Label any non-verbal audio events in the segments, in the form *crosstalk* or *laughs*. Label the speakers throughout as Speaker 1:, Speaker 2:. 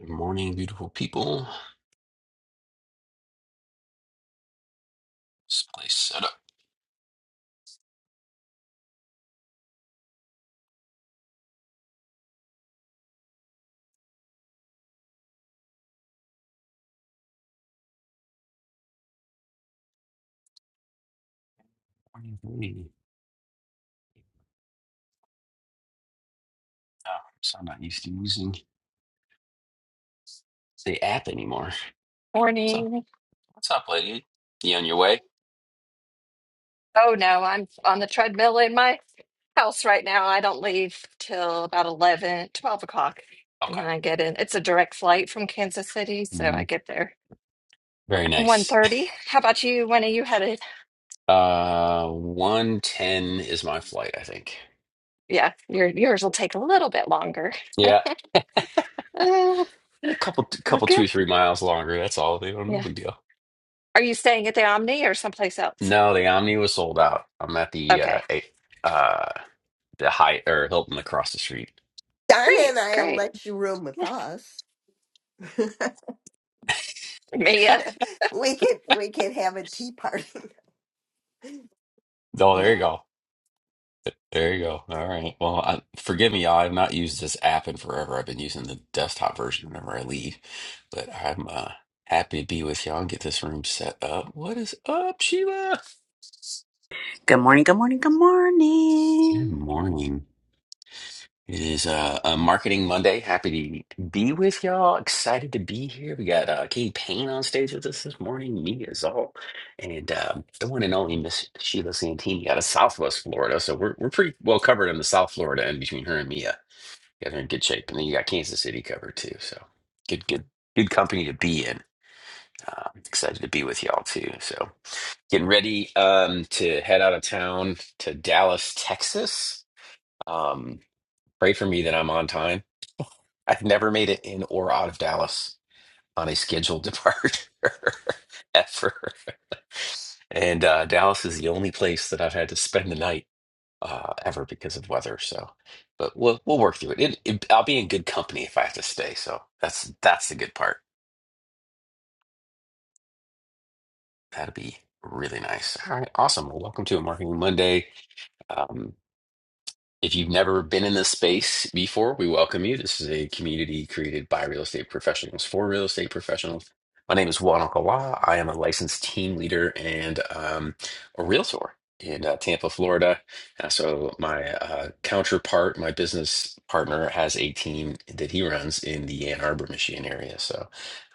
Speaker 1: Good morning, beautiful people. This place set up. Morning, hey. Oh, so I'm not used to using the app anymore. So,
Speaker 2: Morning.
Speaker 1: what's up, lady? You on your way?
Speaker 2: Oh no, I'm on the treadmill in my house right now. I don't leave till about 11, 12 o'clock. And
Speaker 1: Okay.
Speaker 2: then I get in. It's a direct flight from Kansas City, so
Speaker 1: hmm
Speaker 2: I get there
Speaker 1: Very
Speaker 2: one
Speaker 1: nice.
Speaker 2: thirty. How about you? When are you headed?
Speaker 1: Uh, one ten is my flight, I think.
Speaker 2: Yeah, your yours will take a little bit longer.
Speaker 1: Yeah,
Speaker 2: Uh,
Speaker 1: a couple,
Speaker 2: well,
Speaker 1: couple, two or
Speaker 2: good.
Speaker 1: three miles longer. That's all. They don't, no
Speaker 2: Yeah.
Speaker 1: big deal.
Speaker 2: Are you staying at the Omni or someplace else?
Speaker 1: No, the Omni was sold out. I'm at the uh,
Speaker 2: Okay.
Speaker 1: eight- uh, the Hyatt or Hilton across the street.
Speaker 3: Donna and
Speaker 2: Great,
Speaker 3: I'll
Speaker 2: great.
Speaker 3: let you room with
Speaker 2: Yeah,
Speaker 3: us.
Speaker 2: Mia.
Speaker 3: We could we could have a tea party. *laughs*
Speaker 1: Oh, there you
Speaker 3: yeah.
Speaker 1: go. There you go. All right. Well, I, forgive me, y'all. I've not used this app in forever. I've been using the desktop version whenever I leave, but I'm uh, happy to be with y'all and get this room set up. What is up, Sheila?
Speaker 4: Good morning, good morning, good
Speaker 1: Good
Speaker 4: morning.
Speaker 1: morning. It is uh, a Marketing Monday. Happy to be with y'all. Excited to be here. We got uh, Katie Payne on stage with us this morning, me as all, and um, the one and only Miss Sheila Santini out of Southwest Florida. So we're, we're pretty well covered in the South Florida and between her and Mia. You guys are in good shape. And then you got Kansas City covered too. So good, good, good company to be in. Uh, excited to be with y'all too. So getting ready um, to head out of town to Dallas, Texas. Um, pray for me that I'm on time. I've never made it in or out of Dallas on a scheduled departure *laughs* ever. And uh, Dallas is the only place that I've had to spend the night uh, ever because of weather. So, but we'll we'll work through it. It, it. I'll be in good company if I have to stay. So that's that's the good part. That'd be really nice. All right, awesome. Well, welcome to a Marketing Monday. Um, If you've never been in this space before, we welcome you. This is a community created by real estate professionals for real estate professionals. My name is Juan Alcala. I am a licensed team leader and um, a realtor in uh, Tampa, Florida. Uh, so my uh, counterpart, my business partner, has a team that he runs in the Ann Arbor, Michigan area. So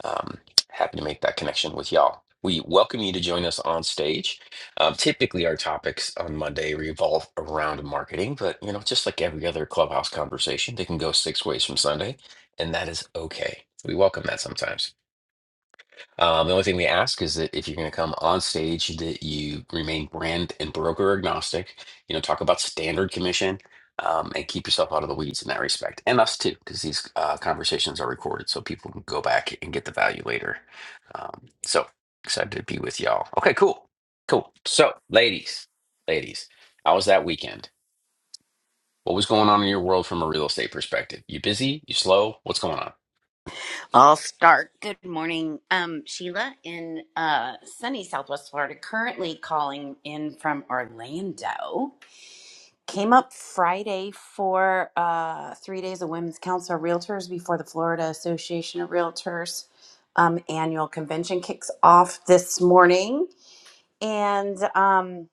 Speaker 1: um, happy to make that connection with y'all. We welcome you to join us on stage. Um, typically, our topics on Monday revolve around marketing, but you know, just like every other clubhouse conversation, they can go six ways from Sunday, and that is okay. We welcome that sometimes. Um, the only thing we ask is that if you're going to come on stage, that you remain brand and broker agnostic. You know, talk about standard commission um, and keep yourself out of the weeds in that respect, and us too, because these uh, conversations are recorded, so people can go back and get the value later. Um, so excited to be with y'all. Okay, cool, cool. So, ladies, ladies, how was that weekend? What was going on in your world from a real estate perspective? You busy? You slow? What's going on?
Speaker 4: I'll start. Good morning, um, Sheila in uh, sunny Southwest Florida, currently calling in from Orlando. Came up Friday for uh, three days of Women's Council of Realtors before the Florida Association of Realtors um, annual convention kicks off this morning. And um,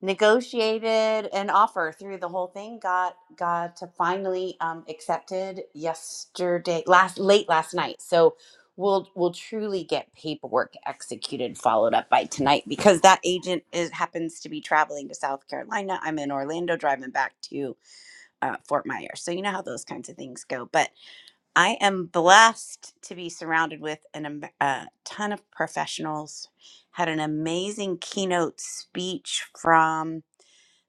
Speaker 4: negotiated an offer through the whole thing got got to finally um, accepted yesterday last late last night so we'll we'll truly get paperwork executed followed up by tonight because that agent is happens to be traveling to south carolina i'm in orlando driving back to uh, fort myers so you know how those kinds of things go but i am blessed to be surrounded with an, am- a ton of professionals had an amazing keynote speech from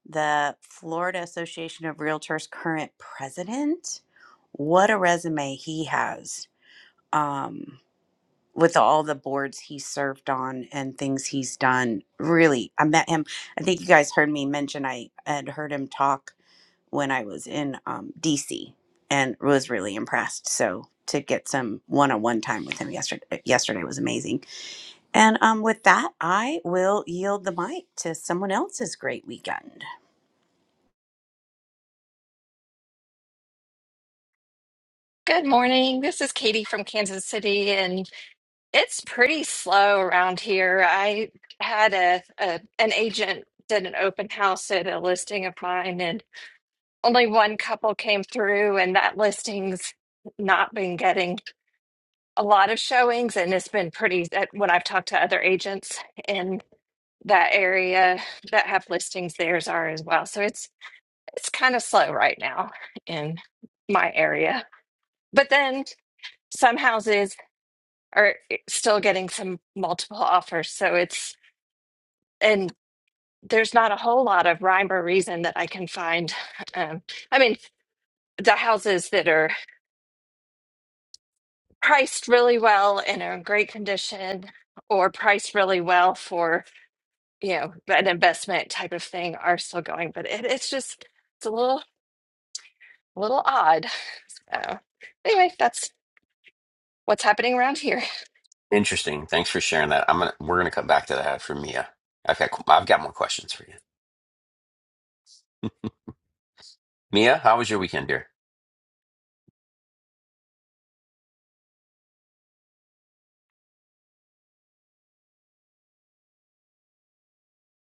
Speaker 4: the Florida Association of Realtors current president. What a resume he has um, with all the boards he served on and things he's done. Really, I met him. I think you guys heard me mention I had heard him talk when I was in um, DC and was really impressed. So to get some one-on-one time with him yesterday yesterday was amazing. And um, with that, I will yield the mic to someone else's great weekend.
Speaker 2: Good morning. This is Katie from Kansas City, and. It's pretty slow around here. I had a, a an agent did an open house at a listing of mine, and only one couple came through, and that listing's not been getting a lot of showings, and it's been pretty that when I've talked to other agents in that area that have listings, theirs are as well. So it's it's kind of slow right now in my area. But then some houses are eh, still getting some multiple offers, so it's and there's not a whole lot of rhyme or reason that I can find. Um, I mean, the houses that are priced really well and are in great condition, or priced really well for you know an investment type of thing, are still going. But it, it's just it's a little little odd. Uh, anyway, that's what's happening around here.
Speaker 1: Interesting. Thanks for sharing that. I'm gonna we're gonna come back to that for Mia. Okay, cool. I've got more questions for you. *laughs* Mia, how was your weekend, dear?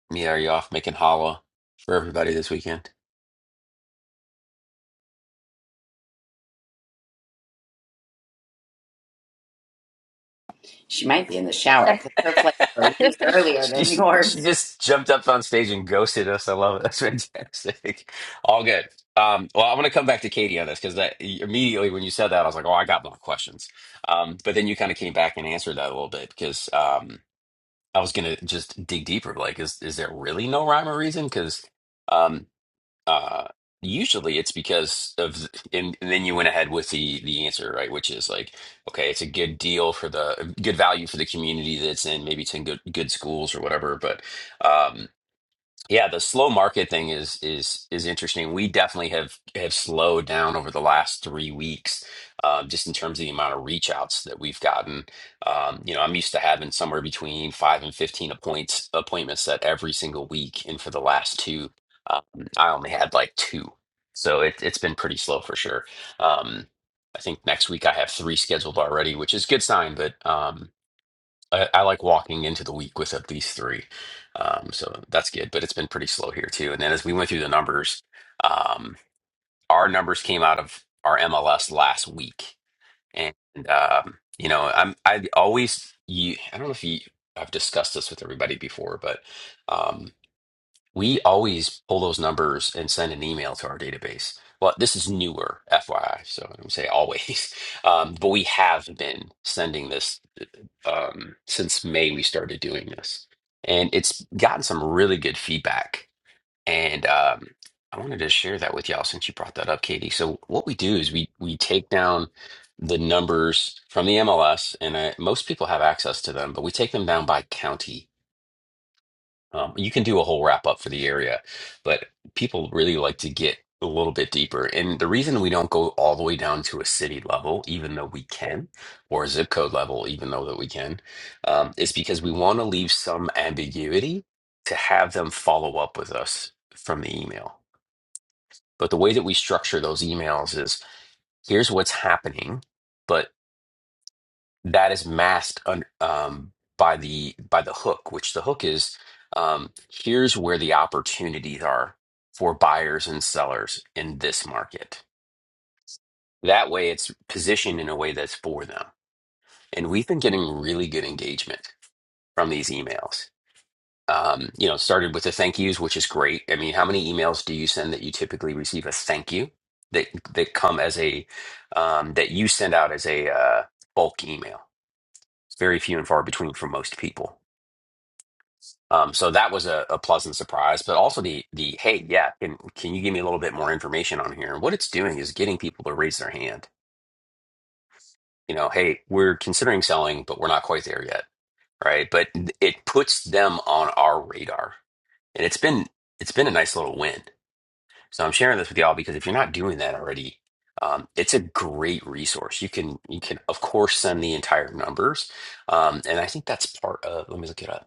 Speaker 1: Mia, are you off making hollow for everybody this weekend?
Speaker 4: She might be in the shower because her flights are weeks
Speaker 1: *laughs*
Speaker 4: earlier
Speaker 1: she
Speaker 4: than
Speaker 1: she
Speaker 4: yours.
Speaker 1: just jumped up on stage and ghosted us. I love it. That's fantastic. *laughs* All good. Um, well, I'm going to come back to Katie on this because that immediately when you said that, I was like, "Oh, I got more questions." Um, but then you kind of came back and answered that a little bit because um, I was going to just dig deeper. Like, is is there really no rhyme or reason? Because uh usually it's because of and, and then you went ahead with the the answer right which is like okay it's a good deal for the good value for the community that it's in maybe it's in good good schools or whatever but um, yeah, the slow market thing is is is interesting. We definitely have have slowed down over the last three weeks, uh, just in terms of the amount of reach outs that we've gotten. Um, you know, I'm used to having somewhere between five and fifteen appoints appointments set every single week, and for the last two, um, I only had like two. So it, it's been pretty slow for sure. Um, I think next week I have three scheduled already, which is a good sign. But um, I, I like walking into the week with at least three. Um, so that's good, but it's been pretty slow here too. And then as we went through the numbers, um, our numbers came out of our MLS last week. And, um, you know, I'm, I always, you, I don't know if you, I've discussed this with everybody before, but, um, we always pull those numbers and send an email to our database. Well, this is newer, FYI. So I don't say always, *laughs* um, but we have been sending this um, since May we started doing this, and it's gotten some really good feedback. And um, I wanted to share that with y'all since you brought that up, Katie. So what we do is we we take down the numbers from the MLS, and uh most people have access to them, but we take them down by county. Um, you can do a whole wrap up for the area, but people really like to get a little bit deeper. And the reason we don't go all the way down to a city level, even though we can, or a zip code level, even though that we can, um, is because we want to leave some ambiguity to have them follow up with us from the email. But the way that we structure those emails is here's what's happening, but that is masked un, um, by the by the hook, which the hook is um, here's where the opportunities are for buyers and sellers in this market. That way, it's positioned in a way that's for them. And we've been getting really good engagement from these emails. Um, you know, it started with the thank yous, which is great. I mean, how many emails do you send that you typically receive a thank you that that come as a um, that you send out as a uh, bulk email? It's very few and far between for most people Um, so that was a, a pleasant surprise, but also the the hey, yeah, can can you give me a little bit more information on here? And what it's doing is getting people to raise their hand. You know, hey, we're considering selling, but we're not quite there yet, right? But it puts them on our radar, and it's been it's been a nice little win. So I'm sharing this with y'all because if you're not doing that already, um, it's a great resource. You can you can of course send the entire numbers, um, and I think that's part of. Let me look it up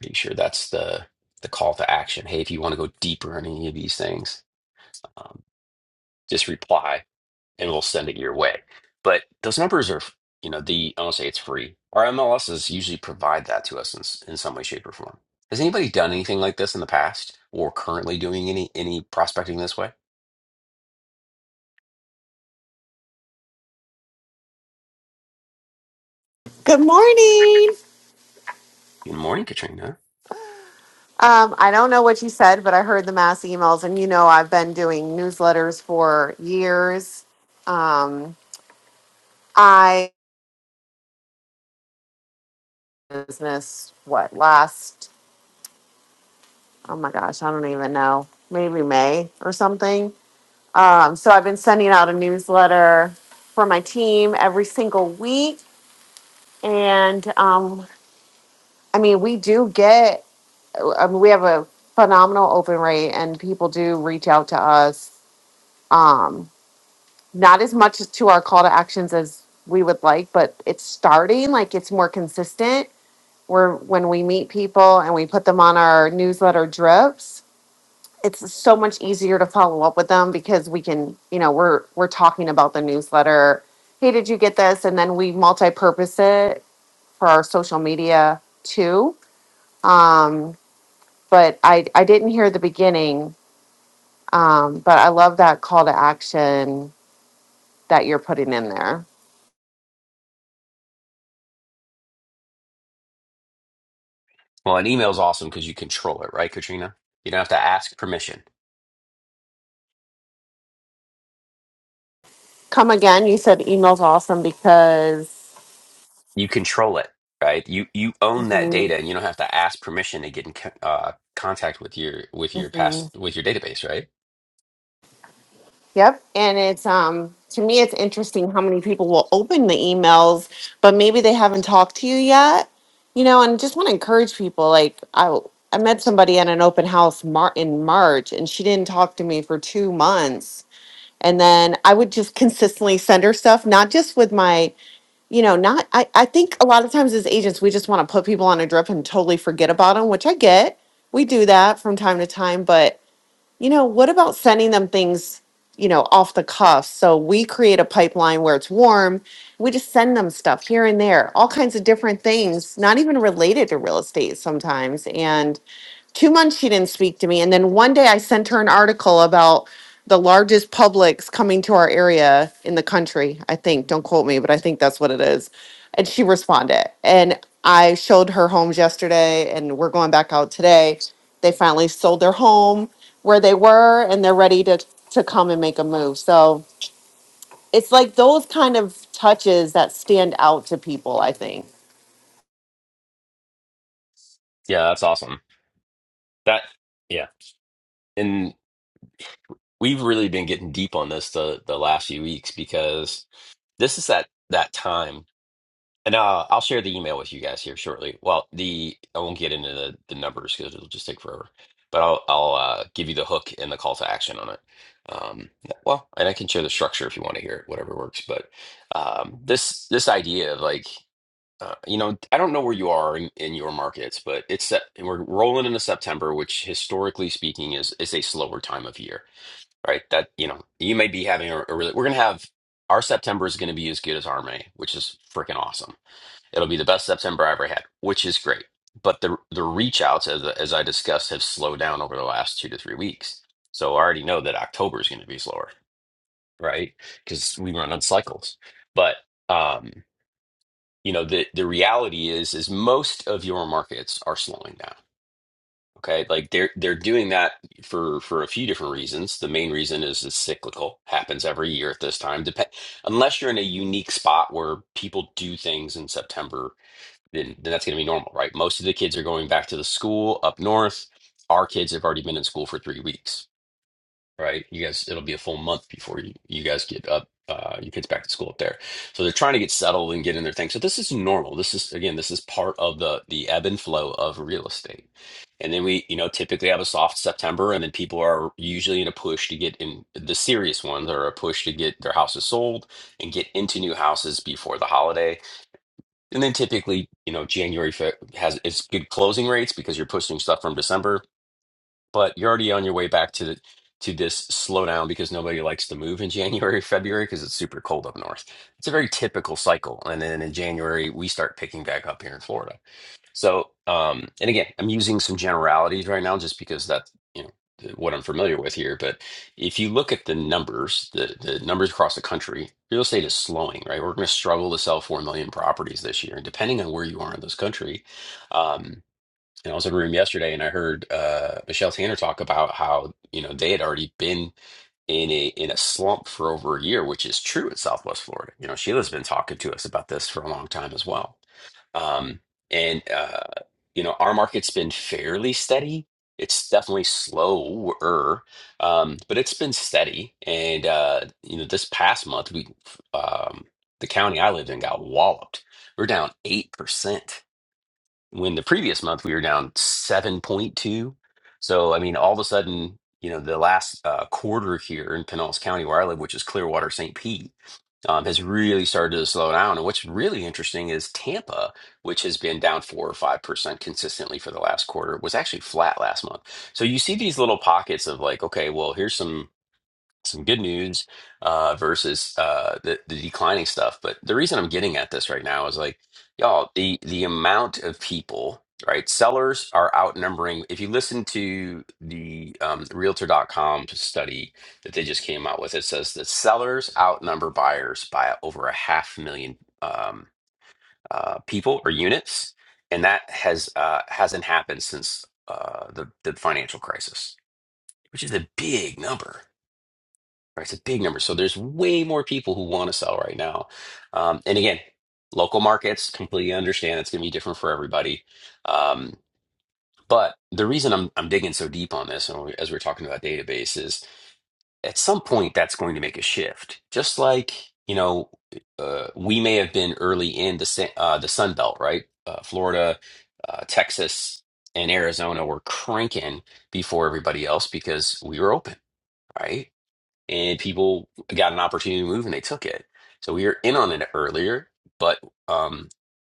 Speaker 1: Pretty sure that's the the call to action. Hey, if you want to go deeper on any of these things, um, just reply and we'll send it your way. But those numbers are, you know, the I don't say it's free. Our MLSs usually provide that to us in, s- in some way, shape, or form. Has anybody done anything like this in the past or currently doing any any prospecting this way?
Speaker 5: Good morning.
Speaker 1: Good morning, Katrina.
Speaker 5: Um, I don't know what you said, but I heard the mass emails, and you know I've been doing newsletters for years. Um, I business what last? Oh my gosh, I don't even know. Maybe May or something. Um, so I've been sending out a newsletter for my team every single week, and um, I mean we do get. I mean, we have a phenomenal open rate, and people do reach out to us. Um, not as much as to our call to actions as we would like, but it's starting, like it's more consistent. Where when we meet people and we put them on our newsletter drips, it's so much easier to follow up with them because we can, you know, we're we're talking about the newsletter. Hey, did you get this? And then we multi-purpose it for our social media too. Um, but I I didn't hear the beginning. Um, but I love that call to action that you're putting in there.
Speaker 1: Well, an email is awesome because you control it, right, Katrina? You don't have to ask permission.
Speaker 5: Come again. You said email's awesome because.
Speaker 1: you control it right you you own that
Speaker 5: Mhm,
Speaker 1: data and you don't have to ask permission to get in co- uh, contact with your with your past
Speaker 5: mhm.
Speaker 1: with your database right
Speaker 5: Yep. And it's um to me it's interesting how many people will open the emails, but maybe they haven't talked to you yet. You know, and just want to encourage people. Like I I met somebody at an open house mar- in March, and she didn't talk to me for two months. And then I would just *laughs* consistently send her stuff, not just with my you know, not, I, I think a lot of times as agents, we just want to put people on a drip and totally forget about them, which I get. We do that from time to time. But, you know, what about sending them things, you know, off the cuff? So we create a pipeline where it's warm. We just send them stuff here and there, all kinds of different things, not even related to real estate sometimes. and two months she didn't speak to me and then one day i sent her an article about the largest publix coming to our area in the country i think don't quote me but i think that's what it is and she responded and i showed her homes yesterday and we're going back out today they finally sold their home where they were and they're ready to to come and make a move so it's like those kind of touches that stand out to people i think
Speaker 1: yeah that's awesome that yeah and we've really been getting deep on this the the last few weeks because this is that that time And uh, I'll share the email with you guys here shortly. Well, the I won't get into the, the numbers because it'll just take forever. But I'll I'll uh, give you the hook and the call to action on it. Um, yeah, well, and I can share the structure if you want to hear it, whatever works. But um, this this idea of like uh, you know I don't know where you are in, in your markets, but it's Sep- and we're rolling into September, which historically speaking is is a slower time of year, right? That you know you may be having a, a really we're gonna have our September is gonna be as good as our May, which is freaking awesome It'll be the best September I ever had, which is great. But the the reach outs, as as I discussed, have slowed down over the last two to three weeks. So I already know that October is going to be slower, right? Because we run on cycles. But um, you know, the the reality is is most of your markets are slowing down. Okay, like they're they're doing that for for a few different reasons. The main reason is it's cyclical, happens every year at this time. Dep- unless you're in a unique spot where people do things in September then, then that's going to be normal, right? Most of the kids are going back to the school up north. Our kids have already been in school for three weeks, right? You guys, it'll be a full month before you, you guys get up, uh, your kids back to school up there. So they're trying to get settled and get in their thing. So this is normal. This is, again, this is part of the the ebb and flow of real estate. And then we, you know, typically have a soft September, and then people are usually in a push to get in the serious ones are a push to get their houses sold and get into new houses before the holiday and then typically, you know, January fe- has it's good closing rates because you're pushing stuff from December, but you're already on your way back to the, to this slowdown because nobody likes to move in January, February because it's super cold up north. It's a very typical cycle. And then in January, we start picking back up here in Florida. So, um, and again, I'm using some generalities right now just because that's, you know, th- what I'm familiar with here. But if you look at the numbers, the, the numbers across the country, real estate is slowing, right? We're going to struggle to sell 4 million properties this year. And depending on where you are in this country, um, and I was in a room yesterday and I heard uh, Michelle Tanner talk about how, you know, they had already been in a in a slump for over a year, which is true in Southwest Florida. You know, Sheila's been talking to us about this for a long time as well. Um, and uh, you know, our market's been fairly steady. It's definitely slower, um, but it's been steady. And uh, you know, this past month, we um, the county I lived in got walloped. We're down eight percent when the previous month we were down seven point two. So I mean, all of a sudden, you know, the last uh, quarter here in Pinellas County where I live, which is Clearwater St. Pete um, has really started to slow down. And what's really interesting is Tampa, which has been down four or five percent consistently for the last quarter, was actually flat last month. So you see these little pockets of like, okay, well, here's some some good news uh, versus uh, the, the declining stuff. But the reason I'm getting at this right now is like, y'all, the the amount of people, right? Sellers are outnumbering. If you listen to the um, Realtor.com study that they just came out with, it says that sellers outnumber buyers by over a half million um, uh, people or units, and that has uh, hasn't happened since uh, the the financial crisis, which is a big number Right, it's a big number. So there's way more people who want to sell right now. Um, and again, local markets completely understand it's going to be different for everybody. Um, but the reason I'm I'm digging so deep on this, and we- as we're talking about databases, at some point that's going to make a shift. Just like you know, uh, we may have been early in the sa- uh, the Sun Belt, right? Uh, Florida, uh, Texas, and Arizona were cranking before everybody else because we were open, right? and people got an opportunity to move and they took it. So we were in on it earlier, but um,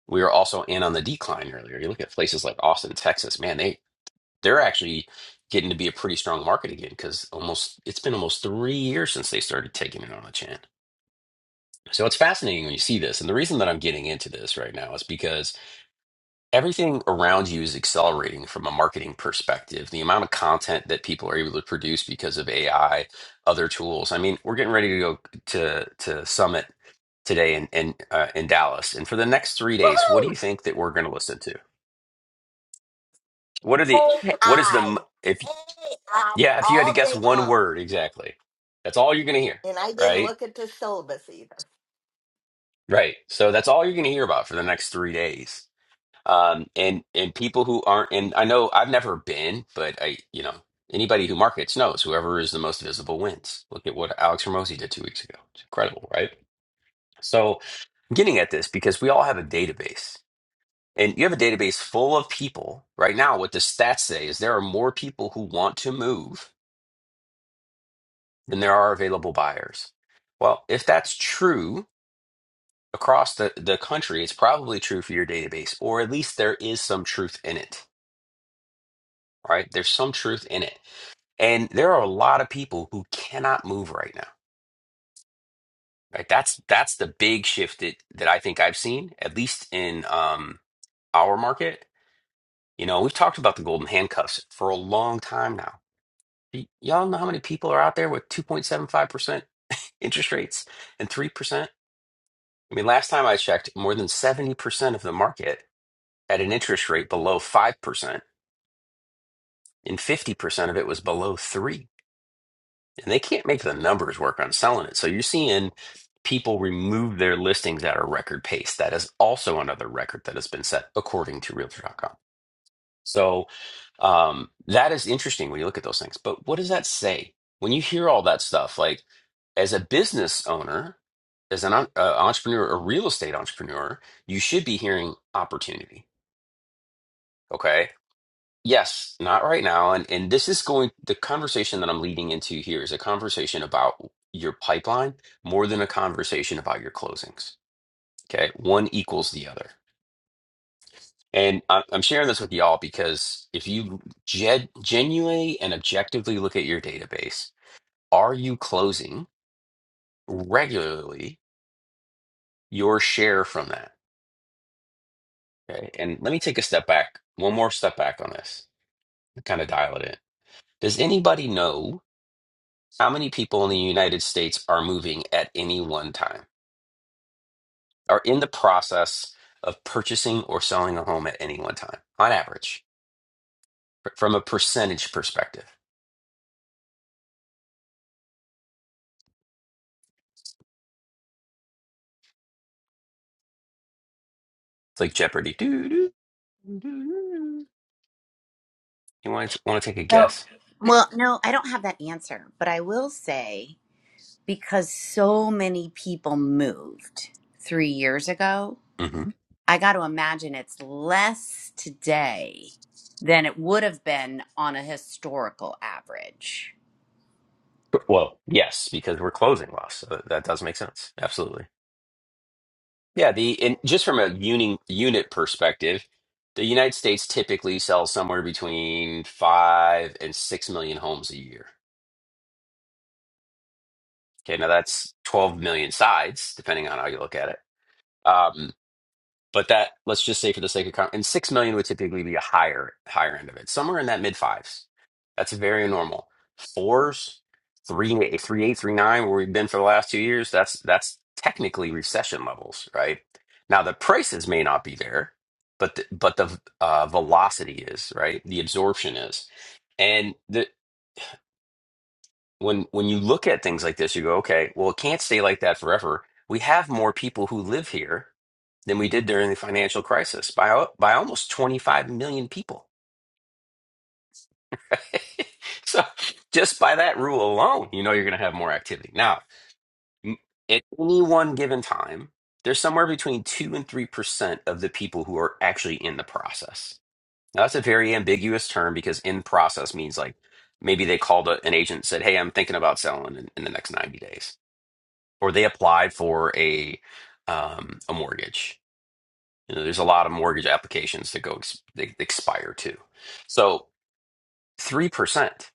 Speaker 1: we were also in on the decline earlier. You look at places like Austin, Texas, man, they they're actually getting to be a pretty strong market again because almost it's been almost three years since they started taking it on a chin. So it's fascinating when you see this, and the reason that I'm getting into this right now is because everything around you is accelerating from a marketing perspective. The amount of content that people are able to produce because of AI, other tools. I mean, we're getting ready to go to to Summit today in in, uh, in Dallas, and for the next three days, what do
Speaker 3: Woohoo!
Speaker 1: you think that we're going to listen to? What are the
Speaker 2: *laughs*
Speaker 1: what is the m-
Speaker 3: AI.
Speaker 1: if yeah if you had to
Speaker 3: all
Speaker 1: guess
Speaker 3: day
Speaker 1: one
Speaker 3: long.
Speaker 1: word exactly, that's all you're going to hear,
Speaker 3: And I didn't
Speaker 1: right?
Speaker 3: look at the syllabus either.
Speaker 1: Right. So that's all you're going to hear about for the next three days um and and people who aren't and i know i've never been but i you know anybody who markets knows whoever is the most visible wins look at what alex ramosi did two weeks ago it's incredible right so i'm getting at this because we all have a database and you have a database full of people right now what the stats say is there are more people who want to move than there are available buyers well if that's true across the, the country it's probably true for your database or at least there is some truth in it right there's some truth in it And there are a lot of people who cannot move right now. Right? That's that's the big shift that, that I think I've seen, at least in um, our market. You know, we've talked about the golden handcuffs for a long time now. Y- Y'all know how many people are out there with 2.75% interest rates and 3%? I mean, last time I checked, more than 70% of the market had an interest rate below 5%, and 50% of it was below 3 and they can't make the numbers work on selling it. So you're seeing people remove their listings at a record pace. That is also another record that has been set according to Realtor.com. So um, that is interesting when you look at those things. But what does that say when you hear all that stuff? Like as a business owner, as an en- uh, entrepreneur, a real estate entrepreneur, you should be hearing opportunity. Okay. Yes, not right now. And and this is going, the conversation that I'm leading into here is a conversation about your pipeline more than a conversation about your closings. Okay. One equals the other. And I- I'm sharing this with y'all because if you gen- genuinely and objectively look at your database, are you closing regularly your share from that? Okay. And let me take a step back, one more step back on this, kind of dial it in. Does anybody know? How many people in the United States are moving at any one time, are in the process of purchasing or selling a home at any one time, on average, fr- from a percentage perspective? It's like Jeopardy. Doo, doo, doo, doo, You want to, want to take a
Speaker 4: So,
Speaker 1: guess?
Speaker 2: I-
Speaker 4: well, no, I don't have that answer, but I will say because so many people moved three years ago,
Speaker 1: hmm
Speaker 4: I got to imagine it's less today than it would have been on a historical average.
Speaker 1: Well, yes, because we're closing loss. So that does make sense. Absolutely. Yeah. The and just from a uni, unit perspective, the United States typically sells somewhere between five and six million homes a year. Okay, now that's 12 million sides, depending on how you look at it. Um, but that, let's just say for the sake of, con- and 6 million would typically be a higher, higher end of it, somewhere in that mid fives. That's very normal. Fours, three, three, eight, three, nine, where we've been for the last two years, that's, that's technically recession levels, right? Now the prices may not be there, but the, but the uh, velocity is, right? The absorption is. And the when when you look at things like this, you go, okay, well, it can't stay like that forever. We have more people who live here than we did during the financial crisis by by almost 25 million people. *laughs* so just by that rule alone, you know you're going to have more activity. Now, m- at any one given time, there's somewhere between 2 and 3% of the people who are actually in the process. Now, that's a very ambiguous term because in process means like maybe they called a, an agent and said, "Hey, I'm thinking about selling in, in the next 90 days." or they apply for a um, a mortgage. You know, there's a lot of mortgage applications that go ex- they expire too. So three percent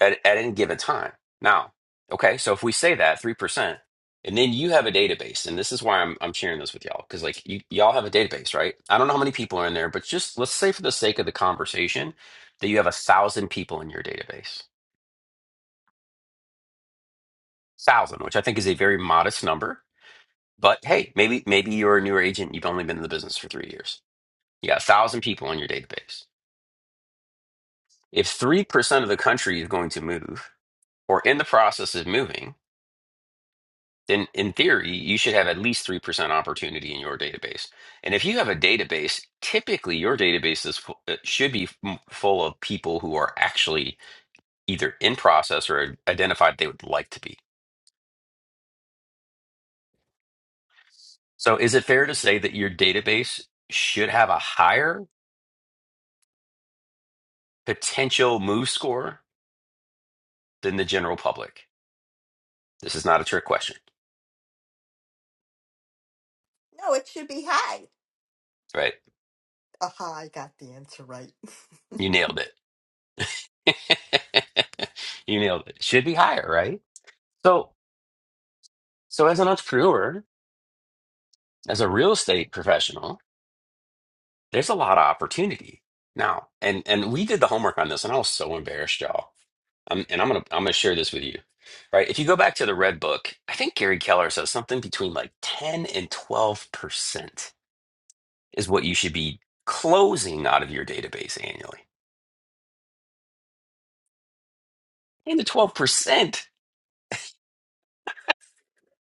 Speaker 1: at at any given time. Now, okay, so if we say that three percent, and then you have a database, and this is why I'm I'm sharing this with y'all because like you y'all have a database, right? I don't know how many people are in there, but just let's say for the sake of the conversation that you have a thousand people in your database, thousand, which I think is a very modest number But hey, maybe maybe you're a newer agent. You've only been in the business for three years. You got a thousand people in your database. If three percent of the country is going to move or in the process of moving, then in theory you should have at least three percent opportunity in your database. And if you have a database, typically your database is fu- uh, should be m- full of people who are actually either in process or identified they would like to be. So is it fair to say that your database should have a higher potential move score than the general public. This is not a trick question,
Speaker 3: No, it should be high.
Speaker 1: right?
Speaker 3: Aha, I got the answer right. *laughs*
Speaker 1: You nailed it. *laughs* you nailed it. Should be higher, right? So, so as an entrepreneur, as a real estate professional, there's a lot of opportunity now. And and we did the homework on this, and I was so embarrassed, y'all. Um, and I'm gonna I'm gonna share this with you, right? If you go back to the red book, I think Gary Keller says something between like 10 and 12 percent is what you should be closing out of your database annually. And the 12%.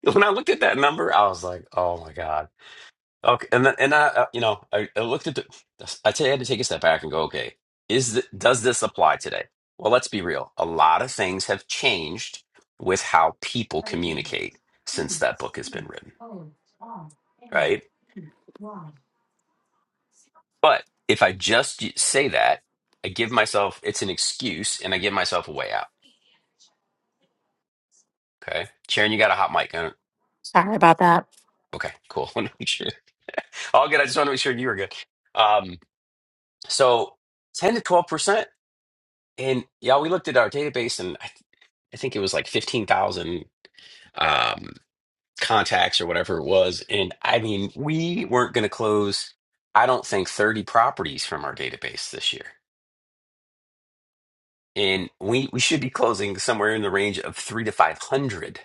Speaker 1: When I looked at that number, I was like, "Oh my God." Okay, and then, and I, uh, you know, I, I looked at the. I t- had to take a step back and go, "Okay, is th- does this apply today?" Well, let's be real. A lot of things have changed with how people
Speaker 6: O N
Speaker 1: communicate since
Speaker 6: E
Speaker 1: that book has
Speaker 6: C
Speaker 1: been written,
Speaker 6: O R N
Speaker 1: right?
Speaker 6: E Y.
Speaker 1: But if I just y- say that, I give myself it's an excuse, and I give myself a way out. Okay, Sharon, you got a hot mic? Uh,
Speaker 6: Sorry about that.
Speaker 1: Okay, cool. *laughs* Wanna make sure- All good. I just want to make sure you were good. Um, so ten to twelve percent. And yeah, we looked at our database and I, th I think it was like 15,000 um, contacts or whatever it was. And I mean, we weren't going to close, I don't think, 30 properties from our database this year. And we, we should be closing somewhere in the range of three to 500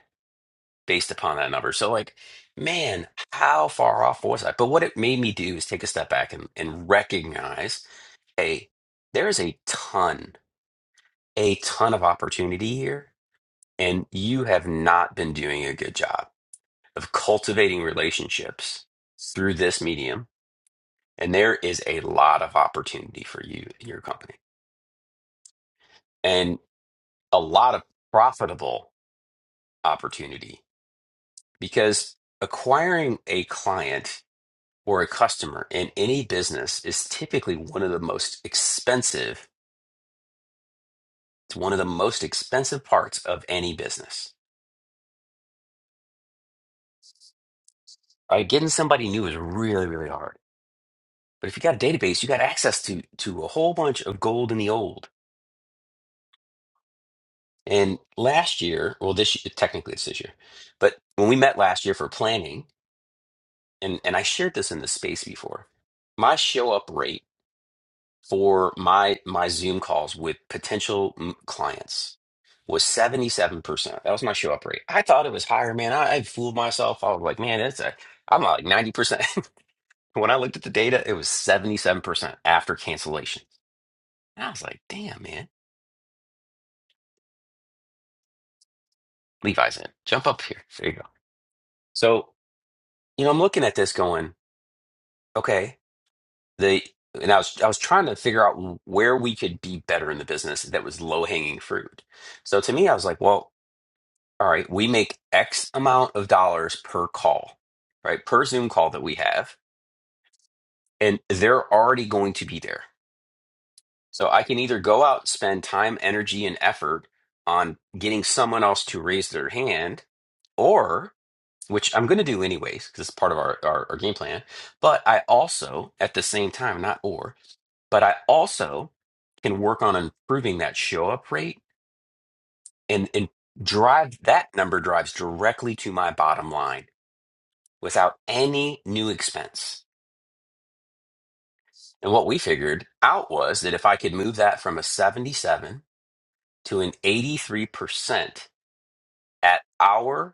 Speaker 1: based upon that number. So, like, man, how far off was I? But what it made me do is take a step back and, and recognize hey, there is a ton, a ton of opportunity here and you have not been doing a good job of cultivating relationships through this medium and there is a lot of opportunity for you in your company and a lot of profitable opportunity because acquiring a client or a customer in any business is typically one of the most expensive it's one of the most expensive parts of any business right getting somebody new is really really hard But if you got a database, you got access to to a whole bunch of gold in the old. And last year, well, this year, technically it's this year, but when we met last year for planning, and and I shared this in the space before, my show up rate for my my Zoom calls with potential mm, clients was 77%. That was my show up rate. I thought it was higher, man. I, I fooled myself. I was like, man, that's a, I'm like 90%. *laughs* when I looked at the data, it was 77% after cancellation. And I was like, damn, man Levi's in. Jump up here. There you go. So, you know, I'm looking at this going, okay, the and I was I was trying to figure out where we could be better in the business that was low hanging fruit. So to me, I was like, well, all right, we make X amount of dollars per call, right? Per Zoom call that we have, and they're already going to be there. So I can either go out, spend time, energy, and effort on getting someone else to raise their hand, or which I'm going to do anyways because it's part of our, our our game plan. But I also, at the same time, not or, but I also can work on improving that show up rate and and drive that number drives directly to my bottom line without any new expense. And what we figured out was that if I could move that from a 77 to an 83% at our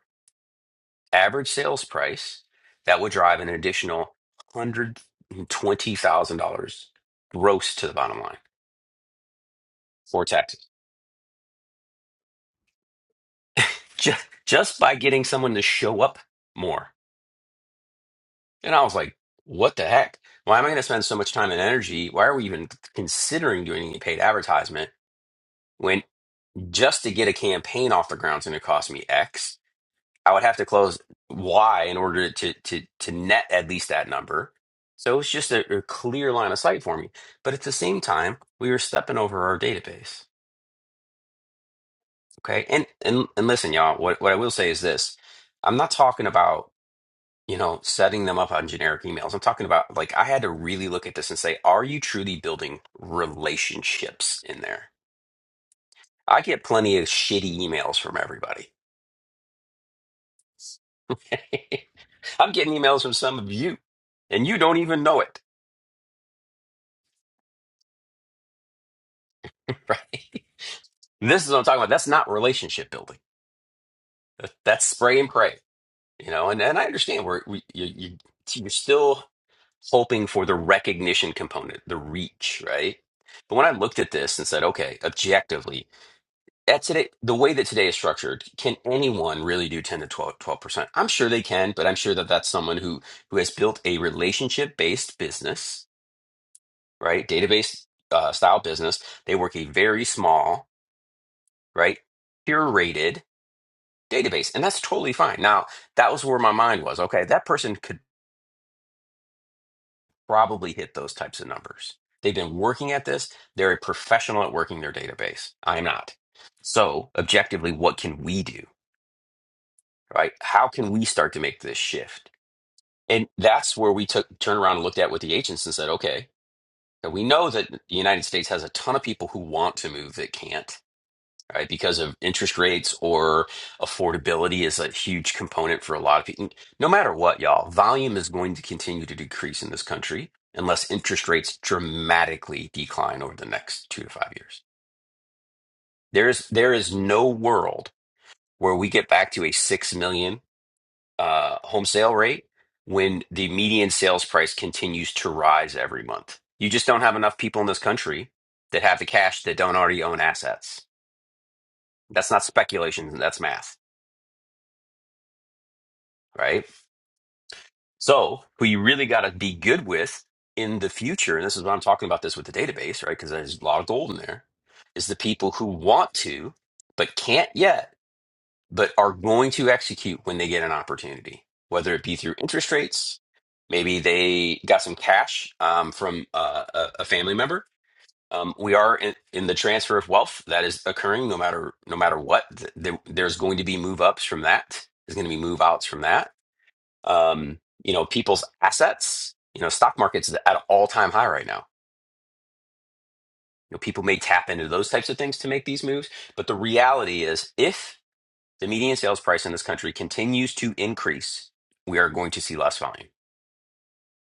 Speaker 1: average sales price that would drive an additional $120,000 gross to the bottom line for taxes just, just by getting someone to show up more. And I was like, what the heck? Why am I going to spend so much time and energy? Why are we even considering doing any paid advertisement when just to get a campaign off the ground is going to cost me X? I would have to close Y in order to to to net at least that number. So it's just a, a clear line of sight for me. But at the same time, we were stepping over our database. Okay. And and and listen, y'all, what, what I will say is this. I'm not talking about, you know, setting them up on generic emails. I'm talking about like I had to really look at this and say, are you truly building relationships in there? I get plenty of shitty emails from everybody. *laughs* I'm getting emails from some of you, and you don't even know it. *laughs* right? This is what I'm talking about. That's not relationship building. That- That's spray and pray, you know. And and I understand where we you, you you're still hoping for the recognition component, the reach, right? But when I looked at this and said, okay, objectively, at today, the way that today is structured, can anyone really do 10 to twelve twelve percent? I'm sure they can, but I'm sure that that's someone who who has built a relationship based business, right? Database uh, style business. They work a very small, right? Curated database and that's totally fine now that was where my mind was okay that person could probably hit those types of numbers they've been working at this they're a professional at working their database i'm not so objectively what can we do right how can we start to make this shift and that's where we took turned around and looked at with the agents and said okay we know that the united states has a ton of people who want to move that can't right? Because of interest rates or affordability is a huge component for a lot of people. No matter what, y'all, volume is going to continue to decrease in this country unless interest rates dramatically decline over the next two to five years. There is there is no world where we get back to a six million uh, home sale rate when the median sales price continues to rise every month. You just don't have enough people in this country that have the cash that don't already own assets. That's not speculation, that's math, right? So, who you really got to be good with in the future, and this is what I'm talking about this with the database, right? Because there's a lot of gold in there, is the people who want to, but can't yet, but are going to execute when they get an opportunity, whether it be through interest rates, maybe they got some cash um, from uh, a, a family member. Um, we are in, in the transfer of wealth that is occurring no matter no matter what. Th- There, there's going to be move ups from that. There's going to be move outs from that um, you know, people's assets. You know, stock market's at an all-time high right now. You know, people may tap into those types of things to make these moves, but the reality is, if the median sales price in this country continues to increase, we are going to see less volume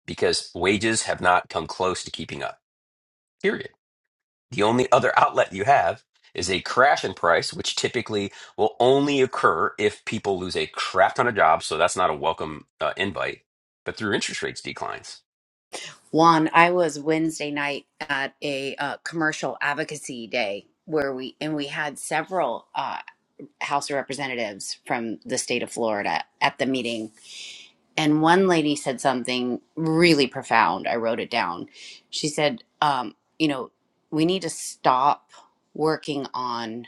Speaker 1: because wages have not come close to keeping up. Period. The only other outlet you have is a crash in price, which typically will only occur if people lose a crap ton of jobs. So that's not a welcome uh, invite. But through interest rates declines.
Speaker 4: Juan, I was Wednesday night at a uh, commercial advocacy day where we and we had several uh, House of Representatives from the state of Florida at the meeting, and one lady said something really profound. I wrote it down. She said, um, "You know, we need to stop working on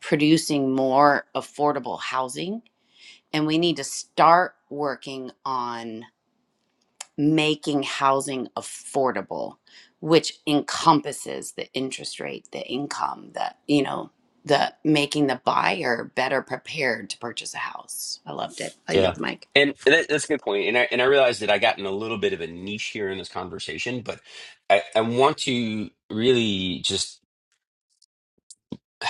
Speaker 4: producing more affordable housing, and we need to start working on." making housing affordable, which encompasses the interest rate, the income, the, you know, the making the buyer better prepared to purchase a house. I loved it. I
Speaker 1: Yeah.
Speaker 4: yield the mic.
Speaker 1: And that, that's a good point. And I, and I realized that I got in a little bit of a niche here in this conversation, but I, I want to really just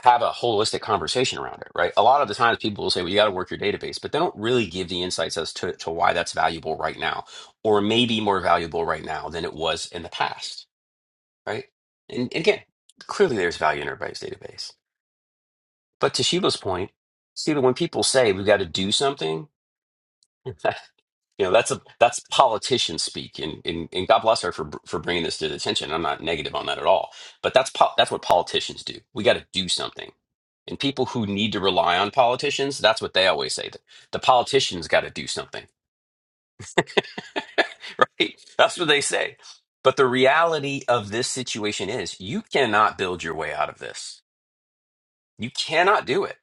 Speaker 1: have a holistic conversation around it, right? A lot of the times people will say, well, you got to work your database, but they don't really give the insights as to, to why that's valuable right now, or maybe more valuable right now than it was in the past, right? And, and again, clearly there's value in everybody's database. But to Sheila's point, Sheila, when people say we've got to do something, *laughs* You know, that's a that's politician speak, and and, and God bless her for for bringing this to the attention. I'm not negative on that at all, but that's po- that's what politicians do. We got to do something, and people who need to rely on politicians, that's what they always say. The, the politicians got to do something, *laughs* right? That's what they say. But the reality of this situation is, you cannot build your way out of this. You cannot do it.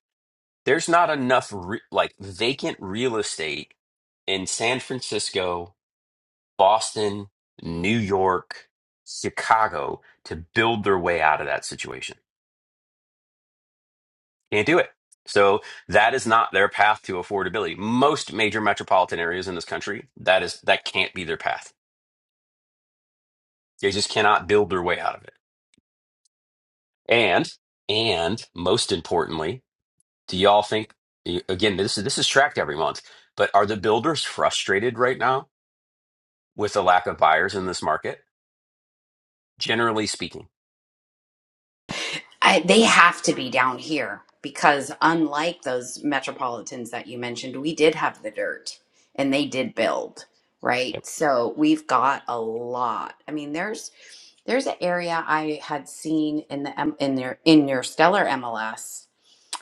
Speaker 1: There's not enough re- like vacant real estate in San Francisco Boston, New York, Chicago to build their way out of that situation. Can't do it. So that is not their path to affordability. Most major metropolitan areas in this country, that is that can't be their path. They just cannot build their way out of it. And and most importantly, do y'all think again this is this is tracked every month, but are the builders frustrated right now with the lack of buyers in this market? Generally speaking.
Speaker 4: I, they have to be down here because unlike those metropolitans that you mentioned, we did have the dirt and they did build, right? So we've got a lot. I mean, there's there's an area I had seen in the M- in their in your stellar MLS.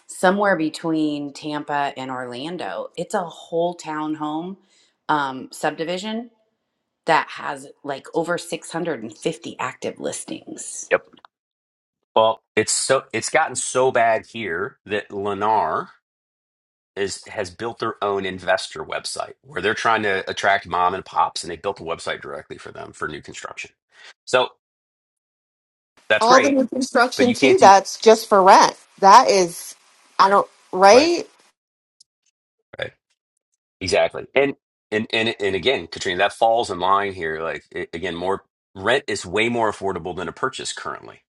Speaker 4: somewhere between Tampa and Orlando. It's a whole townhome um, subdivision that has like over 650 active listings.
Speaker 1: yep. Well, it's so it's gotten so bad here that Lennar is has built their own investor website where they're trying to attract mom and pops, and they built a website directly for them for new construction. So that's
Speaker 5: all the
Speaker 1: great,
Speaker 5: new
Speaker 1: but
Speaker 5: construction
Speaker 1: you can't
Speaker 5: too
Speaker 1: do
Speaker 5: that's just for rent that is i don't
Speaker 1: right,
Speaker 5: right
Speaker 1: right, exactly. And and and and again, Katrina, that falls in line here. Like a- again, more rent is way more affordable than a purchase currently.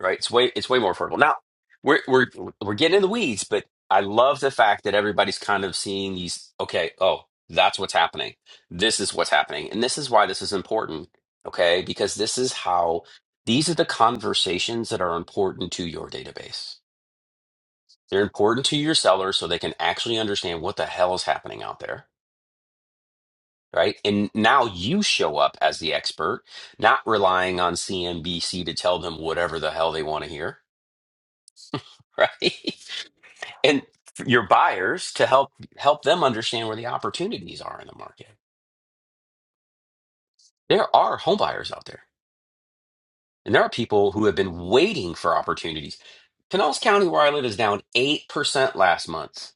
Speaker 1: right? It's way it's way more affordable. Now we're we're we're getting in the weeds, but I love the fact that everybody's kind of seeing these. Okay, oh, that's what's happening. This is what's happening, and this is why this is important. Okay, because this is how these are the conversations that are important to your database. They're important to your sellers so they can actually understand what the hell is happening out there. Right. And now you show up as the expert, not relying on CNBC to tell them whatever the hell they want to hear. Right. *laughs* and your buyers to help help them understand where the opportunities are in the market. There are home buyers out there, and there are people who have been waiting for opportunities. Pinellas County, where I live, is down eight percent last month.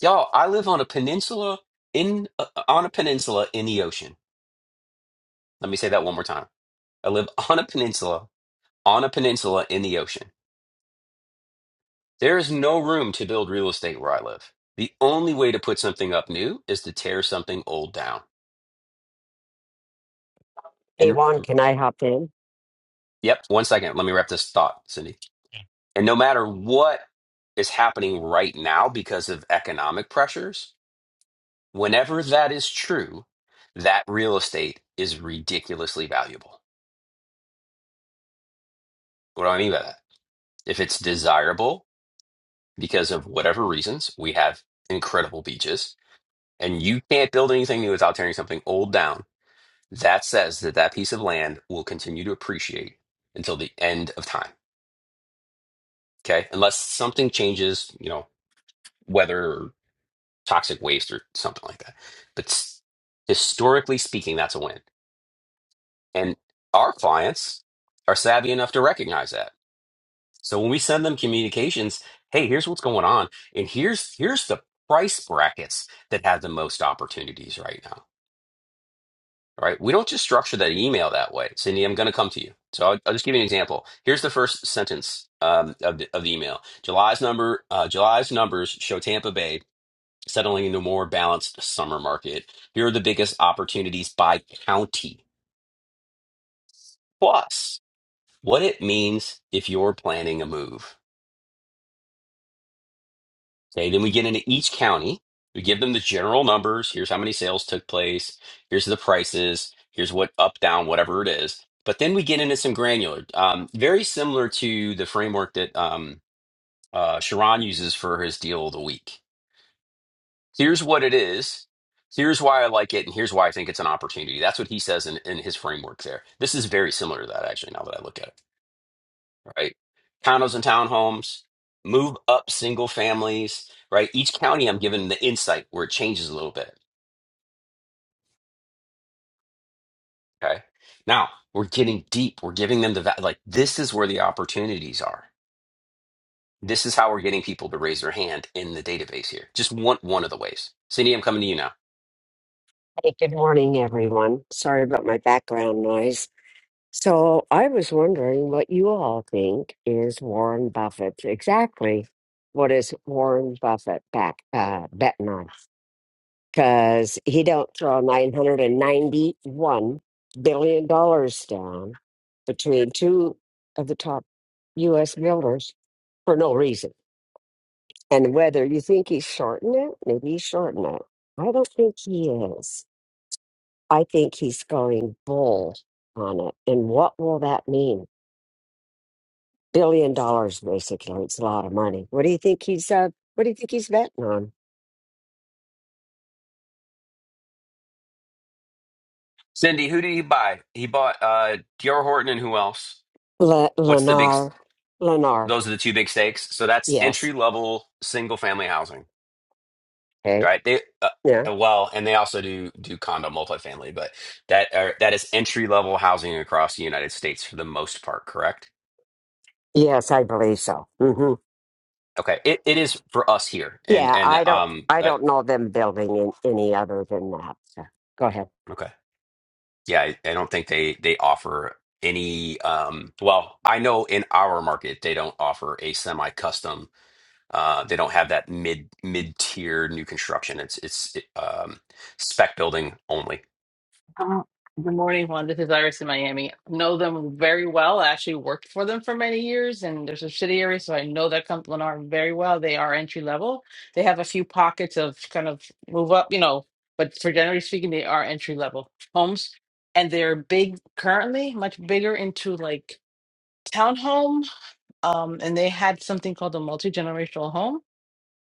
Speaker 1: Y'all, I live on a peninsula in uh, uh, on a peninsula in the ocean. Let me say that one more time. I live *laughs* on a peninsula on a peninsula in the ocean. There is no room to build real estate where I live. The only way to put something up new is to tear something old down
Speaker 7: Hey Juan, can I hop in?
Speaker 1: Yep. One second. Let me wrap this thought, Cindy. And no matter what is happening right now because of economic pressures, whenever that is true, that real estate is ridiculously valuable. What do I mean by that? If it's desirable because of whatever reasons, we have incredible beaches and you can't build anything new without tearing something old down, that says that that piece of land will continue to appreciate until the end of time. Okay. Unless something changes, you know, weather toxic waste or something like that. But s- historically speaking, that's a win. And our clients are savvy enough to recognize that. So when we send them communications, hey, here's what's going on, and here's here's the price brackets that have the most opportunities right now. Right? We don't just structure that email that way. Cindy, I'm going to come to you. So I'll, I'll just give you an example. Here's the first sentence um, of, the, of the email. July's number, uh, July's numbers show Tampa Bay settling into a more balanced summer market. Here are the biggest opportunities by county. Plus, what it means if you're planning a move. Okay, then we get into each county. We give them the general numbers. Here's how many sales took place. Here's the prices. Here's what up, down, whatever it is. But then we get into some granular, um, very similar to the framework that um, uh, Sharon uses for his deal of the week. here's what it is here's why i like it and here's why i think it's an opportunity that's what he says in, in his framework there this is very similar to that actually now that i look at it right condos and townhomes move up single families right each county i'm giving the insight where it changes a little bit okay now we're getting deep we're giving them the va- like this is where the opportunities are this is how we're getting people to raise their hand in the database here just one one of the ways cindy i'm coming to you now
Speaker 7: Hey, good morning, everyone. Sorry about my background noise. So I was wondering what you all think is Warren Buffett exactly. What is Warren Buffett back uh, betting on? Because he don't throw nine hundred and ninety-one billion dollars down between two of the top U.S. builders for no reason. And whether you think he's shorting it, maybe he's shorting it. I don't think he is. I think he's going bull on it. And what will that mean? Billion dollars, basically. It's a lot of money. What do you think he's uh what do you think he's betting on?
Speaker 1: cindy who did he buy he bought uh dr horton and who else
Speaker 7: Le-
Speaker 1: What's the big?
Speaker 7: Lennar. Lennar.
Speaker 1: Those are the two big stakes. So that's
Speaker 7: Yes.
Speaker 1: entry level single family housing,
Speaker 7: Okay.
Speaker 1: right? They uh,
Speaker 7: Yeah.
Speaker 1: uh, well, and they also do do condo multifamily, but that are, that is entry level housing across the United States for the most part, correct?
Speaker 7: Yes, I believe so. hmm
Speaker 1: Okay, it, it is for us here, and
Speaker 7: Yeah,
Speaker 1: and
Speaker 7: I don't
Speaker 1: um,
Speaker 7: I
Speaker 1: uh,
Speaker 7: don't know them building in any other than that. So, go ahead.
Speaker 1: okay, yeah, I, I don't think they they offer any um. Well, I know in our market they don't offer a semi custom Uh, they don't have that mid mid tier new construction. It's it's um, spec building only.
Speaker 8: Uh, Good morning, Juan. This is Iris in Miami. Know them very well. I actually worked for them for many years, and they're subsidiary, so I know that company Lennar very well. They are entry level. They have a few pockets of kind of move up, you know, but for generally speaking, they are entry level homes, and they're big currently, much bigger into like townhome. Um, and they had something called a multi generational home,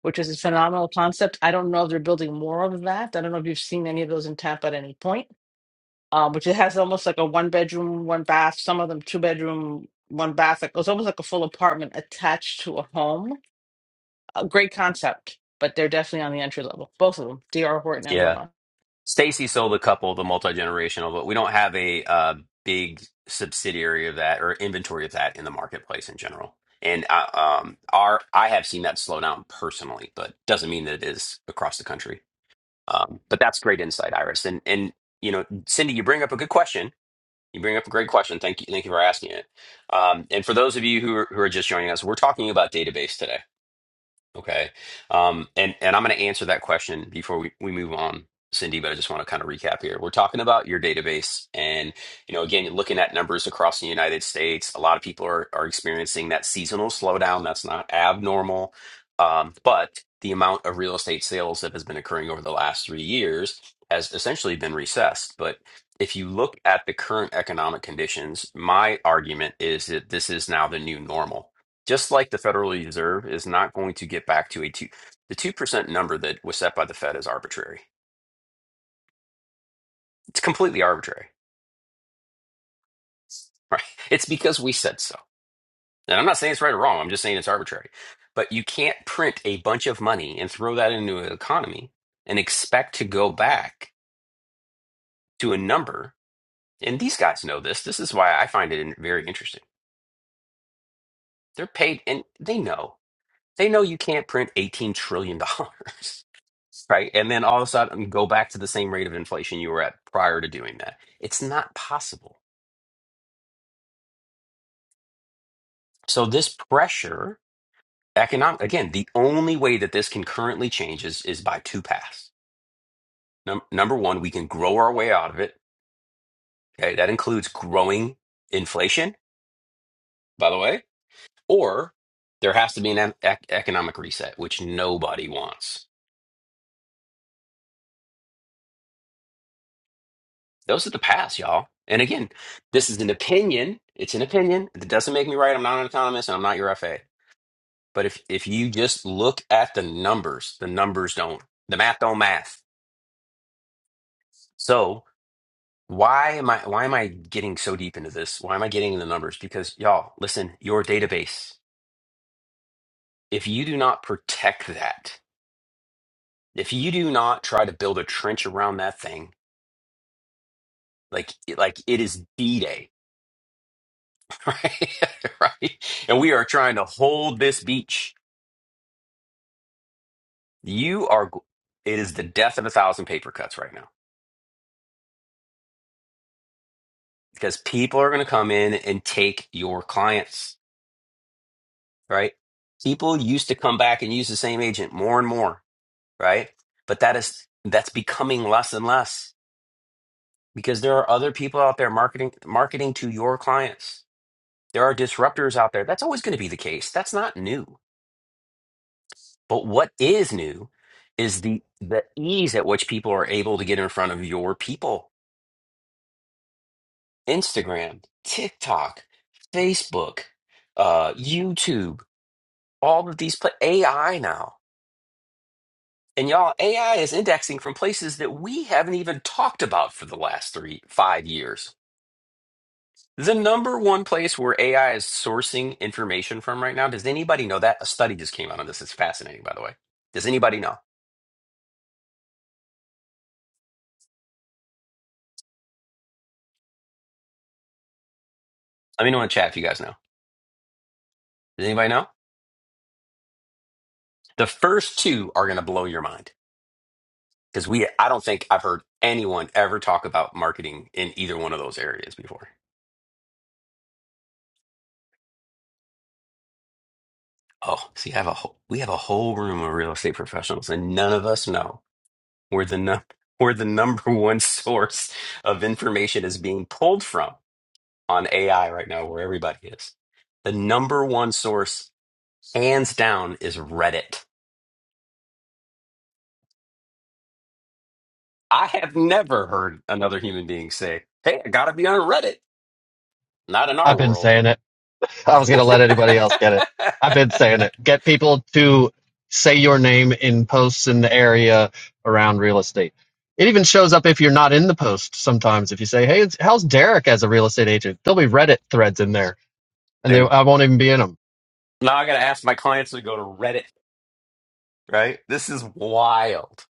Speaker 8: which is a phenomenal concept. I don't know if they're building more of that. I don't know if you've seen any of those in Tampa at any point um, which it has almost like a one bedroom, one bath, some of them two bedroom, one bath. Like, it's almost like a full apartment attached to a home. A great concept, but they're definitely on the entry level. Both of them, D.R. Horton and
Speaker 1: Yeah,
Speaker 8: Lennar.
Speaker 1: Stacy sold a couple, the multi generational, but we don't have a uh, big subsidiary of that or inventory of that in the marketplace in general. And I, um, our I have seen that slow down personally, but doesn't mean that it is across the country. Um, but that's great insight, Iris. And and you know, Cindy, you bring up a good question You bring up a great question. Thank you. Thank you for asking it. Um, and for those of you who are, who are just joining us, we're talking about database today. Okay. Um, and, and I'm going to answer that question before we, we move on, Cindy, but I just want to kind of recap here. We're talking about your database. And, you know, again, you're looking at numbers across the United States. A lot of people are, are experiencing that seasonal slowdown. That's not abnormal. Um, but the amount of real estate sales that has been occurring over the last three years has essentially been recessed. But if you look at the current economic conditions, my argument is that this is now the new normal just like the Federal Reserve is not going to get back to a two, the two percent number that was set by the Fed is arbitrary. It's completely arbitrary, *laughs* right? It's because we said so. And I'm not saying it's right or wrong. I'm just saying it's arbitrary. But you can't print a bunch of money and throw that into an economy and expect to go back to a number. And these guys know this. This is why I find it in- very interesting. They're paid, and they know. They know you can't print $18 trillion, dollars, *laughs* right? And then all of a sudden go back to the same rate of inflation you were at prior to doing that. It's not possible. So this pressure, economic, again, the only way that this can currently change is, is by two paths. Num- number one, we can grow our way out of it. Okay. That includes growing inflation, by the way, or there has to be an e- ec- economic reset, which nobody wants Those are the paths, y'all. And again, this is an opinion. It's an opinion. It doesn't make me right. I'm not an economist and I'm not your FA. But if if you just look at the numbers, the numbers don't the math don't math. So why am I why am I getting so deep into this? Why am I getting into the numbers? Because y'all, listen, your database, if you do not protect that, if you do not try to build a trench around that thing, like like it is D-Day, *laughs* right? *laughs* right? And we are trying to hold this beach You are, it is the death of a thousand paper cuts right now because people are going to come in and take your clients, right? People used to come back and use the same agent more and more, right? But that is, that's becoming less and less because there are other people out there marketing, marketing to your clients. There are disruptors out there. That's always going to be the case. That's not new. But what is new is the, the ease at which people are able to get in front of your people Instagram, TikTok, Facebook, uh, YouTube, all of these pla AI now. And y'all, AI is indexing from places that we haven't even talked about for the last three, five years. The number one place where AI is sourcing information from right now, does anybody know that? A study just came out on this. It's fascinating, by the way. Does anybody know? Let me know in the chat if you guys know. Does anybody know? The first two are going to blow your mind. Because we, I don't think I've heard anyone ever talk about marketing in either one of those areas before. Oh, see, I have a whole, we have a whole room of real estate professionals, and none of us know where the num- *laughs* where the number one source of information is being pulled from on AI right now, where everybody is. The number one source, hands down, is Reddit. I have never heard another human being say, "Hey, I got to be on Reddit." Not in our
Speaker 9: I've been
Speaker 1: world.
Speaker 9: saying it. I was going to let anybody else get it. I've been
Speaker 1: *laughs*
Speaker 9: saying it. Get people to say your name in posts in the area around real estate. It even shows up if you're not in the post sometimes. If you say, "Hey, it's, how's Derek as a real estate agent?" There'll be Reddit threads in there, and they
Speaker 1: dude.
Speaker 9: I won't even be in them.
Speaker 1: Now I got to ask my clients to go to Reddit, right? This is wild.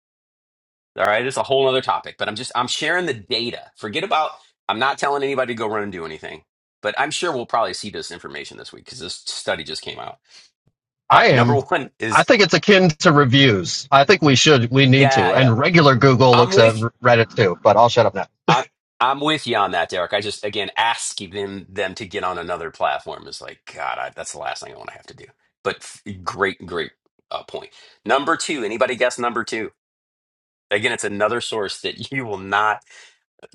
Speaker 1: All right. It's a whole other topic, but I'm just, I'm sharing the data. Forget about, I'm not telling anybody to go run and do anything, but I'm sure we'll probably see this information this week because this study just came out. All
Speaker 9: I
Speaker 1: right. Number *laughs*
Speaker 9: am.
Speaker 1: one
Speaker 9: I
Speaker 1: is,
Speaker 9: think it's akin to reviews. I think we should, we need
Speaker 1: yeah,
Speaker 9: to,
Speaker 1: yeah.
Speaker 9: and regular Google
Speaker 1: I'm
Speaker 9: looks at
Speaker 1: with,
Speaker 9: Reddit too. But I'll shut up now.
Speaker 1: I, I'm with you on that, Derek. I just, again, asking them, them to get on another platform is like, God, I, that's the last thing I want to have to do. But f- great, great uh, point. Number two, anybody guess number two? Again, it's another source that you will not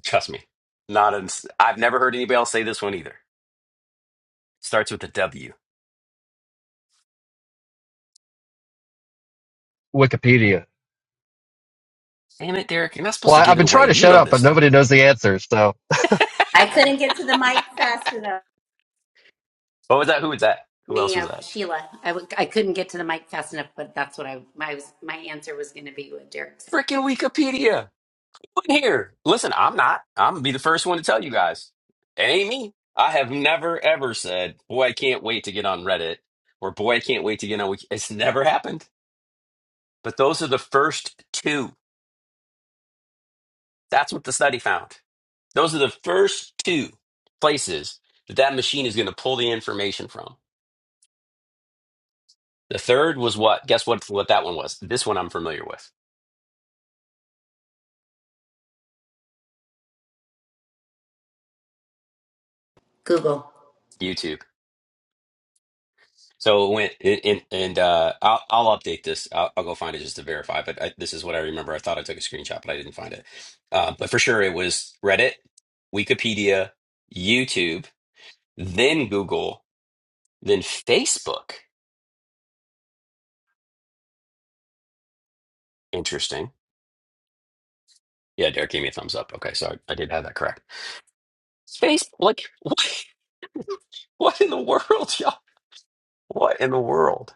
Speaker 1: trust me. Not i I've never heard anybody else say this one either. Starts with a W.
Speaker 9: Wikipedia.
Speaker 1: Damn it, Derek! You're not
Speaker 9: Well,
Speaker 1: supposed to
Speaker 9: I,
Speaker 1: give
Speaker 9: I've
Speaker 1: it
Speaker 9: been
Speaker 1: away.
Speaker 9: trying to
Speaker 1: You
Speaker 9: shut
Speaker 1: know
Speaker 9: up,
Speaker 1: this
Speaker 9: but nobody
Speaker 1: stuff.
Speaker 9: knows the answer, so
Speaker 4: I couldn't get to the mic fast enough.
Speaker 1: What was that? Who was that? Who else
Speaker 4: Me, uh,
Speaker 1: was that?
Speaker 4: Sheila. I, w- I couldn't get to the mic fast enough, but that's what I, my, my answer was going to be what Derek said.
Speaker 1: Freaking Wikipedia. Who in here? Listen, I'm not. I'm gonna be the first one to tell you guys. It ain't me. I have never ever said, "Boy, I can't wait to get on Reddit," or "Boy, I can't wait to get on." Wiki-" It's never happened. But those are the first two. That's what the study found. Those are the first two places that that machine is going to pull the information from. The third was what? Guess what? What that one was? This one I'm familiar with.
Speaker 4: Google.
Speaker 1: YouTube. So it went and and and, uh, I'll I'll update this. I'll, I'll go find it just to verify. But I, this is what I remember. I thought I took a screenshot, but I didn't find it. Uh, but for sure, it was Reddit, Wikipedia, YouTube, then Google, then Facebook. Interesting. Yeah, Derek gave me a thumbs up. Okay, so I, I did have that correct. Space, like, *laughs* what, what in the world, *laughs* y'all? What in the world?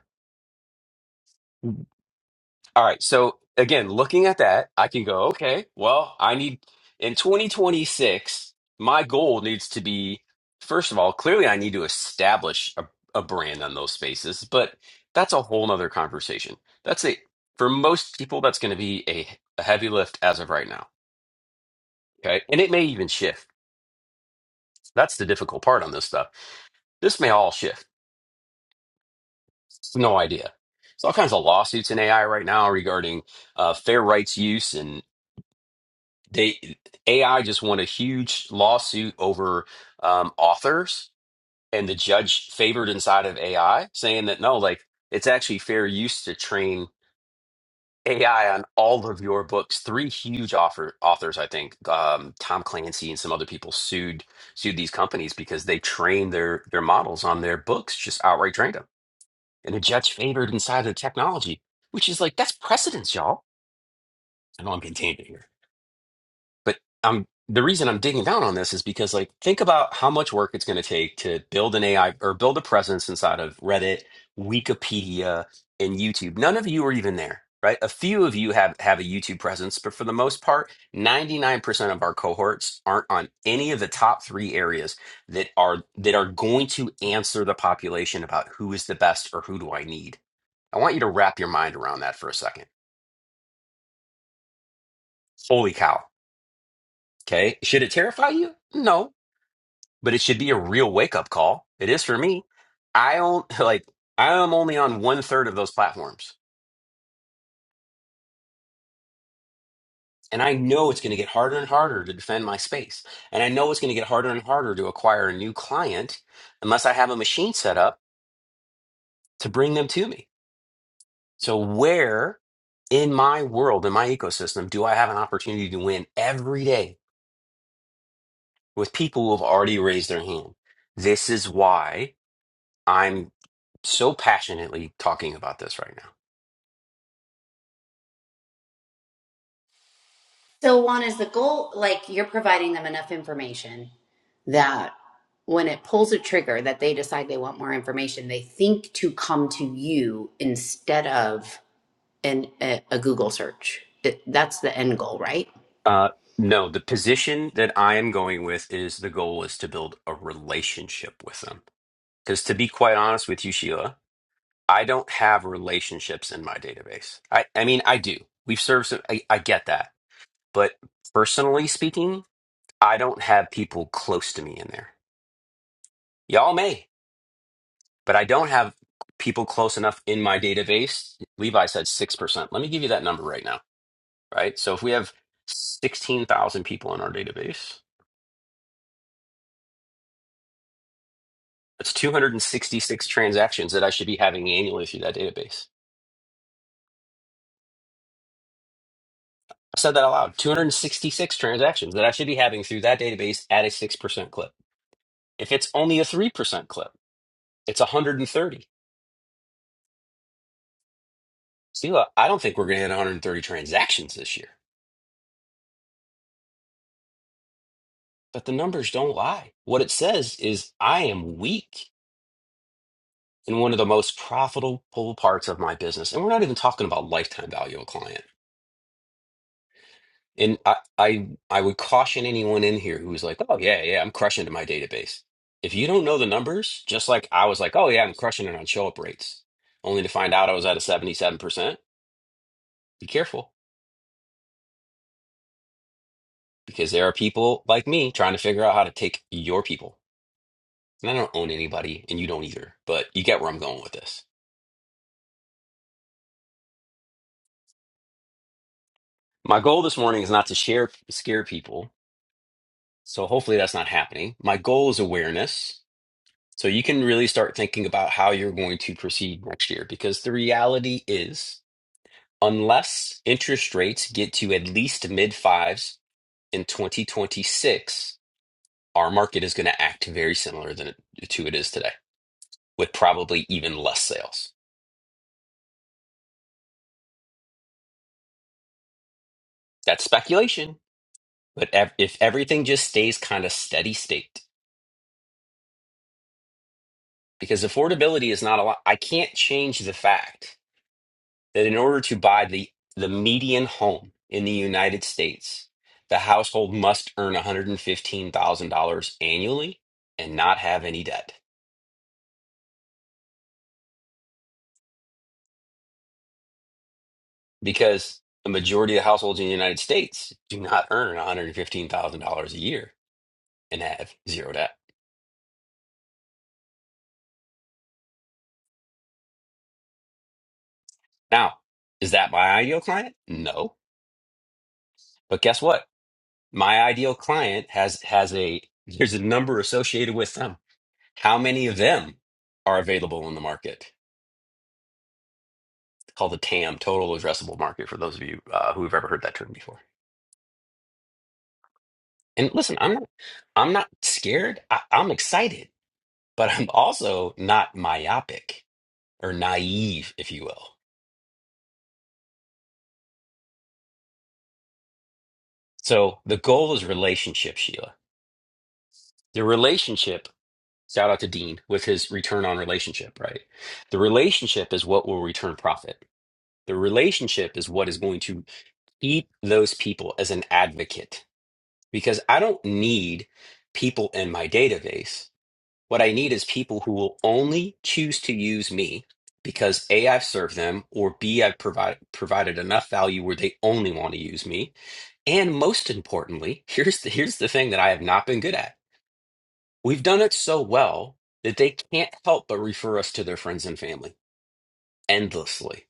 Speaker 1: All right. So again, looking at that, I can go, okay, well, I need in 2026, my goal needs to be, first of all, clearly I need to establish a, a brand on those spaces, but that's a whole nother conversation. That's a For most people, that's going to be a, a heavy lift as of right now. Okay. And it may even shift. That's the difficult part on this stuff. This may all shift. No idea. There's all kinds of lawsuits in AI right now regarding uh, fair rights use, and they AI just won a huge lawsuit over um, authors, and the judge favored inside of AI, saying that no, like it's actually fair use to train AI on all of your books. Three huge author authors, I think, um, Tom Clancy and some other people sued sued these companies because they trained their their models on their books, just outright trained them and a judge favored inside of the technology, which is like that's precedence, y'all. I know I'm continuing here. But um, the reason I'm digging down on this is because, like, think about how much work it's going to take to build an AI or build a presence inside of Reddit, Wikipedia, and YouTube. None of you are even there, right? A few of you have have a YouTube presence, but for the most part, 99% of our cohorts aren't on any of the top three areas that are that are going to answer the population about who is the best or who do I need. I want you to wrap your mind around that for a second. Holy cow. Okay. Should it terrify you? No but it should be a real wake up call. It is for me. I own *laughs* like I am only on one third of those platforms, and I know it's going to get harder and harder to defend my space, and I know it's going to get harder and harder to acquire a new client unless I have a machine set up to bring them to me. So where in my world, in my ecosystem, do I have an opportunity to win every day with people who have already raised their hand? This is why I'm so passionately talking about this right now.
Speaker 4: So Juan, is the goal like you're providing them enough information that when it pulls a trigger that they decide they want more information, they think to come to you instead of an a, a Google search. It- that's the end goal, right?
Speaker 1: Uh, no, the position that I am going with is the goal is to build a relationship with them. Because to be quite honest with you, Sheila, I don't have relationships in my database. I, I mean, I do. We've served some, I, I get that. But personally speaking, I don't have people close to me in there. Y'all may, but I don't have people close enough in my database. Levi said 6%. Let me give you that number right now, right? So if we have 16,000 people in our database, That's 266 transactions that I should be having annually through that database. I said that aloud. 266 transactions that I should be having through that database at a 6% clip. If it's only a 3% clip, it's 130. Stila, I don't think we're going to hit 130 transactions this year, but the numbers don't lie. What it says is I am weak in one of the most profitable parts of my business. And we're not even talking about lifetime value of a client. And I, I I would caution anyone in here who's like, oh yeah, yeah, I'm crushing to my database. If you don't know the numbers, just like I was like, oh yeah, I'm crushing it on show up rates, only to find out I was at a 77%, be careful because there are people like me trying to figure out how to take your people. And I don't own anybody and you don't either, but you get where I'm going with this. My goal this morning is not to share scare people. So hopefully that's not happening. My goal is awareness So you can really start thinking about how you're going to proceed next year because the reality is, unless interest rates get to at least mid fives in 2026, our market is going to act very similar than it, to it is today, with probably even less sales. That's speculation, but ev- if everything just stays kind of steady state, because affordability is not a lot, I can't change the fact that in order to buy the, the median home in the United States, the household must earn $115,000 annually and not have any debt because the majority of households in the United States do not earn $115,000 a year and have zero debt. Now, is that my ideal client? No. But guess what? My ideal client has has a there's a number associated with them. How many of them are available in the market? called the TAM, total addressable market, for those of you uh, who have ever heard that term before. And listen, I'm not, I'm not scared. I, I'm excited, but I'm also not myopic or naive, if you will. So the goal is relationship, Sheila. The relationship. Shout out to Dean with his return on relationship, right? The relationship is what will return profit. The relationship is what is going to keep those people as an advocate because I don't need people in my database What I need is people who will only choose to use me because A, I've served them, or B, I've provided provided enough value where they only want to use me. And most importantly, *laughs* here's the, here's the thing that I have not been good at. We've done it so well that they can't help but refer us to their friends and family endlessly.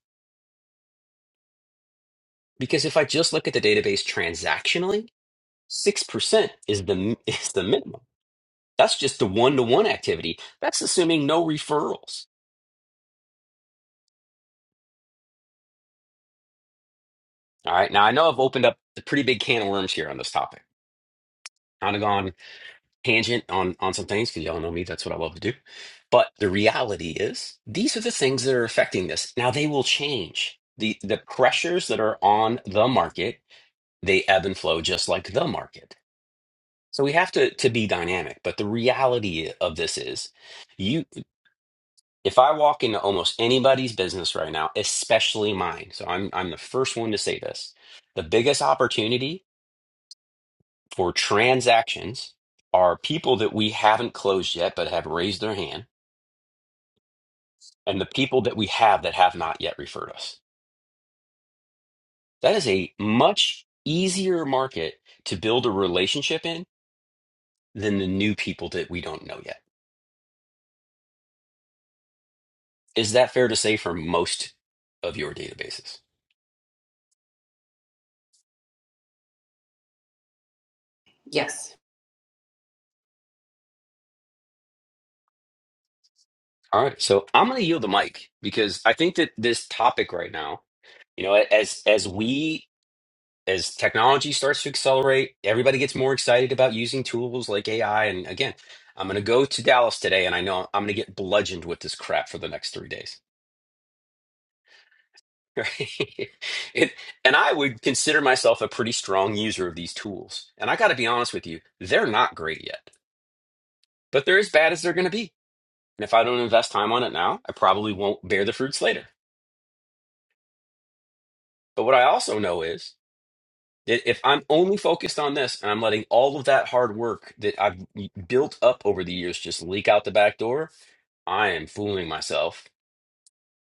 Speaker 1: Because if I just look at the database transactionally, 6% is the *laughs* is the minimum. That's just the one-to-one activity. That's assuming no referrals. All right. Now I know I've opened up a pretty big can of worms here on this topic. Kind of gone tangent on on some things because y'all know me. That's what I love to do. But the reality is, these are the things that are affecting this. Now they will change. the The pressures that are on the market they ebb and flow just like the market. So we have to to be dynamic. But the reality of this is, you. If I walk into almost anybody's business right now, especially mine, so I'm I'm the first one to say this. The biggest opportunity for transactions are people that we haven't closed yet but have raised their hand, and the people that we have that have not yet referred us. That is a much easier market to build a relationship in than the new people that we don't know yet. Is that fair to say for most of your databases?
Speaker 4: Yes.
Speaker 1: All right, so I'm going to yield the mic because I think that this topic right now, you know, as as we as technology starts to accelerate, everybody gets more excited about using tools like AI. And again, I'm going to go to Dallas today, and I know I'm going to get bludgeoned with this crap for the next three days. *laughs* Right? it, and I would consider myself a pretty strong user of these tools. And I got to be honest with you, they're not great yet, but they're as bad as they're going to be. And if I don't invest time on it now, I probably won't bear the fruits later. But what I also know is I- If I'm only focused on this and I'm letting all of that hard work that I've built up over the years just leak out the back door, I am fooling myself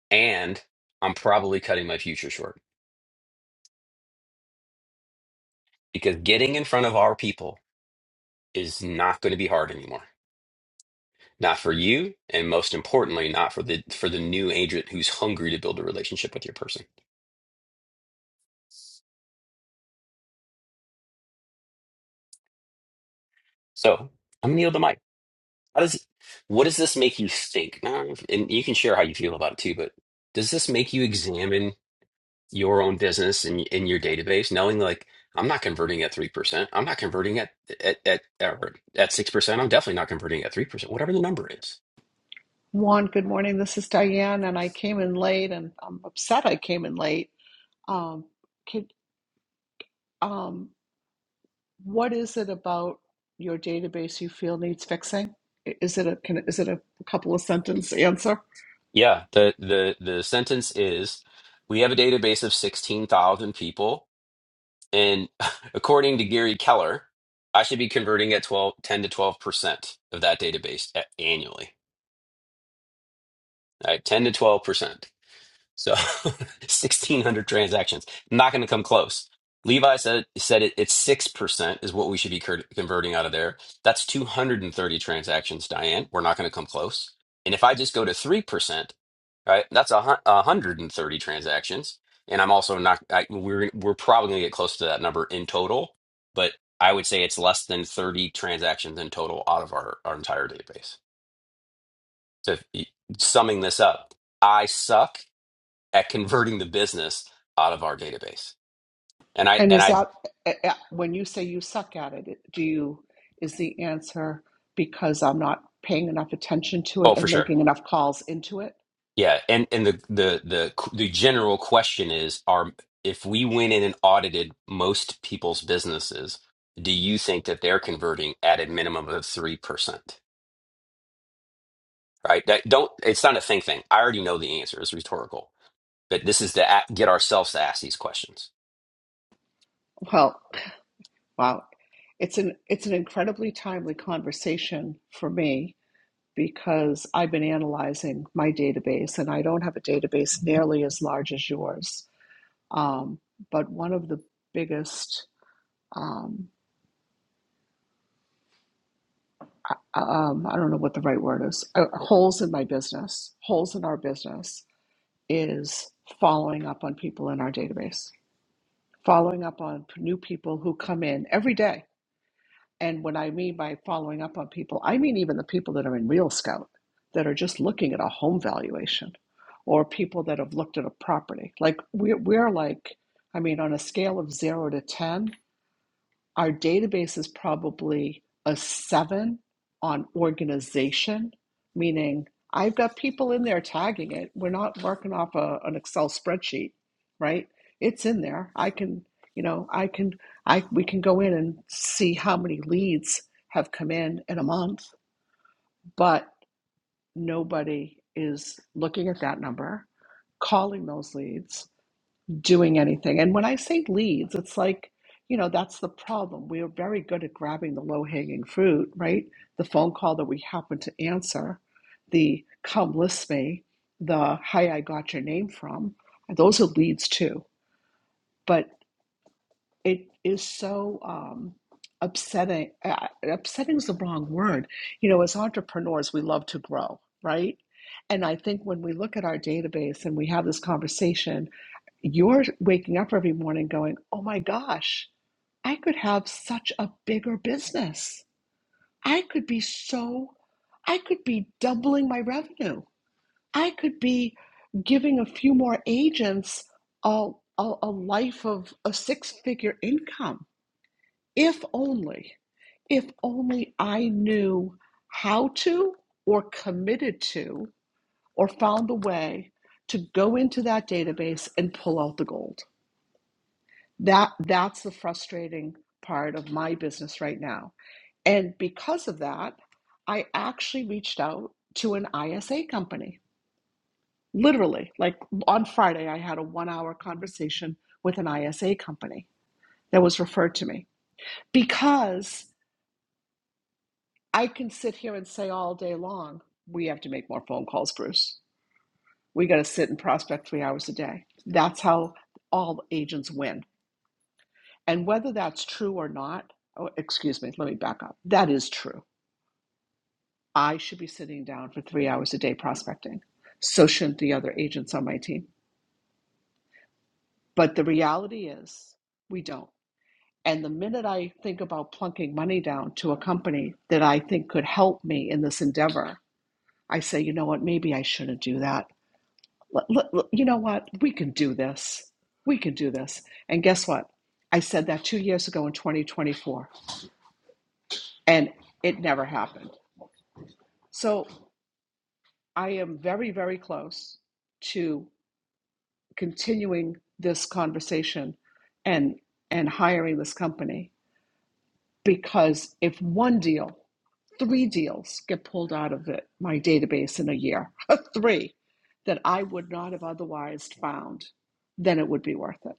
Speaker 1: and I'm probably cutting my future short because getting in front of our people is not going to be hard anymore. Not for you, and most importantly, not for the for the new agent who's hungry to build a relationship with your person. So I'm gonna yield the mic. How does what does this make you think? Now, And you can share how you feel about it too, but does this make you examine? your own business and in your database, knowing like I'm not converting at three percent, I'm not converting at at at or at six percent, I'm definitely not converting at three percent, whatever the number is.
Speaker 10: Juan, good morning. This is Diane, and I came in late, and I'm upset I came in late. Um, could, um, what is it about your database you feel needs fixing? I- Is it a can, is it a couple of sentence answer?
Speaker 1: Yeah, the the the sentence is we have a database of sixteen thousand people, and *laughs* according to Gary Keller, I should be converting at 12 10 to twelve percent of that database a- annually. All right, ten to twelve percent. So *laughs* 1,600 transactions. Not going to come close. Levi said said it, it's 6% is what we should be cur- converting out of there. That's 230 transactions, Diane. We're not going to come close. And if I just go to 3%, right, that's a, 130 transactions. And I'm also not, I, we're, we're probably going to get close to that number in total, but I would say it's less than 30 transactions in total out of our, our entire database. So if, you- summing this up, I suck at converting the business out of our database. And I
Speaker 10: And
Speaker 1: and
Speaker 10: is
Speaker 1: I
Speaker 10: that eh, eh, when you say you suck at it? Do you is the answer because I'm not paying enough attention to it
Speaker 1: oh for
Speaker 10: and
Speaker 1: sure.
Speaker 10: making enough calls into it?
Speaker 1: Yeah, and and the the the the general question is are if we went in and audited most people's businesses, do you think that they're converting at a minimum of 3%? Right? That don't it's not a think thing. I already know the answer. It's rhetorical. But this is to a- get ourselves to ask these questions.
Speaker 10: Well, wow, it's an it's an incredibly timely conversation for me because I've been analyzing my database and I don't have a database nearly as large as yours. Um, but one of the biggest, um, uh, um, I don't know what the right word is, uh, holes in my business, holes in our business is following up on people in our database, following up on new people who come in every day. And what I mean by following up on people, I mean even the people that are in Real Scout that are just looking at a home valuation or people that have looked at a property. Like we're, we're like, I mean, on a scale of zero to 10, our database is probably a seven on organization, meaning I've got people in there tagging it. We're not working off a, an Excel spreadsheet, right? It's in there. I can, you know, I can, I we can go in and see how many leads have come in in a month, but nobody is looking at that number, calling those leads doing anything. And when I say leads, it's like, you know, that's the problem. We are very good at grabbing the low hanging fruit, right? The phone call that we happen to answer, the come list me, the hi, I got your name from. Those are leads too. But it is so um, upsetting. Uh, upsetting is the wrong word. You know, as entrepreneurs, we love to grow, right? And I think when we look at our database and we have this conversation, you're waking up every morning going, oh my gosh, I could have such a bigger business. I could be so, I could be doubling my revenue. I could be giving a few more agents a, a, a life of a six figure income if only, if only I knew how to or committed to or found a way to go into that database and pull out the gold. That that's the frustrating part of my business right now. And because of that, I actually reached out to an ISA company. Literally, like on Friday, I had a one hour conversation with an ISA company that was referred to me because I can sit here and say all day long, we have to make more phone calls, Bruce. We got to sit and prospect three hours a day. That's how all agents win. And whether that's true or not, oh, excuse me, let me back up. That is true. I should be sitting down for three hours a day prospecting. So shouldn't the other agents on my team. But the reality is, we don't. And the minute I think about plunking money down to a company that I think could help me in this endeavor, I say, you know what, maybe I shouldn't do that L- l- l- you know what? We can do this. We can do this. And guess what? I said that two years ago in 2024, and it never happened. So I am very, very close to continuing this conversation and and hiring this company because if one deal, three deals get pulled out of it, my database in a year, *laughs* three that I would not have otherwise found, then it would be worth it.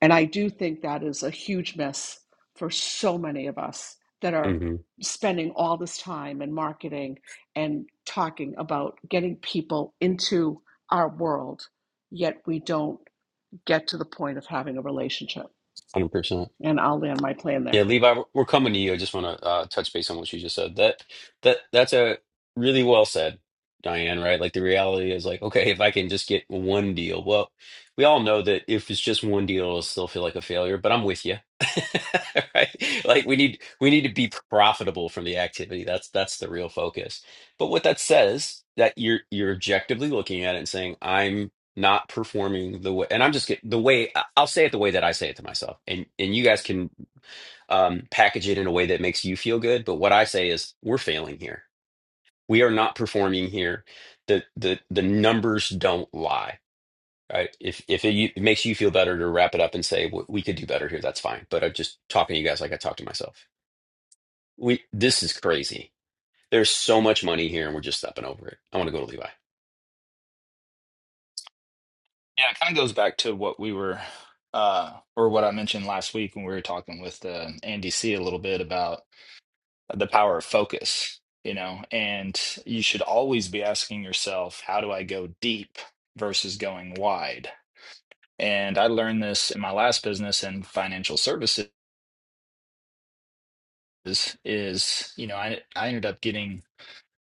Speaker 10: And I do think that is a huge miss for so many of us that are
Speaker 1: Mm-hmm.
Speaker 10: spending all this time in marketing and talking about getting people into our world, yet we don't get to the point of having a relationship.
Speaker 1: 100%.
Speaker 10: And I'll land my plan there.
Speaker 1: Yeah, Levi, we're we're coming to you. I just want to uh, touch base on what you just said. That that that's a really well said, Diane, right? Like the reality is like, okay, if I can just get one deal. Well, we all know that if it's just one deal, it'll still feel like a failure, but I'm with you. *laughs* Right? Like we need we need to be profitable from the activity. That's that's the real focus. But what that says that you're you're objectively looking at it and saying, I'm not performing the way and I'm just get the way I- I'll say it the way that I say it to myself. And and you guys can um, package it in a way that makes you feel good. But what I say is, we're failing here. We are not performing here. The the the numbers don't lie. Right? If if it, you- it makes you feel better to wrap it up and say "W- we could do better here, that's fine. But I'm just talking to you guys like I talk to myself. We this is crazy. There's so much money here, and we're just stepping over it. I want to go to Levi.
Speaker 11: Yeah, it kind of goes back to what we were, uh, or what I mentioned last week when we were talking with uh, Andy C a little bit about the power of focus, you know, and you should always be asking yourself, how do I go deep versus going wide? And I learned this in my last business in financial services is, you know, I, I ended up getting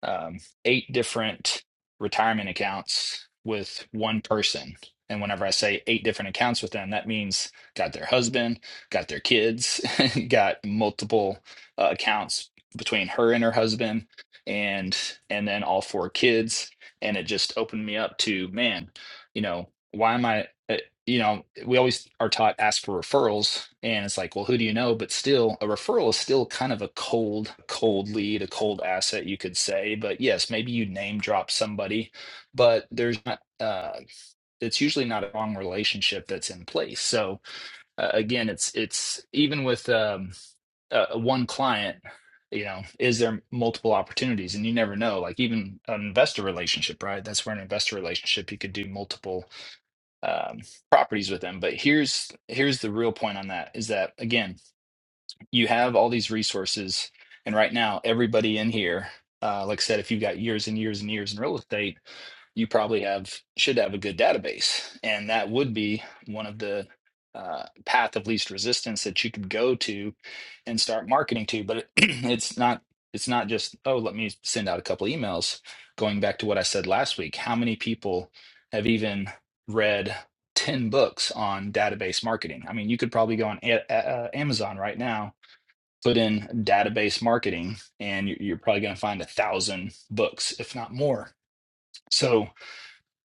Speaker 11: um, eight different retirement accounts with one person. And whenever I say eight different accounts with them, that means got their husband, got their kids, *laughs* got multiple uh, accounts between her and her husband, and and then all four kids. And it just opened me up to man, you know, why am I? you know, we always are taught ask for referrals, and it's like, well, who do you know? But still, a referral is still kind of a cold, cold lead, a cold asset, you could say. But yes, maybe you name drop somebody, but there's not. Uh, it's usually not a long relationship that's in place. So uh, again, it's it's even with um, uh, uh, one client, you know, is there multiple opportunities, and you never know. Like even an investor relationship, right? That's where an investor relationship you could do multiple um, properties with them. But here's here's the real point on that is that again, you have all these resources and right now everybody in here uh, like i said if you've got years and years and years in real estate you probably have should have a good database and that would be one of the uh, path of least resistance that you could go to and start marketing to but *clears throat* it's not it's not just oh let me send out a couple emails going back to what i said last week how many people have even read 10 books on database marketing i mean you could probably go on a- A- uh, amazon right now put in database marketing and you- you're probably going to find a thousand books if not more so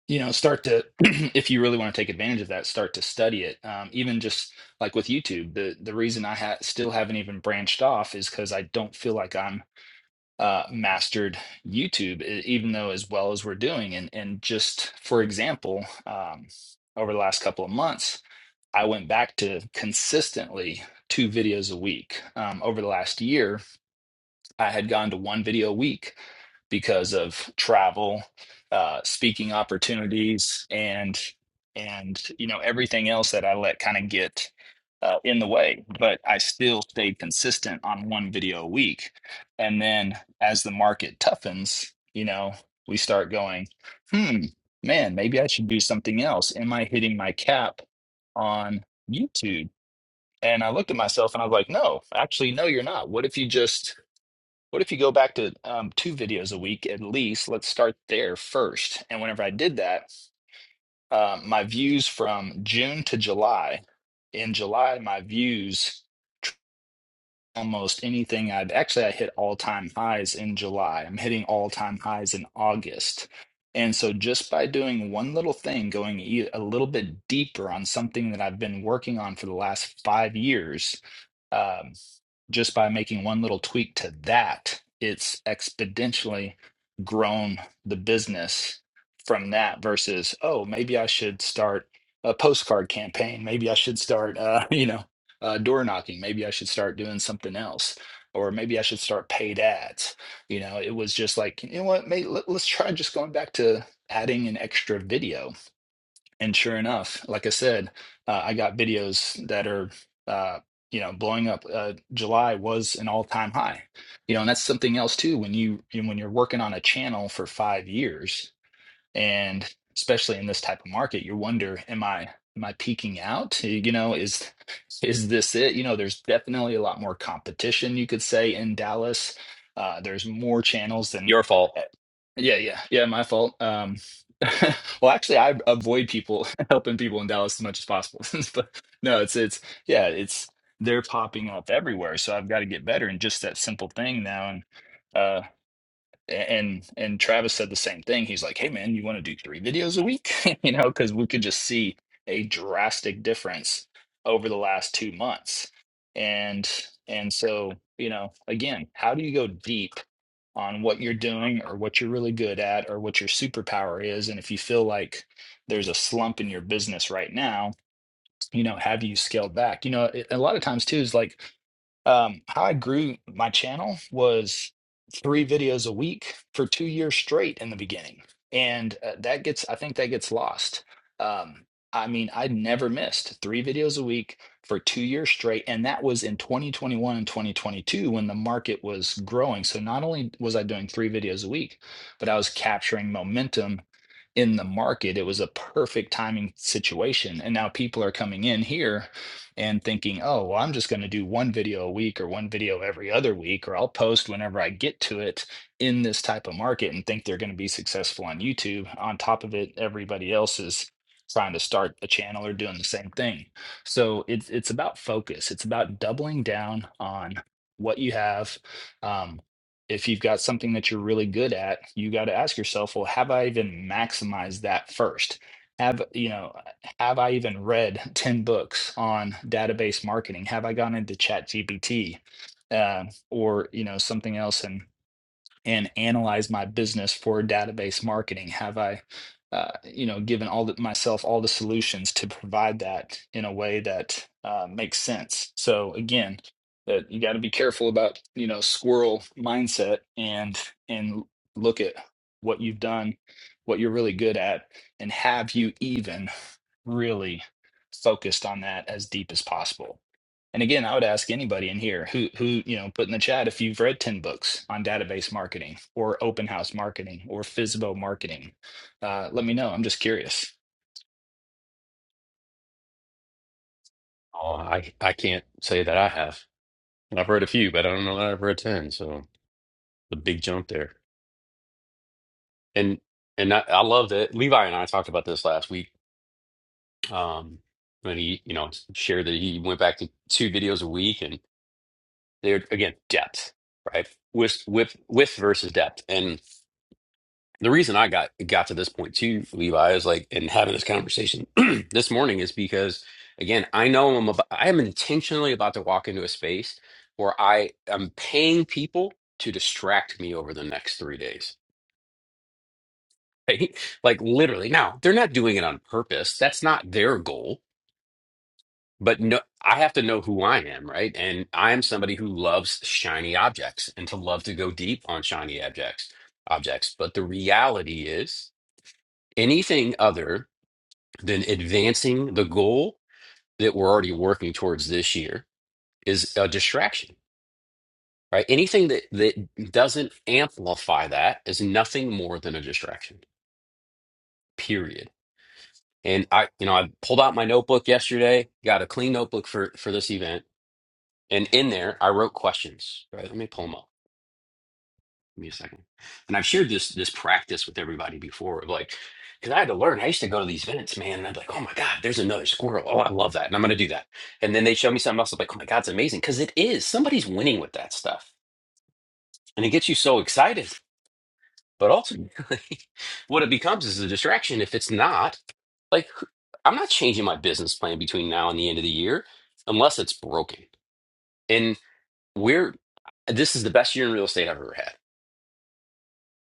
Speaker 11: you know start to *clears throat* if you really want to take advantage of that start to study it um, even just like with youtube the the reason i ha- still haven't even branched off is because i don't feel like i'm uh, mastered youtube e- even though as well as we're doing and and just for example um, over the last couple of months i went back to consistently two videos a week um, over the last year I had gone to one video a week because of travel, uh, speaking opportunities, and and you know everything else that I let kind of get uh, in the way. But I still stayed consistent on one video a week, and then as the market toughens, you know, we start going, hmm, man, maybe I should do something else. Am I hitting my cap on YouTube? And I looked at myself and I was like, no, actually, no, you're not. What if you just what if you go back to um, two videos a week at least? Let's start there first. And whenever I did that, uh, my views from June to July, in July, my views almost anything I've actually I hit all time highs in July. I'm hitting all time highs in August. And so just by doing one little thing, going e- a little bit deeper on something that I've been working on for the last five years. um, just by making one little tweak to that, it's exponentially grown the business from that versus, oh, maybe I should start a postcard campaign. Maybe I should start, uh, *laughs* you know, uh, door knocking. Maybe I should start doing something else. Or maybe I should start paid ads. You know, it was just like, you know what, mate, let, let's try just going back to adding an extra video and sure enough, like I said, uh, I got videos that are, uh, you know, blowing up. Uh, July was an all-time high, you know, and that's something else too. When you you know, when you're working on a channel for five years, and especially in this type of market, you wonder, am I am I peaking out? You know, is is this it? You know, there's definitely a lot more competition. You could say in Dallas, uh, there's more channels than.
Speaker 1: Your fault.
Speaker 11: Yeah, yeah, yeah. My fault. Um, *laughs* well, actually, I avoid people *laughs* helping people in Dallas as much as possible. *laughs* but no, it's it's yeah, it's they're popping up everywhere. So I've got to get better in just that simple thing now. And uh, a- and and Travis said the same thing. He's like, "Hey, man, you want to do three videos a week?" *laughs* you know, because we could just see a drastic difference over the last two months. And and so you know, again, how do you go deep? on what you're doing or what you're really good at or what your superpower is. And if you feel like there's a slump in your business right now, you know, have you scaled back? You know, it- a lot of times too is like um, how I grew my channel was three videos a week for two years straight in the beginning. And uh, that gets, I think that gets lost. Um, I mean, I never missed three videos a week for two years straight. And that was in 2021 and 2022 when the market was growing. So not only was I doing three videos a week, but I was capturing momentum in the market. It was a perfect timing situation. And now people are coming in here and thinking, oh, well, I'm just going to do one video a week or one video every other week, or I'll post whenever I get to it in this type of market and think they're going to be successful on YouTube. On top of it, everybody else is trying to start a channel or doing the same thing. So it's it's about focus. It's about doubling down on what you have. Um, if you've got something that you're really good at, you got to ask yourself, well, have I even maximized that first? Have you know? have I even read *laughs* 10 books on database marketing? Have I gone into ChatGPT uh, or, you know, something else and, and analyzed my business for database marketing? Have I, uh, you know, given all the, myself all the solutions to provide that in a way that uh, makes sense? So again, that you got to be careful about, you know, squirrel mindset and, and look at what you've done, what you're really good at, and have you even really focused on that as deep as possible. And again, I would ask anybody in here who who, you know, put in the chat if you've read 10 books on database marketing or open house marketing or FISBO marketing. Uh, let me know. I'm just curious.
Speaker 1: Oh, I I can't say that I have. I've read a few, but I don't know that I've read ten. So the big jump there. And and I, I love that Levi and I talked about this last week. Um, when he, you know, shared that he went back to two videos a week, and they're again depth, right? With with with versus depth, and the reason I got got to this point too, Levi, is like, and having this conversation *clears throat* this morning is because again, I know I'm about, I am intentionally about to walk into a space where I am paying people to distract me over the next three days. Right? *laughs* Like literally, now they're not doing it on purpose. That's not their goal but no i have to know who i am right and i am somebody who loves shiny objects and to love to go deep on shiny objects objects but the reality is anything other than advancing the goal that we're already working towards this year is a distraction right anything that that doesn't amplify that is nothing more than a distraction period and i you know i pulled out my notebook yesterday got a clean notebook for for this event And in there, I wrote questions. Right? Let me pull them up. Give me a second. And I've shared this this practice with everybody before of like, because I had to learn. I used to go to these events, man, and I'd be like, oh my God, there's another squirrel. Oh, I love that. And I'm gonna do that. And then they show me something else. I'm like, oh my God, it's amazing. Cause it is. Somebody's winning with that stuff. And it gets you so excited. But ultimately, *laughs* what it becomes is a distraction. If it's not, like I'm not changing my business plan between now and the end of the year unless it's broken. And we're this is the best year in real estate I've ever had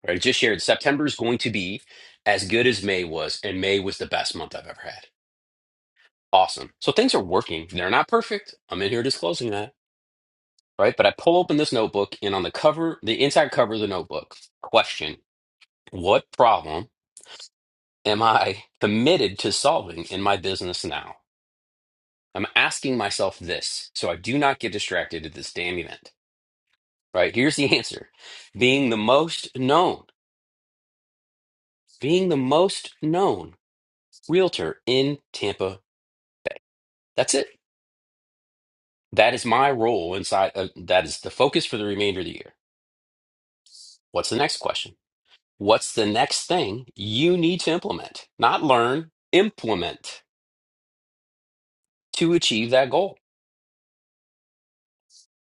Speaker 1: Right? I just shared September is going to be as good as May was, and May was the best month I've ever had. Awesome. So things are working. They're not perfect. I'm in here disclosing that, right? But I pull open this notebook, and on the cover, the inside cover of the notebook, question: What problem am I committed to solving in my business now? I'm asking myself this so I do not get distracted at this damn event. Right? Here's the *laughs* answer: Being the most known, being the most known realtor in Tampa. That's it. That is my role inside. Uh, that is the focus for the remainder of the year. What's the next question? What's the next thing you need to implement? Not learn, implement to achieve that goal.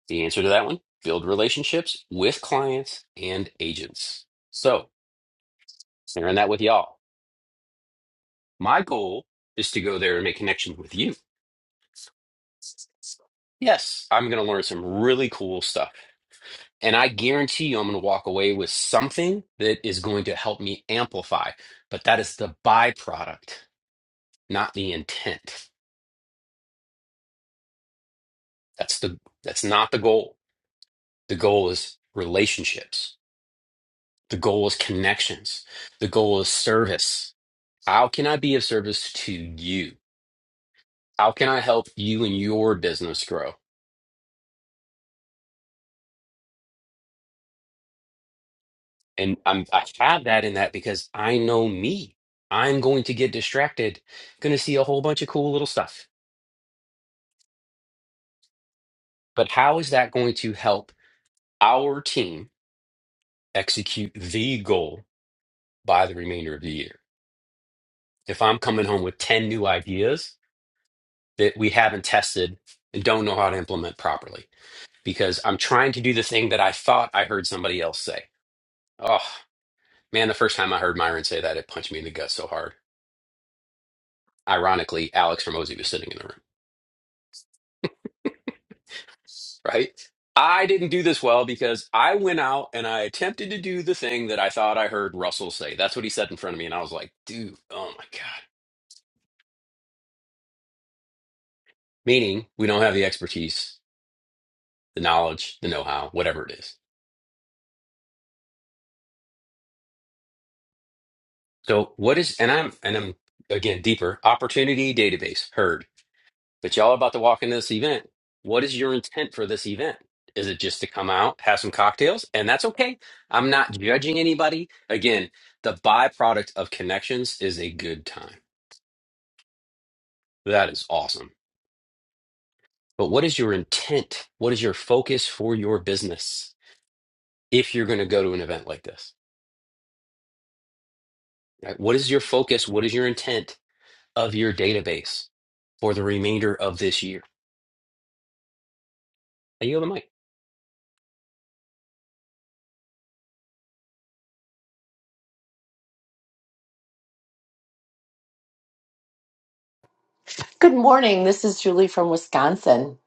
Speaker 1: The answer to that one build relationships with clients and agents. So, sharing that with y'all. My goal is to go there and make connections with you. Yes, I'm going to learn some really cool stuff. And I guarantee you, I'm going to walk away with something that is going to help me amplify. But that is the byproduct, not the intent. That's the that's not the goal. The goal is relationships. The goal is connections. The goal is service. How can I be of service to you? How can I help you and your business grow? And I'm, I have that in that because I know me. I'm going to get distracted, going to see a whole bunch of cool little stuff. But how is that going to help? our team execute the goal by the remainder of the year. If I'm coming home with 10 new ideas that we haven't tested and don't know how to implement properly, because I'm trying to do the thing that I thought I heard somebody else say. Oh, man, the first time I heard Myron say that, it punched me in the gut so hard. Ironically, Alex Ramosi was sitting in the room, right? I didn't do this well because I went out and I attempted to do the thing that I thought I heard Russell say. That's what he said in front of me. And I was like, dude, oh my God. meaning we don't have the expertise, the knowledge, the know-how, whatever it is. So what is and I'm and I'm again deeper opportunity database heard, but y'all are about to walk into this event. What is your intent for this event? Is it just to come out, have some cocktails, and that's okay? I'm not judging anybody. Again, the byproduct of connections is a good time. That is awesome. But what is your intent? What is your focus for your business if you're going to go to an event like this? Right? What is your focus? What is your intent? of your database for the remainder of this year. I yield the mic.
Speaker 12: Good morning. This is Julie from Wisconsin.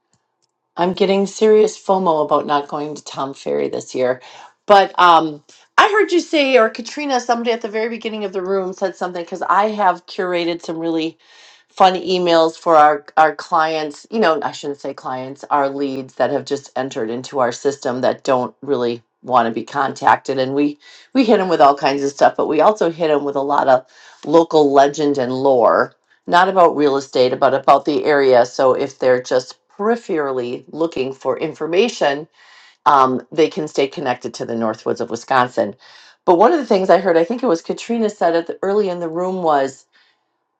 Speaker 12: I'm getting serious FOMO about not going to Tom Ferry this year. But um, I heard you say, or Katrina, somebody at the very beginning of the room said something because I have curated some really fun emails for our, our clients. You know, I shouldn't say clients, our leads that have just entered into our system that don't really want to be contacted. And we, we hit them with all kinds of stuff, but we also hit them with a lot of local legend and lore not about real estate, but about the area. So if they're just peripherally looking for information, um, they can stay connected to the Northwoods of Wisconsin. But one of the things I heard, I think it was Katrina said it early in the room, was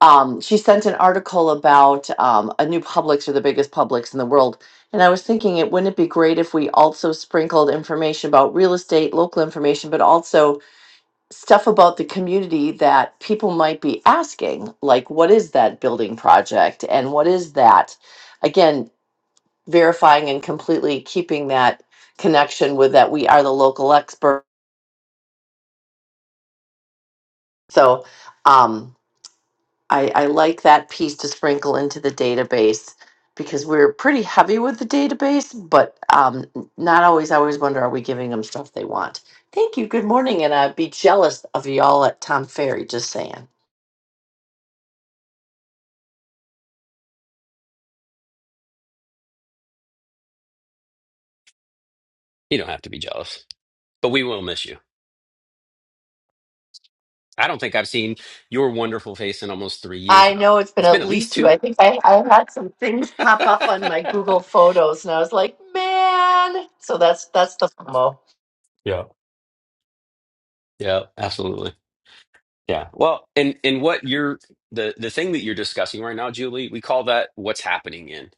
Speaker 12: um, she sent an article about um, a new Publix or the biggest Publix in the world. And I was thinking, it wouldn't it be great if we also sprinkled information about real estate, local information, but also stuff about the community that people might be asking, like what is that building project and what is that? Again, verifying and completely keeping that connection with that we are the local expert. So um, I, I like that piece to sprinkle into the database because we're pretty heavy with the database, but um, not always. I always wonder, are we giving them stuff they want? Thank you. Good morning. And I'd be jealous of y'all at Tom Ferry, just saying.
Speaker 1: You don't have to be jealous, but we will miss you. I don't think I've seen your wonderful face in almost three years
Speaker 12: I
Speaker 1: now.
Speaker 12: know it's been
Speaker 1: It's been
Speaker 12: at
Speaker 1: at least
Speaker 12: least two.
Speaker 1: two.
Speaker 12: I think I, I had some things
Speaker 1: *laughs*
Speaker 12: pop up on my Google Photos, and I was like, man. So that's that's the FOMO.
Speaker 1: yeah. Yeah, absolutely. Yeah. Well, and and what you're the the thing that you're discussing right now, Julie, we call that what's happening in.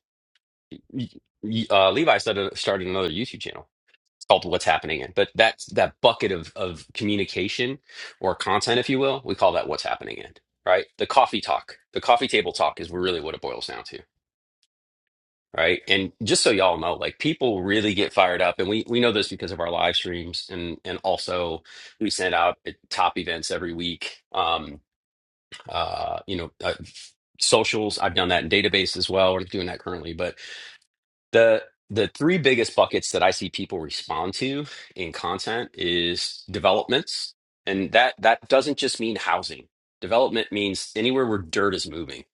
Speaker 1: Y- y- Uh, Levi started started another YouTube channel It's called What's Happening In. But that's that bucket of of communication or content, if you will, we call that What's Happening In, right? The coffee talk, the coffee table talk is really what it boils down to. Right. And just so y'all know, like people really get fired up. And we, we know this because of our live streams and and also we send out uh, top events every week. Um uh, you know, uh, socials. I've done that in database as well. We're doing that currently, but the the three biggest buckets that I see people respond to in content is developments, and that that doesn't just mean housing. Development means anywhere where dirt is moving,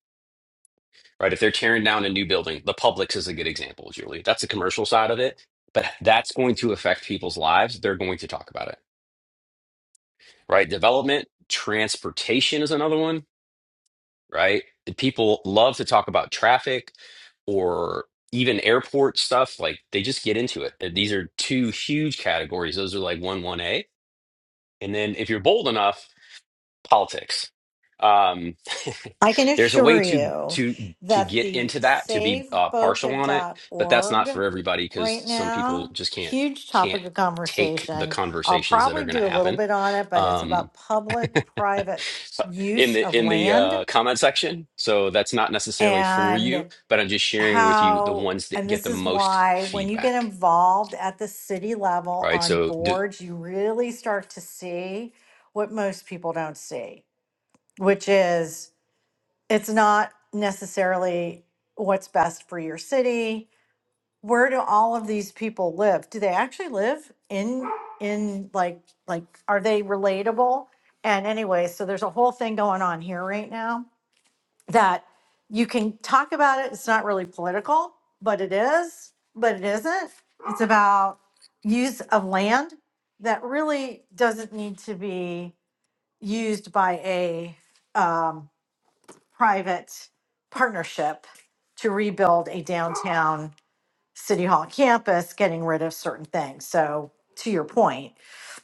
Speaker 1: right? If they're tearing down a new building, the Publix is a good example, Julie. That's the commercial side of it, but that's going to affect people's lives. They're going to talk about it, right? Development, transportation is another one right? The people love to talk about traffic or even airport stuff. Like they just get into it. And These are two huge categories. Those are like one one A. And then if you're bold enough, politics. Um,
Speaker 13: I can
Speaker 1: *laughs* there's a way
Speaker 13: assure
Speaker 1: to
Speaker 13: you
Speaker 1: to to
Speaker 13: that
Speaker 1: get
Speaker 13: the
Speaker 1: into that to be
Speaker 13: Save
Speaker 1: uh, partial
Speaker 13: Boca
Speaker 1: on it,
Speaker 13: dot
Speaker 1: but that's
Speaker 13: org
Speaker 1: not for everybody because
Speaker 13: right
Speaker 1: some people
Speaker 13: now,
Speaker 1: just can't
Speaker 13: huge
Speaker 1: can't
Speaker 13: topic of
Speaker 1: take the
Speaker 13: conversation. I'll
Speaker 1: conversations that are
Speaker 13: probably
Speaker 1: going to
Speaker 13: do a little
Speaker 1: happen.
Speaker 13: bit on it, but it's
Speaker 1: Um,
Speaker 13: about public private
Speaker 1: in
Speaker 13: use
Speaker 1: the
Speaker 13: of
Speaker 1: in the
Speaker 13: land
Speaker 1: uh, comment section. So that's not necessarily for you,
Speaker 13: and
Speaker 1: but I'm just sharing with you the
Speaker 13: how,
Speaker 1: ones that
Speaker 13: and
Speaker 1: get
Speaker 13: this
Speaker 1: the
Speaker 13: is
Speaker 1: most
Speaker 13: why when you get
Speaker 1: feedback.
Speaker 13: involved at the city level
Speaker 1: All right.
Speaker 13: on
Speaker 1: So do,
Speaker 13: boards, you really start to see what most people don't see, which is. it's not necessarily what's best for your city. Where do all of these people live? Do they actually live in in like like are they relatable? And anyway, so there's a whole thing going on here right now that you can talk about it. It's not really political, but it is, but it isn't. It's about use of land that really doesn't need to be used by a um, private partnership to rebuild a downtown city hall campus, getting rid of certain things. So to your point,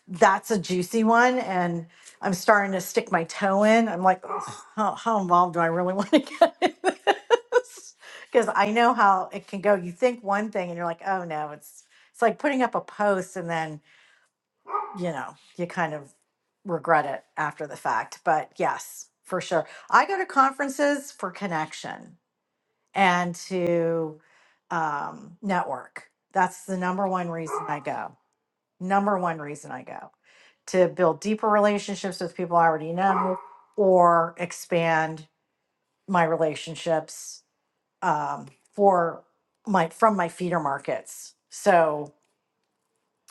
Speaker 13: that's a juicy one. And I'm starting to stick my toe in. I'm like, "Ugh, how, how involved do I really *laughs* want to get in this? Because I know how it can go. You think one thing and you're like, oh no, it's it's like putting up a post and then you know, you kind of regret it after the fact. But yes, for sure. I go to conferences for connection and to um, network. That's the number one reason I go. Number one reason I go to build deeper relationships with people I already know or expand my relationships um, for my from my feeder markets. So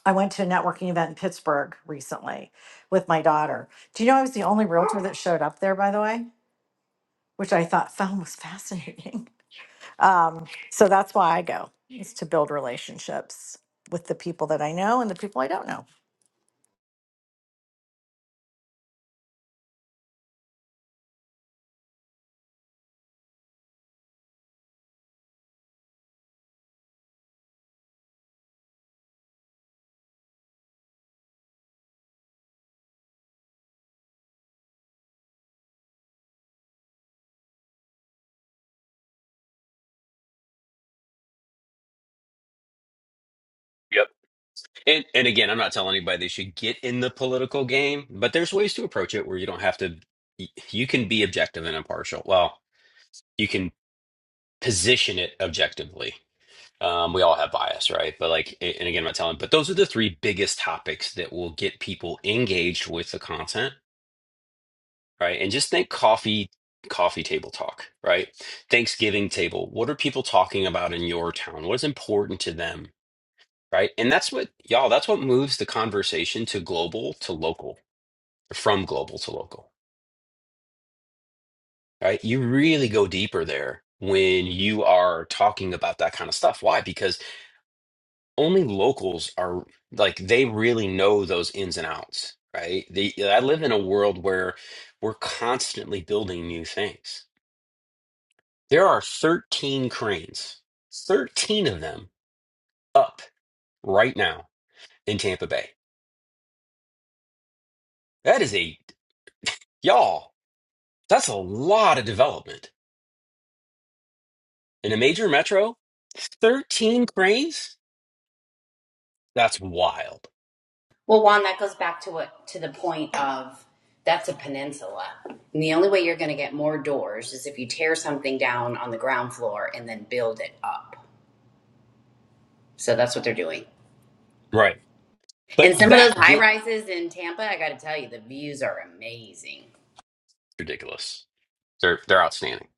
Speaker 13: I went to a networking event in Pittsburgh recently with my daughter. Do you know I was the only realtor that showed up there, by the way, which I thought found was fascinating. *laughs* Um, so that's why I go is to build relationships with the people that I know and the people I don't know.
Speaker 1: yep. And and again, I'm not telling anybody they should get in the political game, but there's ways to approach it where you don't have to. y- You can be objective and impartial. Well, you can position it objectively. Um, we all have bias, right? But like, a- and again, I'm not telling. But those are the three biggest topics that will get people engaged with the content right? And just think coffee, coffee table talk, right? Thanksgiving table. What are people talking about in your town? What's important to them, right? And that's what, y'all, that's what moves the conversation to global to local, from global to local, right? You really go deeper there when you are talking about that kind of stuff. Why? Because only locals are like, they really know those ins and outs, right? They, I live in a world where we're constantly building new things There are 13 cranes, 13 of them up right now in Tampa Bay. That is a, y'all, that's a lot of development. In a major metro, 13 cranes? That's wild.
Speaker 4: Well, Juan, that goes back to what to the point of that's a peninsula. And the only way you're going to get more doors is if you tear something down on the ground floor and then build it up. So that's what they're doing.
Speaker 1: Right. But
Speaker 4: And some of
Speaker 1: that
Speaker 4: those high
Speaker 1: get
Speaker 4: rises in Tampa, I got to tell you, the views are amazing.
Speaker 1: ridiculous. They're they're outstanding.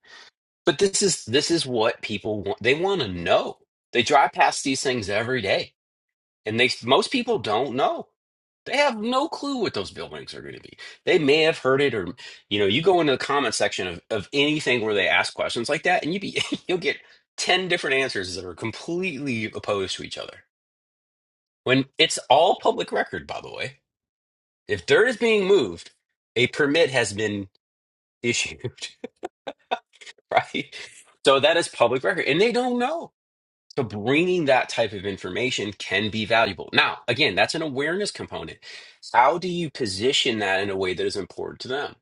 Speaker 1: But this is this is what people want. They want to know. They drive past these things every day. and they most people don't know. They have no clue what those buildings are going to be. They may have heard it, or you know, you go into the comment section of of anything where they ask questions like that, and you be *laughs* you'll get ten different answers that are completely opposed to each other. When it's all public record, by the way, if dirt is being moved, a permit has been issued, *laughs* right? So that is public record, and they don't know So bringing that type of information can be valuable. Now, again, that's an awareness component. How do you position that in a way that is important to them?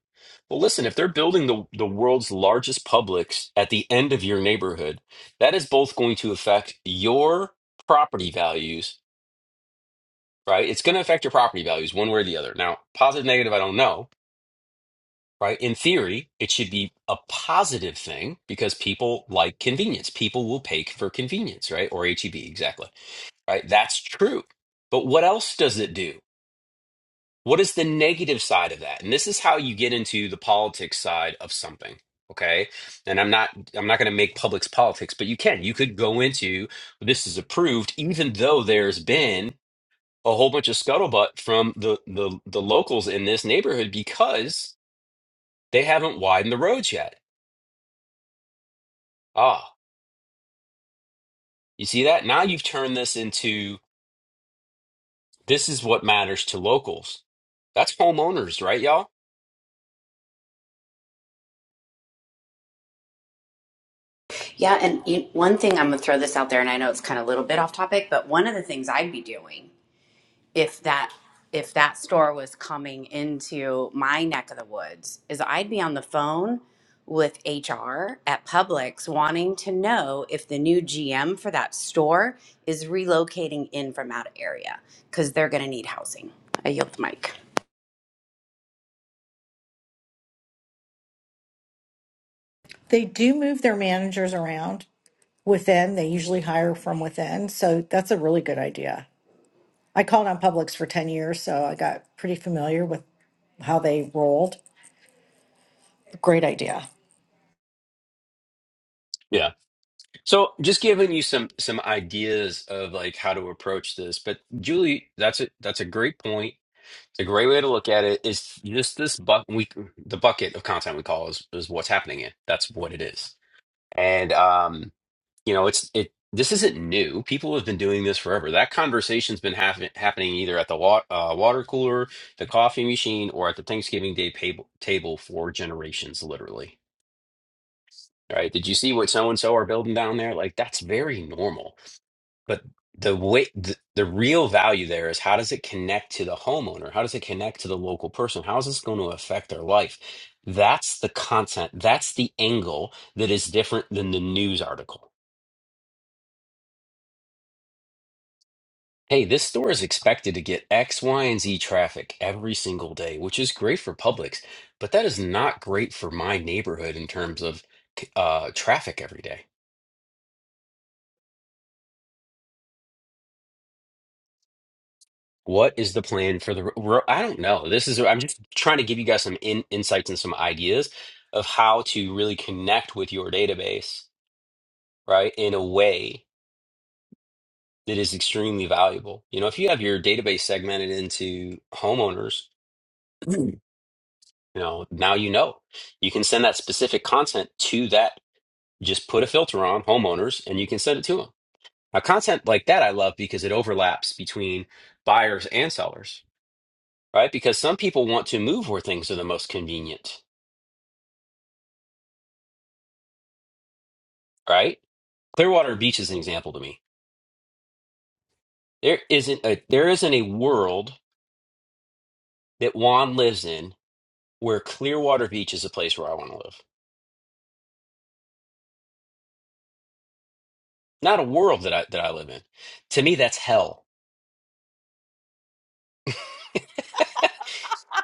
Speaker 1: Well, listen, if they're building the, the world's largest Publix at the end of your neighborhood, that is both going to affect your property values, right? It's going to affect your property values one way or the other. Now, positive, negative, I don't know, right? In theory, it should be a positive thing because people like convenience. People will pay for convenience, right? Or HEB, exactly right? That's true. But what else does it do? What is the negative side of that? And this is how you get into the politics side of something. Okay. And I'm not I'm not going to make public's politics, but you can. You could go into this is approved, even though there's been a whole bunch of scuttlebutt from the the, the locals in this neighborhood because they haven't widened the roads yet. Ah, you see that? Now you've turned this into this is what matters to locals. That's homeowners, right, y'all?
Speaker 4: Yeah, and you, one thing I'm going to throw this out there, and I know it's kind of a little bit off topic, but one of the things I'd be doing if that if that store was coming into my neck of the woods is I'd be on the phone with HR at Publix wanting to know if the new GM for that store is relocating in from out of area because they're going to need housing. I yield the mic.
Speaker 13: They do move their managers around within. They usually hire from within, so that's a really good idea. I called on Publix for ten years, so I got pretty familiar with how they rolled. Great idea.
Speaker 1: So just giving you some some ideas of like how to approach this. But Julie, that's a that's a great point. It's a great way to look at it. Is just this buck we the bucket of content we call is is what's happening in. That's what it is. And um, you know, it's it this isn't new. People have been doing this forever. That conversation's been happen, happening either at the wa uh, water cooler, the coffee machine, or at the Thanksgiving Day table table for generations, literally. Right? Did you see what so and so are building down there? Like that's very normal but the way the, the real value there is how does it connect to the homeowner? How does it connect to the local person? How is this going to affect their life? That's the content. That's the angle that is different than the news article. Hey, this store is expected to get X, Y, and Z traffic every single day, which is great for Publix, but that is not great for my neighborhood in terms of uh, traffic every day. What is the plan for the ro- I don't know. This is I'm just trying to give you guys some in, insights and some ideas of how to really connect with your database, right, in a way that is extremely valuable. You know, if you have your database segmented into homeowners, *clears throat* you know, now you know. You can send that specific content to that. Just put a filter on homeowners and you can send it to them. Now, content like that I love because it overlaps between buyers and sellers right? Because some people want to move where things are the most convenient, right? Clearwater Beach is an example to me. There isn't a there isn't a world that Juan lives in where Clearwater Beach is a place where I want to live. Not a world that I that I live in. To me, that's hell. *laughs*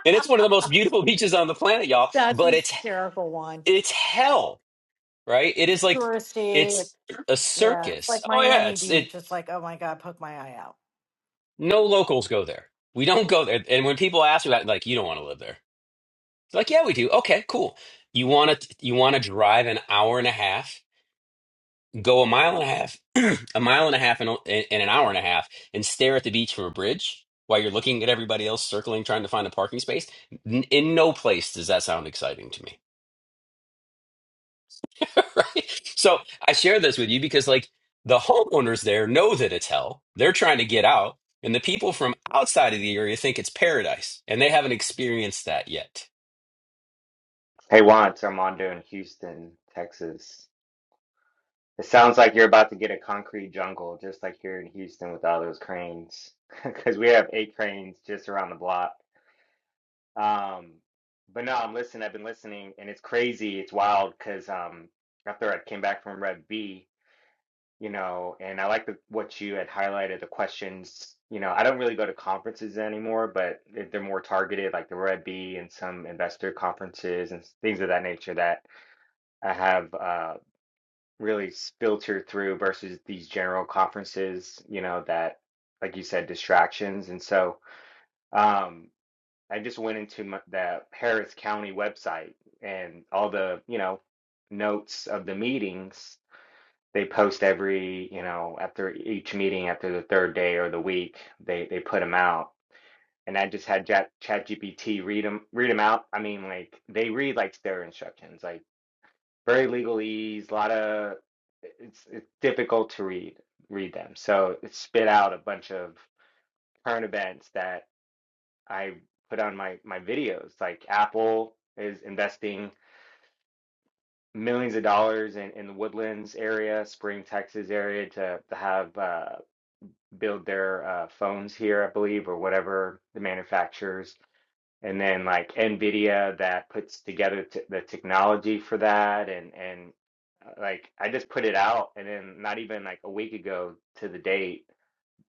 Speaker 1: And it's one of the most beautiful beaches on the planet, y'all,
Speaker 13: *laughs* That's a
Speaker 1: but it's
Speaker 13: hysterical one.
Speaker 1: it's hell, right? It is like
Speaker 13: touristy.
Speaker 1: it's a
Speaker 13: Yeah, it's
Speaker 1: circus.
Speaker 13: like
Speaker 1: Oh yeah,
Speaker 13: Miami
Speaker 1: it's it
Speaker 13: Beach. It's like, oh my God, poke my eye out.
Speaker 1: no locals go there. We don't go there. And when people ask me about like, you don't want to live there. It's like, yeah, we do. Okay, cool. You want to you want to drive an hour and a half, go a mile and a half, *clears throat* a mile and a half, and, and an hour and a half, and stare at the beach from a bridge while you're looking at everybody else circling, trying to find a parking space. N- in no place does that sound exciting to me, *laughs* right? So I share this with you because, like, the homeowners there know that it's hell. They're trying to get out, and the people from outside of the area think it's paradise, and they haven't experienced that yet.
Speaker 14: Hey Juan, it's Armando in Houston, Texas. It sounds like you're about to get a concrete jungle, just like here in Houston with all those cranes, *laughs* because we have eight cranes just around the block. Um, but no, I'm listening. I've been listening, and it's crazy. It's wild because um, after I came back from Rev B, you know, and I like the, what you had highlighted the questions. You know, I don't really go to conferences anymore, but if they're more targeted, like the Rev B and some investor conferences and s- things of that nature that. I have. Uh, really filtered through versus these general conferences, you know, that, like you said, distractions. And so um, I just went into my, the Harris County website and all the, you know, notes of the meetings. They post every, you know, after each meeting, after the third day or the week, they they put them out. And I just had Chat GPT read them read them out. I mean, like they read like their instructions. Like very legalese, a lot of it's it's difficult to read read them. So it spit out a bunch of current events that I put on my my videos. Like Apple is investing millions of dollars in, in the Woodlands area, Spring, Texas area to, to have uh, build their uh, phones here, I believe, or whatever the manufacturers and then like Nvidia that puts together t the technology for that and and uh, like I just put it out and then not even like a week ago to the date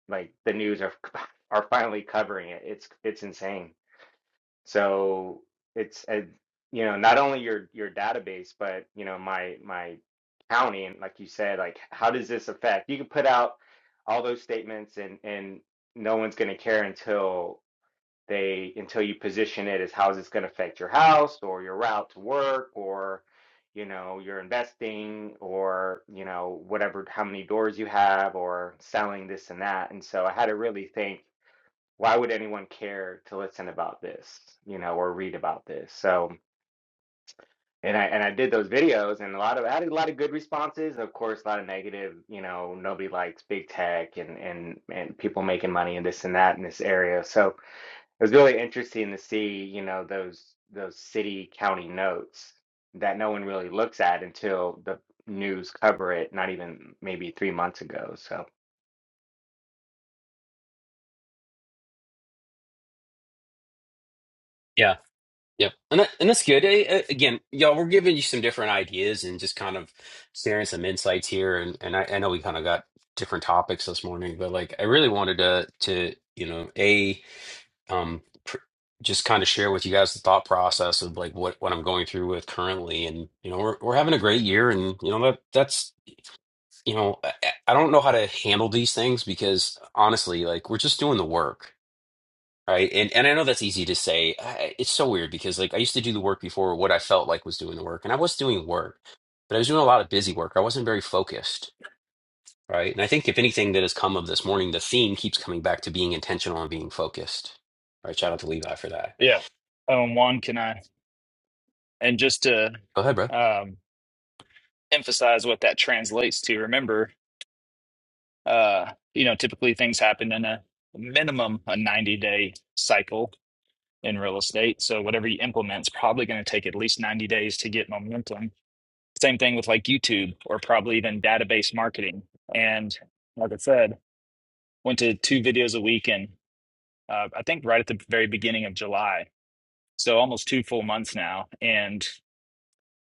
Speaker 14: like the news are *laughs* are finally covering it it's it's insane so it's a, you know not only your your database but you know my my county and like you said like how does this affect you can put out all those statements and and no one's going to care until they until you position it as how is this going to affect your house or your route to work or you know your investing or you know whatever how many doors you have or selling this and that and so i had to really think why would anyone care to listen about this you know or read about this so and i and i did those videos and a lot of i had a lot of good responses of course a lot of negative you know nobody likes big tech and and and people making money and this and that in this area so it was really interesting to see, you know, those those city county notes that no one really looks at until the news cover it, not even maybe three months ago. So.
Speaker 1: Yep. And that, and that's good. Eh, eh, Again, y'all, we're giving you some different ideas and just kind of sharing some insights here. And and I, I know we kind of got different topics this morning, but like I really wanted to to you know a um pr just kind of share with you guys the thought process of like what what I'm going through with currently. And you know we're we're having a great year, and you know that that's you know I, I I don't know how to handle these things because honestly, like we're just doing the work Right. And and I know that's easy to say. I, it's so weird because like I used to do the work before what I felt like was doing the work, and I was doing work, but I was doing a lot of busy work. I wasn't very focused, right? And I think if anything that has come of this morning, the theme keeps coming back to being intentional and being focused. All right. Shout out to Levi for that.
Speaker 11: Yeah. Um. Juan, can I? And just to
Speaker 1: Go ahead, bro.
Speaker 11: um, emphasize what that translates to, remember, uh, you know, typically things happen in a minimum a 90 day cycle in real estate. So whatever you implement is probably going to take at least 90 days to get momentum. Same thing with like YouTube or probably even database marketing. And like I said, went to two videos a week and uh, I think right at the very beginning of July. So almost two full months now. And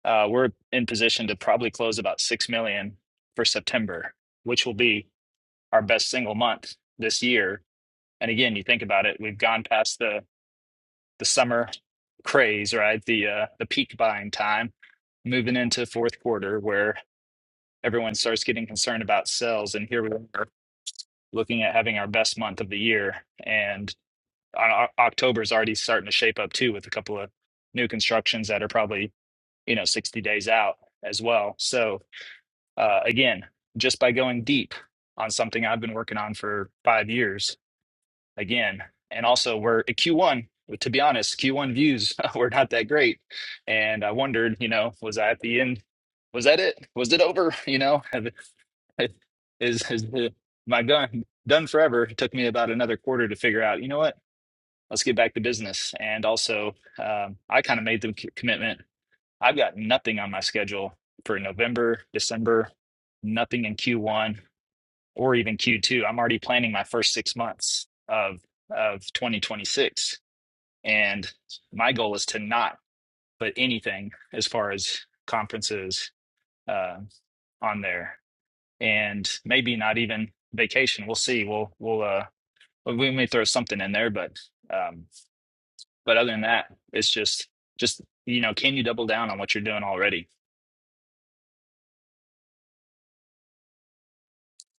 Speaker 11: uh, we're in position to probably close about 6 million for September, which will be our best single month this year. And again, you think about it, we've gone past the the summer craze, right? The uh, the peak buying time, moving into fourth quarter where everyone starts getting concerned about sales, and here we are looking at having our best month of the year, and O- October is already starting to shape up too with a couple of new constructions that are probably you know 60 days out as well. So uh, again, just by going deep on something I've been working on for five years again. And also, we're at Q1. To be honest, Q1 views *laughs* were not that great, and I wondered, you know, was I at the end? Was that it? Was it over? *laughs* You know, have- it- *laughs* is is the, my gun done forever? It took me about another quarter to figure out. You know what? Let's get back to business. And also, um, I kind of made the c- commitment. I've got nothing on my schedule for November, December, nothing in Q1 or even Q2. I'm already planning my first six months of of 2026, and my goal is to not put anything as far as conferences uh, on there, and maybe not even vacation. We'll see. We'll we'll uh we may throw something in there, but um but other than that, it's just just you know, can you double down on what you're doing already?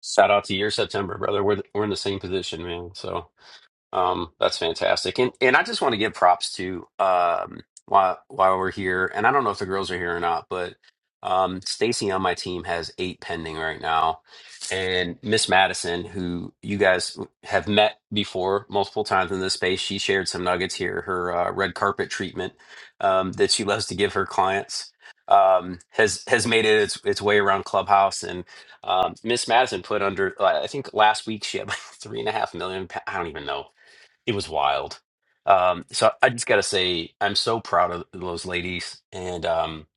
Speaker 1: Shout out to your September, brother. We're th- we're in the same position, man. So. Um, that's fantastic. And and I just want to give props to um while while we're here, and I don't know if the girls are here or not, but um Stacy on my team has eight pending right now. And Miss Madison, who you guys have met before multiple times in this space, she shared some nuggets here, her uh, red carpet treatment um, that she loves to give her clients. Um, has has made it its its way around Clubhouse, and um, Miss Madison put under. I think last week she had like *laughs* three and a half million. pa- I don't even know it was wild. Um, so I just got to say, I'm so proud of those ladies and um,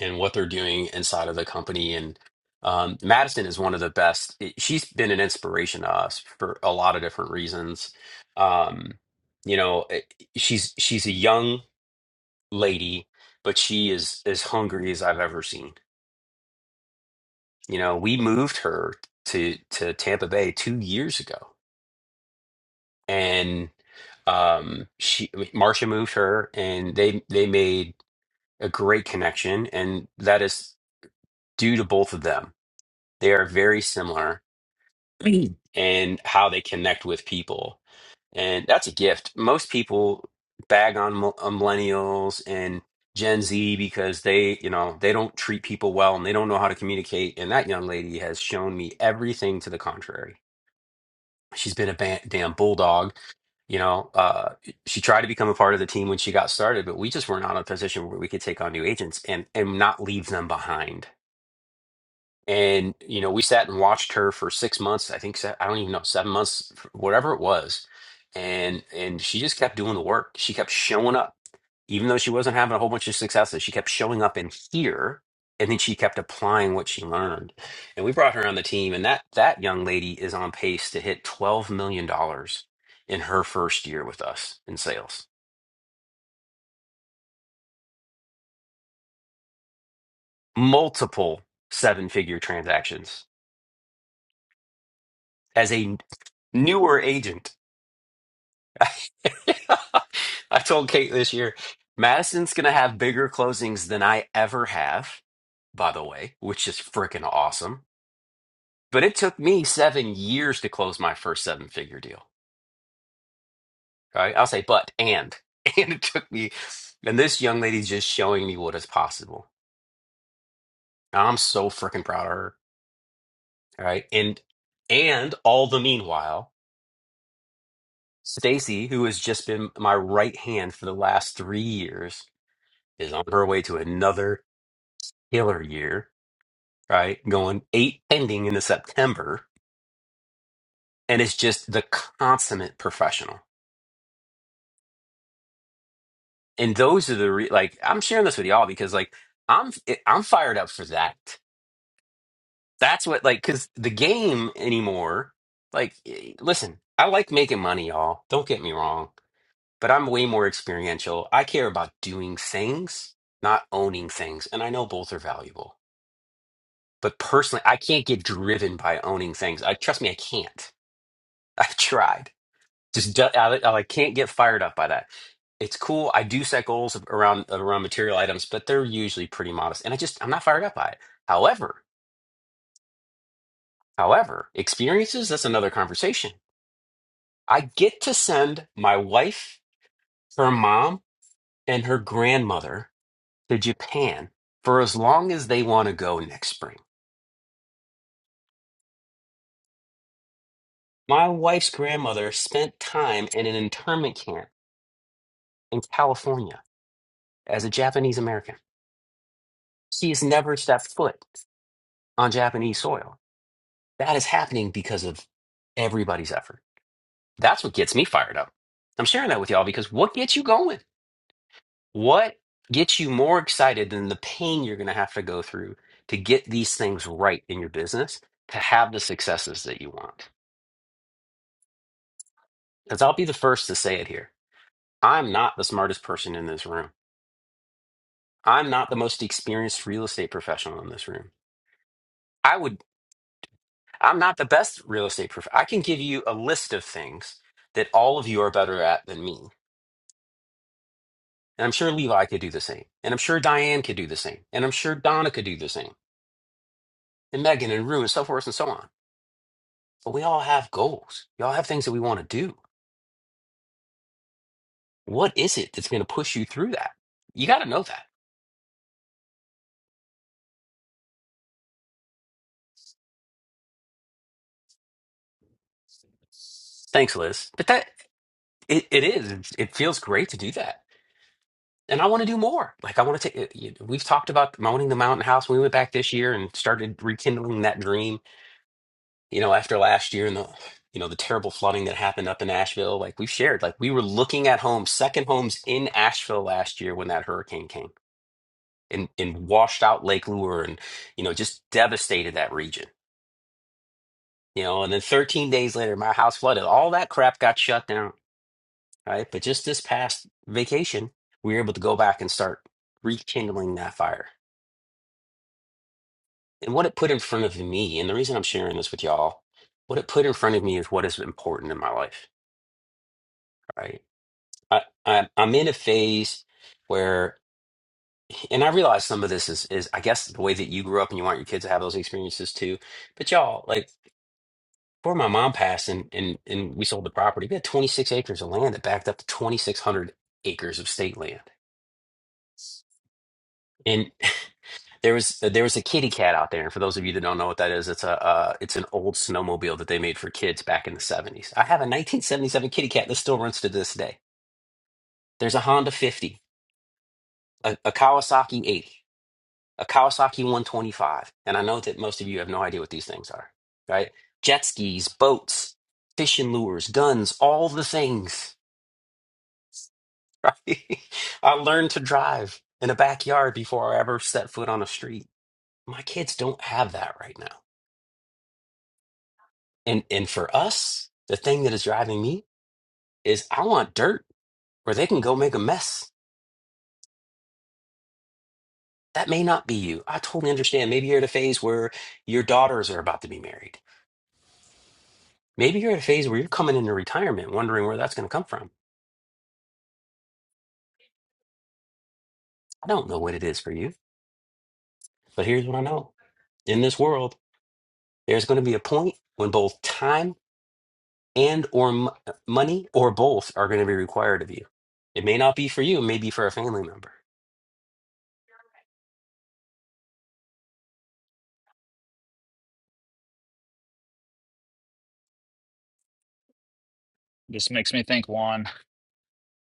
Speaker 1: and what they're doing inside of the company. And um, Madison is one of the best. it- She's been an inspiration to us for a lot of different reasons. Um, you know, it- she's she's a young lady, but she is as hungry as I've ever seen. You know, we moved her to to Tampa Bay two years ago and um she Marcia moved her and they they made a great connection and that is due to both of them. They are very similar *clears throat* and how they connect with people. And that's a gift. Most people bag on, mil- on millennials and Gen Z because they, you know, they don't treat people well and they don't know how to communicate and that young lady has shown me everything to the contrary. She's been a ba- damn bulldog You know, uh, she tried to become a part of the team when she got started, but we just were not in a position where we could take on new agents and and not leave them behind and you know we sat and watched her for six months i think se- i don't even know seven months whatever it was and and she just kept doing the work she kept showing up even though she wasn't having a whole bunch of successes she kept showing up in here and then she kept applying what she learned and we brought her on the team and that that young lady is on pace to hit 12 million dollars in her first year with us in sales multiple seven figure transactions as a newer agent *laughs* I told Kate this year, Madison's going to have bigger closings than I ever have, by the way, which is freaking awesome. But it took me seven years to close my first seven figure deal. All right. I'll say, but, and, *laughs* and it took me. And this young lady's just showing me what is possible. I'm so freaking proud of her. All right. And, and all the meanwhile, Stacy, who has just been my right hand for the last three years, is on her way to another killer year right? Going eight pending into September. And it's just the consummate professional. And those are the, re- like, I'm sharing this with y'all because, like, I'm, I'm fired up for that. That's what, like, because the game anymore, like, eh, listen, I like making money, y'all. Don't get me wrong, but I'm way more experiential. I care about doing things, not owning things. And I know both are valuable. But personally, I can't get driven by owning things. I trust me, I can't. *laughs* I've tried. Just do- I, I can't get fired up by that. It's cool. I do set goals around around material items, but they're usually pretty modest, and I just I'm not fired up by it. However, however, experiences that's another conversation. I get to send my wife, her mom, and her grandmother to Japan for as long as they want to go next spring. My wife's grandmother spent time in an internment camp in California as a Japanese American. She has never stepped foot on Japanese soil That is happening because of everybody's effort. That's what gets me fired up. I'm sharing that with y'all because what gets you going? What gets you more excited than the pain you're going to have to go through to get these things right in your business, to have the successes that you want? Because I'll be the first to say it here. I'm not the smartest person in this room. I'm not the most experienced real estate professional in this room. I would, I'm not the best real estate prof. I can give you a list of things that all of you are better at than me And I'm sure Levi could do the same. And I'm sure Diane could do the same. And I'm sure Donna could do the same. And Megan and Rue and so forth and so on. But we all have goals. We all have things that we want to do. What is it that's going to push you through that? You got to know that. Thanks, Liz. But that it, it is. It, feels great to do that. And I want to do more. Like I want to take. We've talked about owning the mountain house. We went back this year and started rekindling that dream you know, after last year and the, you know, the terrible flooding that happened up in Asheville, like we've shared, like we were looking at homes, second homes in Asheville last year when that hurricane came and, and washed out Lake Lure and, you know, just devastated that region, you know, and then 13 days later, my house flooded. All that crap got shut down, right? But just this past vacation, we were able to go back and start rekindling that fire. And what it put in front of me, and the reason I'm sharing this with y'all, what it put in front of me is what is important in my life, right? I, I I'm in a phase where, and I realize some of this is is I guess the way that you grew up and you want your kids to have those experiences too. But y'all, like before my mom passed and and and we sold the property, we had 26 acres of land that backed up to 2,600 acres of state land. And *laughs* there was there was a kitty cat out there. And for those of you that don't know what that is, it's a uh, it's an old snowmobile that they made for kids back in the 70s. I have a 1977 kitty cat that still runs to this day. There's a Honda 50, a, a Kawasaki 80. a Kawasaki 125. And I know that most of you have no idea what these things are, right? Jet skis, boats, fishing lures, guns, all the things, *laughs* right? I learned to drive in a backyard before I ever set foot on a street. My kids don't have that right now. And and for us, the thing that is driving me is I want dirt where they can go make a mess. That may not be you. I totally understand. Maybe you're at a phase where your daughters are about to be married. Maybe you're at a phase where you're coming into retirement wondering where that's going to come from I don't know what it is for you, but here's what I know. In this world, there's going to be a point when both time and or m- money or both are going to be required of you. It may not be for you, it may be for a family member.
Speaker 11: Just makes me think, Juan.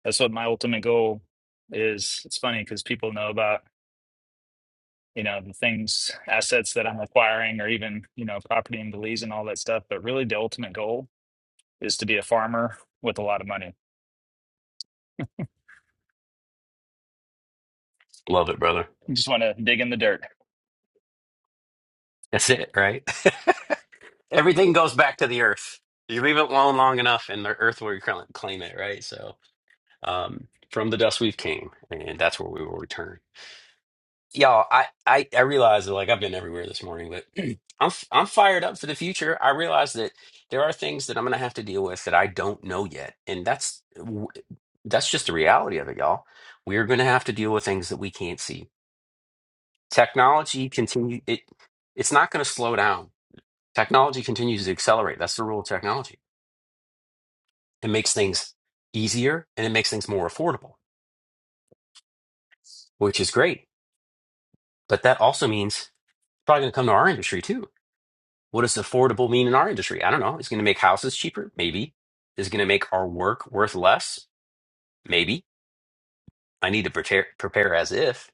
Speaker 11: That's what my ultimate goal is. It's funny because people know about you know the things assets that i'm acquiring or even you know property and the lease and all that stuff but really the ultimate goal is to be a farmer with a lot of money
Speaker 1: Love it, brother.
Speaker 11: you just want to dig in the dirt
Speaker 1: That's it, right? *laughs* Everything goes back to the earth. You leave it alone long enough and the earth will reclaim claim it, right? So, um, from the dust we've came and that's where we will return. Y'all, I, I I realize that like I've been everywhere this morning, but *clears throat* I'm f- I'm fired up for the future. I realize that there are things that I'm gonna have to deal with that I don't know yet, and that's w- that's just the reality of it, y'all. We're gonna have to deal with things that we can't see. Technology continue it it's not gonna slow down. Technology continues to accelerate. That's the rule of technology. It makes things easier and it makes things more affordable, which is great. But that also means it's probably gonna come to our industry too What does affordable mean in our industry? I don't know. It's going to make houses cheaper? Maybe. Is it going to make our work worth less? Maybe. I need to prepare prepare as if.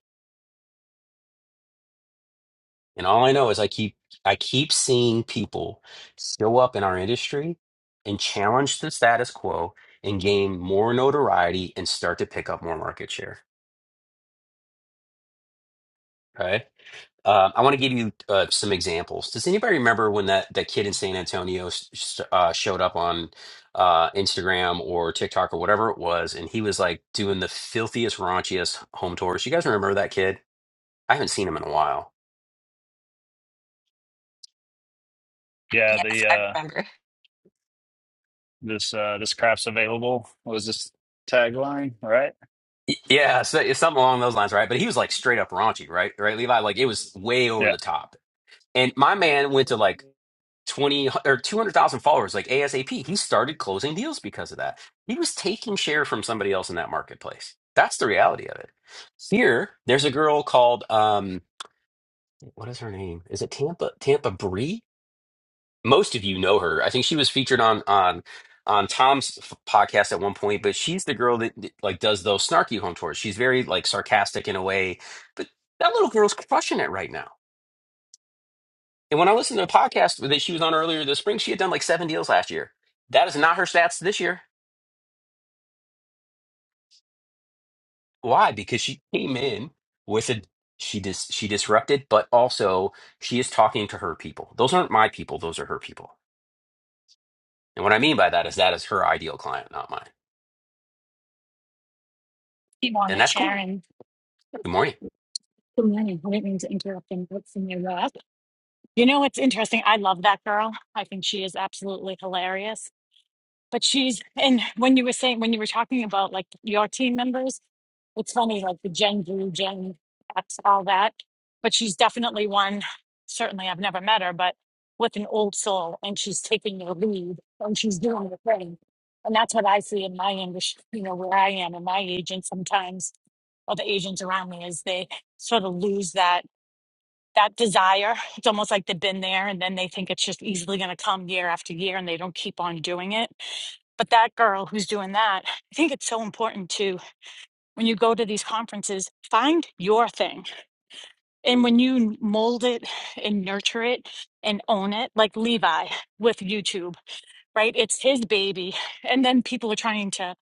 Speaker 1: And all I know is I keep I keep seeing people show up in our industry and challenge the status quo and gain more notoriety and start to pick up more market share. Okay. Um, I want to give you uh, some examples. Does anybody remember when that, that kid in San Antonio s- s- uh, showed up on uh, Instagram or TikTok or whatever it was, and he was like doing the filthiest, raunchiest home tours? You guys remember that kid? I haven't seen him in a while.
Speaker 11: yeah
Speaker 2: Yes,
Speaker 11: the
Speaker 2: I
Speaker 11: uh
Speaker 2: remember.
Speaker 11: this uh this crap's available what was this tagline right
Speaker 1: Y- Yeah, so it's something along those lines, right? But he was like straight up raunchy, right? Right, Levi? Like it was way over
Speaker 11: yeah
Speaker 1: the top. And my man went to like 20 or 200,000 followers like ASAP. He started closing deals because of that. He was taking share from somebody else in that marketplace. That's the reality of it. Here, there's a girl called um what is her name? Is it Tampa Tampa Bree? Most of you know her. I think she was featured on on on Tom's f- podcast at one point, but she's the girl that like does those snarky home tours. She's very like sarcastic in a way, but that little girl's crushing it right now And when I listened to the podcast that she was on earlier this spring, she had done like seven deals last year. That is not her stats this year. Why? Because she came in with a she dis she disrupted, but also she is talking to her people. Those aren't my people, those are her people. And what I mean by that is that is her ideal client, not mine. And
Speaker 6: Ivana
Speaker 1: that's cool.
Speaker 6: Sharon.
Speaker 1: Good morning.
Speaker 6: Good morning. *laughs* I didn't mean to interrupt and what's in your lap. You know what's interesting? I love that girl. I think she is absolutely hilarious. But she's, and when you were saying, when you were talking about like your team members, it's funny, like the Gen Z, Gen X, all that. But she's definitely one, certainly I've never met her, but with an old soul and she's taking the lead and she's doing the thing. And that's what I see in my industry, you know, where I am and my agent sometimes, or the agents around me, is they sort of lose that that desire it's almost like they've been there and then they think it's just easily going to come year after year and they don't keep on doing it but that girl who's doing that i think it's so important to when you go to these conferences find your thing and when you n- mold it and nurture it and own it like levi with youtube right it's his baby and then people are trying to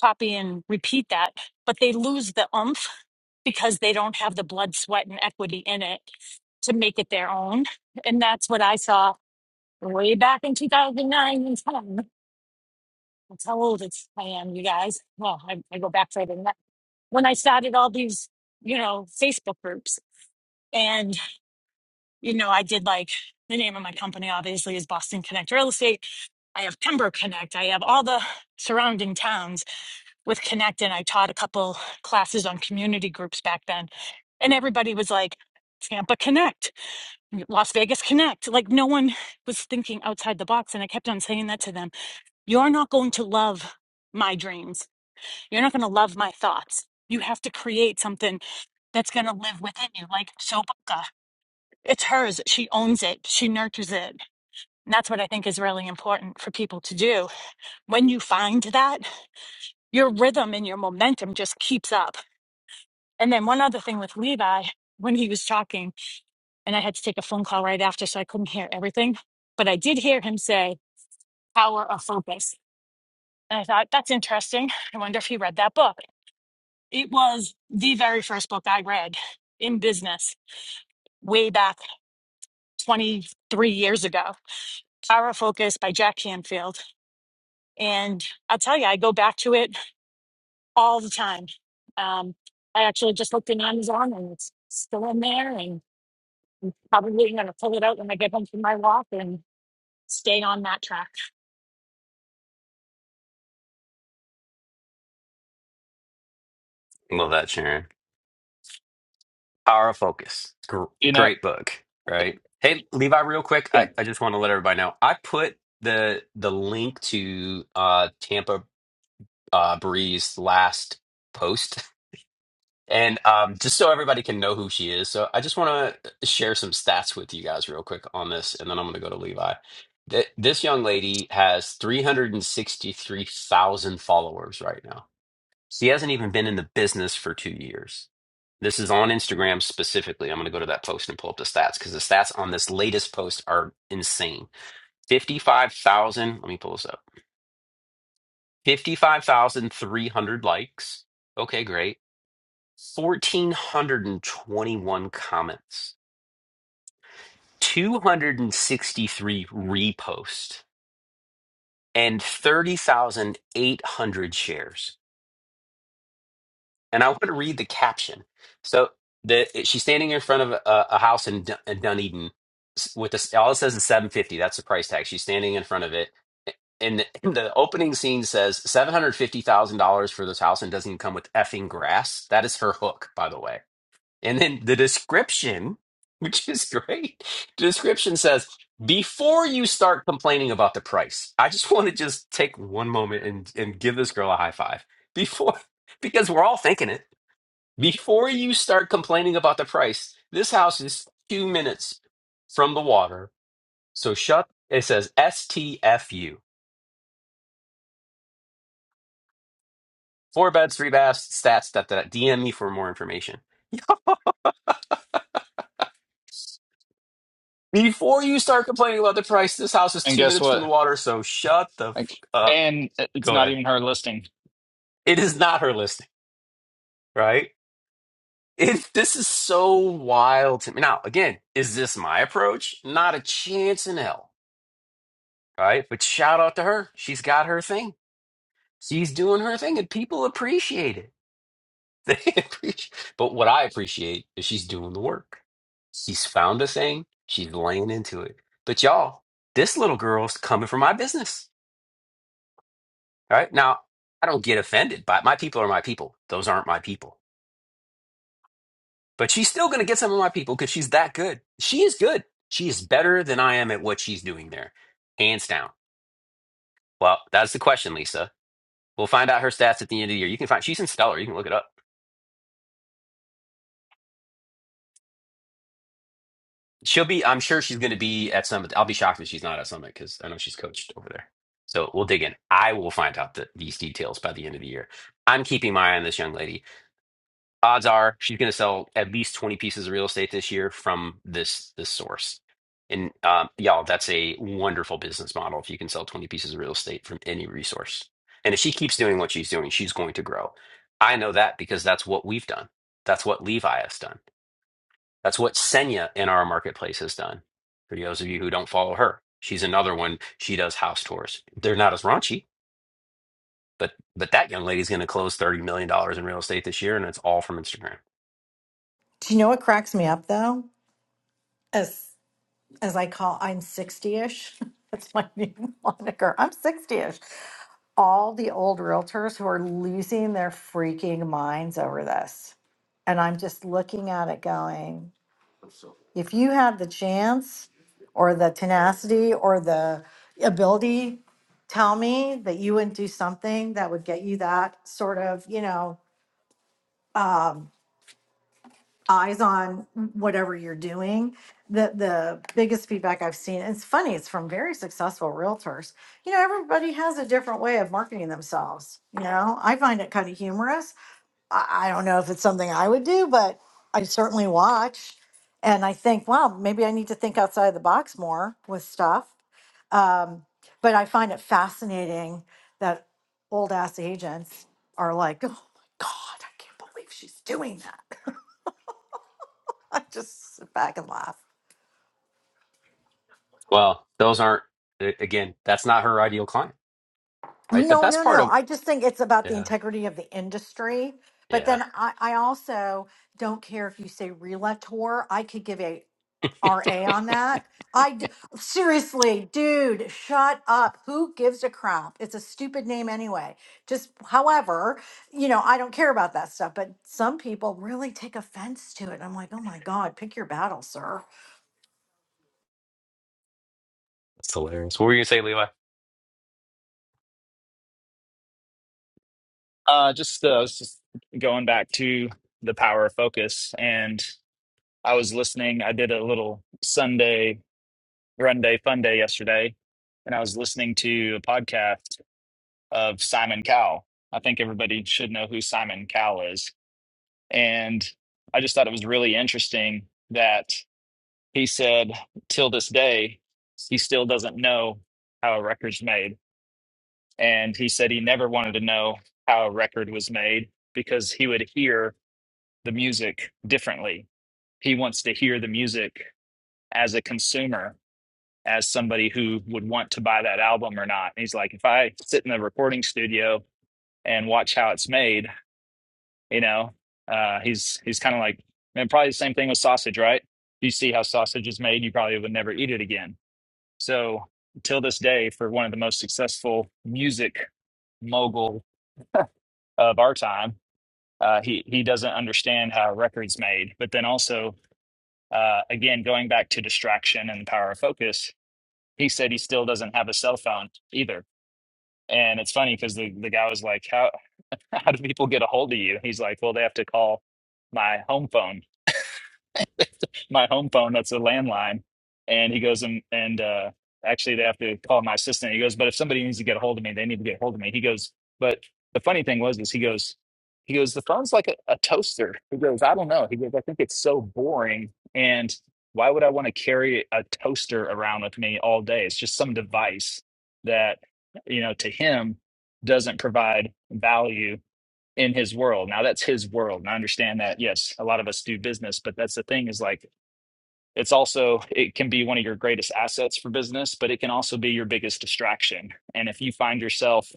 Speaker 6: copy and repeat that, but they lose the oomph because they don't have the blood, sweat, and equity in it to make it their own. And that's what I saw way back in 2009 and 10. That's how old it's, I am, you guys. Well, I, I go back further than that. When I started all these, you know, Facebook groups, and, you know, I did like the name of my company, obviously, is Boston Connect Real Estate. I have Pembroke Connect. I have all the surrounding towns with Connect, and I taught a couple classes on community groups back then, and everybody was like, Tampa Connect, Las Vegas Connect. Like no one was thinking outside the box, and I kept on saying that to them. You're not going to love my dreams. You're not going to love my thoughts. You have to create something that's going to live within you, like Soboka. It's hers. She owns it. She nurtures it. And that's what I think is really important for people to do. When you find that, your rhythm and your momentum just keeps up And then one other thing with Levi, when he was talking, and I had to take a phone call right after, so I couldn't hear everything, but I did hear him say power of focus. And I thought, that's interesting. I wonder if he read that book. It was the very first book I read in business way back 23 years ago Power of Focus by Jack Canfield. And I'll tell you, I go back to it all the time. Um, I actually just looked in Amazon and it's still in there. and. Probably going to pull it out when I get home from my walk and stay on that track.
Speaker 1: Love that, Sharon. Power of Focus. Gr-
Speaker 11: you know
Speaker 1: great book, right? Hey, Levi, real quick, I,
Speaker 11: and,
Speaker 1: I just want to let everybody know I put the the link to uh Tampa uh, Bree's last post. *laughs* And um, just so everybody can know who she is, so I just want to share some stats with you guys real quick on this, and then I'm going to go to Levi. Th- This young lady has 363,000 followers right now. She hasn't even been in the business for two years. This is on Instagram specifically. I'm going to go to that post and pull up the stats because the stats on this latest post are insane. 55,000, let me pull this up 55,300 likes. Okay, great. 1,421 comments, 263 reposts, and 30,800 shares. And I want to read the caption. So the, she's standing in front of a, a house in, Dun- in Dunedin with this, all it says is 750. That's the price tag. She's standing in front of it. And *clears throat* the, the opening scene says $750,000 for this house and doesn't even come with effing grass. That is her hook, by the way And then the description, *laughs* which is great, the description says, before you start complaining about the price, I just *laughs* want to just take one moment and, and give this girl a high five. Before, *laughs* because we're all thinking it. Before you start complaining about the price, this house is two minutes from the water. So shut, it says STFU. Four beds, three baths, stats, da, da, da. DM me for more information. Before you start complaining about the price, this house is
Speaker 11: and
Speaker 1: two
Speaker 11: guess
Speaker 1: minutes from the
Speaker 11: what
Speaker 1: water, so shut the f-
Speaker 11: like
Speaker 1: up.
Speaker 11: and uh, it's
Speaker 1: Go
Speaker 11: not
Speaker 1: ahead.
Speaker 11: even her listing
Speaker 1: It is not her listing, right? It, this is so wild to me. Now, again, is this my approach? Not a chance in hell, right? But shout out to her. She's got her thing. She's doing her thing, and people appreciate it. *laughs* They appreciate. But what I appreciate is she's doing the work. She's found a thing. She's laying into it. But y'all, this little girl's coming for my business Right? Now, I don't get offended by my people are my people. Those aren't my people. But she's still going to get some of my people because she's that good. She is good. She is better than I am at what she's doing there, hands down. Well, that's the question, Lisa. We'll find out her stats at the end of the year. You can find she's in Stellar. You can look it up. She'll be. I'm sure she's going to be at Summit. I'll be shocked if she's not at Summit because I know she's coached over there. So we'll dig in. I will find out the, these details by the end of the year. I'm keeping my eye on this young lady odds are she's going to sell at least 20 pieces of real estate this year from this this source and um, y'all that's a wonderful business model if you can sell 20 pieces of real estate from any resource and if she keeps doing what she's doing she's going to grow i know that because that's what we've done that's what levi has done that's what senya in our marketplace has done for those of you who don't follow her she's another one she does house tours they're not as raunchy but but that young lady's going to close $30 million dollars in real estate this year and it's all from instagram
Speaker 13: Do you know what cracks me up though? As as I call, I'm 60-ish. *laughs* That's my new *laughs* moniker. I'm 60-ish. All the old realtors who are losing their freaking minds over this. And I'm just looking at it going, if you had the chance or the tenacity or the ability, tell me that you wouldn't do something that would get you that sort of, you know, um, eyes on whatever you're doing. The the biggest feedback I've seen, it's funny, it's from very successful realtors. You know, everybody has a different way of marketing themselves. You know, I find it kind of humorous. I, I don't know if it's something I would do, but I certainly watch. And I think, wow, maybe I need to think outside the box more with stuff. Um, but I find it fascinating that old ass agents are like, oh my God, I can't believe she's doing that. *laughs* I just sit back and laugh.
Speaker 1: Well, those aren't again, that's not her ideal client, right? The
Speaker 13: No,
Speaker 1: best
Speaker 13: no,
Speaker 1: part
Speaker 13: no.
Speaker 1: of
Speaker 13: I just think it's about the
Speaker 1: yeah,
Speaker 13: integrity of the industry. But
Speaker 1: yeah,
Speaker 13: then I, I also don't care if you say realtor. I could give a RA on that. I d- seriously, dude, shut up. Who gives a crap? It's a stupid name anyway. Just, however, you know, I don't care about that stuff. But some people really take offense to it. I'm like, oh my God, pick your battle, sir.
Speaker 1: that's hilarious. What were you gonna say, Levi?
Speaker 11: Uh, just uh, I was just going back to the power of focus, and I was listening. I did a little Sunday run day, fun day yesterday, and I was listening to a podcast of Simon Cowell. I think everybody should know who Simon Cowell is, and I just thought it was really interesting that he said, till this day, he still doesn't know how a record's made and he said he never wanted to know how a record was made because he would hear the music differently. He wants to hear the music as a consumer, as somebody who would want to buy that album or not. He's like, if I sit in the recording studio and watch how it's made, you know, uh, he's he's kind of like, man, probably the same thing with sausage, right? You see how sausage is made, you probably would never eat it again. So till this day, for one of the most successful music mogul of our time, uh, he he doesn't understand how a record's made. But then also, uh, again, going back to distraction and the power of focus, he said he still doesn't have a cell phone either. And it's funny because the, the guy was like, "How *laughs* how do people get a hold of you?" He's like, "Well, they have to call my home phone." my home phone that's a landline and he goes and and uh actually they have to call my assistant he goes but if somebody needs to get a hold of me they need to get a hold of me he goes but the funny thing was is he goes he goes the phone's like a, a toaster he goes i don't know he goes i think it's so boring and why would i want to carry a toaster around with me all day it's just some device that you know to him doesn't provide value in his world now that's his world and i understand that yes a lot of us do business but that's the thing is like it's also, it can be one of your greatest assets for business, but it can also be your biggest distraction. And if you find yourself,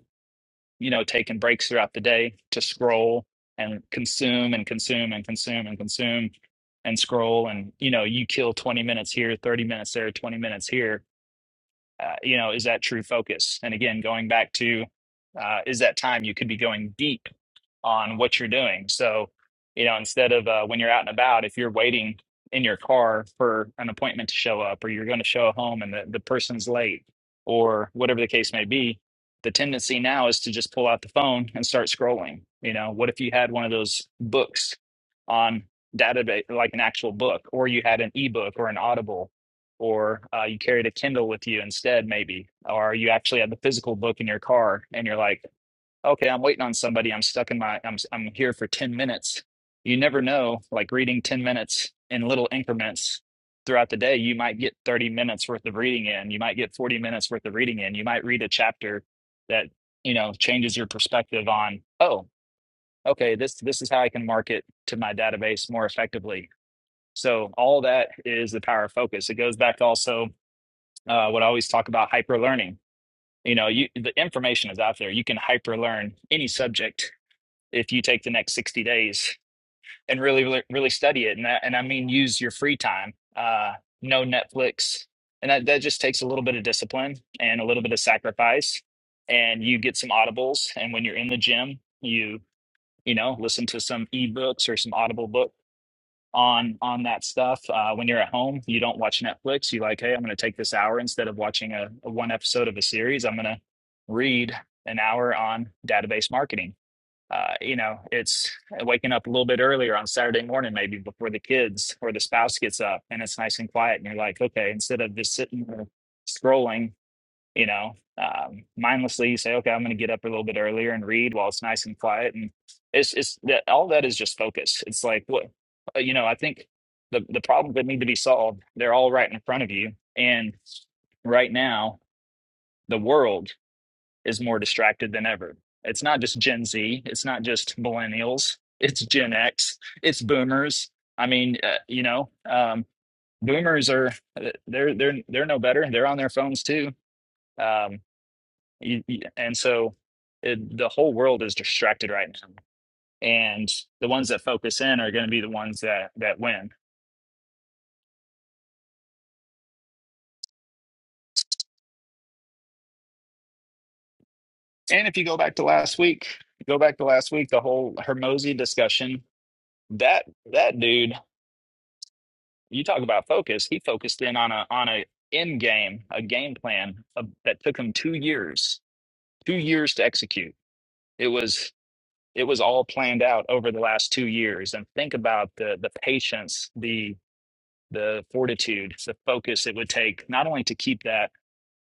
Speaker 11: you know, taking breaks throughout the day to scroll and consume and consume and consume and consume and scroll and, you know, you kill 20 minutes here, 30 minutes there, 20 minutes here, uh, you know, is that true focus? And again, going back to, uh, is that time you could be going deep on what you're doing. So, you know, instead of uh, when you're out and about, if you're waiting in your car for an appointment to show up, or you're going to show home and the, the person's late, or whatever the case may be, the tendency now is to just pull out the phone and start scrolling. You know, what if you had one of those books on database, like an actual book, or you had an ebook or an Audible? Or uh, you carried a Kindle with you instead, maybe, or you actually had the physical book in your car, and you're like, okay, I'm waiting on somebody. I'm stuck in my, I'm, I'm here for 10 minutes. You never know, like reading 10 minutes in little increments throughout the day, you might get 30 minutes worth of reading in. You might get 40 minutes worth of reading in. You might read a chapter that, you know, changes your perspective on, oh, okay, this, this is how I can market to my database more effectively. So all that is the power of focus. It goes back to also uh, what I always talk about hyper learning you know you the information is out there you can hyper learn any subject if you take the next 60 days and really really, really study it and that, and I mean use your free time uh no Netflix and that that just takes a little bit of discipline and a little bit of sacrifice and you get some audibles and when you're in the gym you you know listen to some ebooks or some audible book on on that stuff uh when you're at home you don't watch Netflix you like hey I'm going to take this hour instead of watching a, a one episode of a series I'm going to read an hour on database marketing uh, you know, it's waking up a little bit earlier on Saturday morning, maybe before the kids or the spouse gets up and it's nice and quiet. And you're like, okay, instead of just sitting there scrolling, you know, um, mindlessly, you say, okay, I'm going to get up a little bit earlier and read while it's nice and quiet. And it's, it's that all that is just focus. It's like, what, uh, you know, I think the, the problems that need to be solved, they're all right in front of you. And right now, the world is more distracted than ever. It's not just Gen Z, it's not just millennials, it's Gen X, it's boomers. I mean, uh, you know, um, boomers are uh, they're they're they're no better. They're on their phones too. Um, you, you- and so it, the whole world is distracted right now. And the ones that focus in are going to be the ones that that win. And if you go back to last week, go back to last week, the whole Hermosi discussion, that that dude You talk about focus. He focused in on a on a end game, a game plan of, that took him two years, two years to execute. It was it was all planned out over the last two years. And think about the the patience, the the fortitude, the focus it would take not only to keep that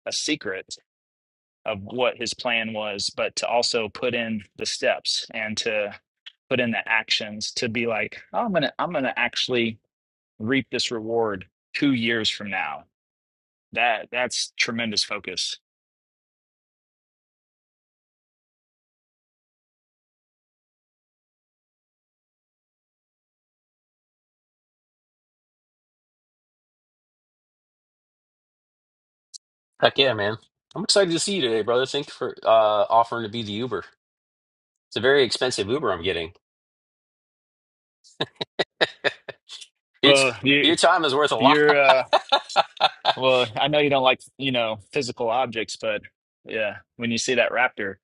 Speaker 11: a secret of what his plan was, but to also put in the steps and to put in the actions to be like, oh, I'm gonna I'm gonna actually reap this reward two years from now That that's tremendous focus.
Speaker 1: Heck yeah, man. I'm excited to see you today, brother. Thank you for uh offering to be the Uber. It's a very expensive Uber I'm getting. *laughs* your, t-
Speaker 11: Well, you
Speaker 1: your time is worth a lot. *laughs*
Speaker 11: you're uh well, I know you don't like, you know, physical objects, but yeah, when you see that raptor,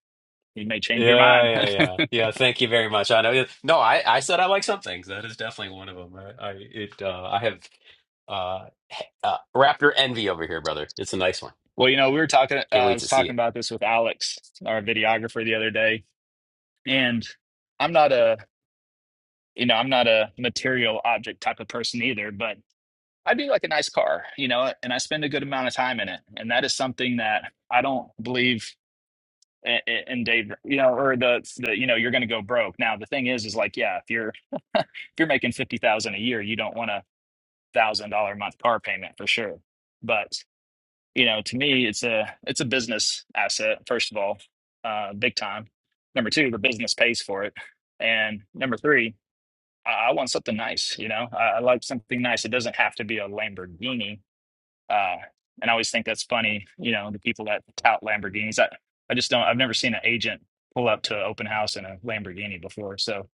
Speaker 11: you may change your
Speaker 1: Yeah,
Speaker 11: mind.
Speaker 1: yeah,
Speaker 11: *laughs*
Speaker 1: yeah. Yeah, thank you very much. I know. No, I, I said I like some things. That is definitely one of them. I, I it uh I have uh, uh Raptor envy over here, brother. It's a nice one.
Speaker 11: Well, you know, we were talking uh,
Speaker 1: Can't
Speaker 11: I
Speaker 1: wait
Speaker 11: was
Speaker 1: to see
Speaker 11: talking
Speaker 1: it.
Speaker 11: about this with Alex, our videographer the other day, and I'm not a, you know, I'm not a material object type of person either, but I do like a nice car, you know, and I spend a good amount of time in it. And that is something that I don't believe and, and Dave, you know, or the the you know, you're going to go broke. Now the thing is, is like, yeah, if you're *laughs* if you're making fifty thousand a year, you don't want a thousand dollar a month car payment for sure. But you know, to me, it's a it's a business asset first of all, uh, big time. Number two, the business pays for it, and number three, I, I want something nice. You know, I, I like something nice. It doesn't have to be a Lamborghini uh, and I always think that's funny, you know, the people that tout Lamborghinis. I, I just don't, I've never seen an agent pull up to an open house in a Lamborghini before. So,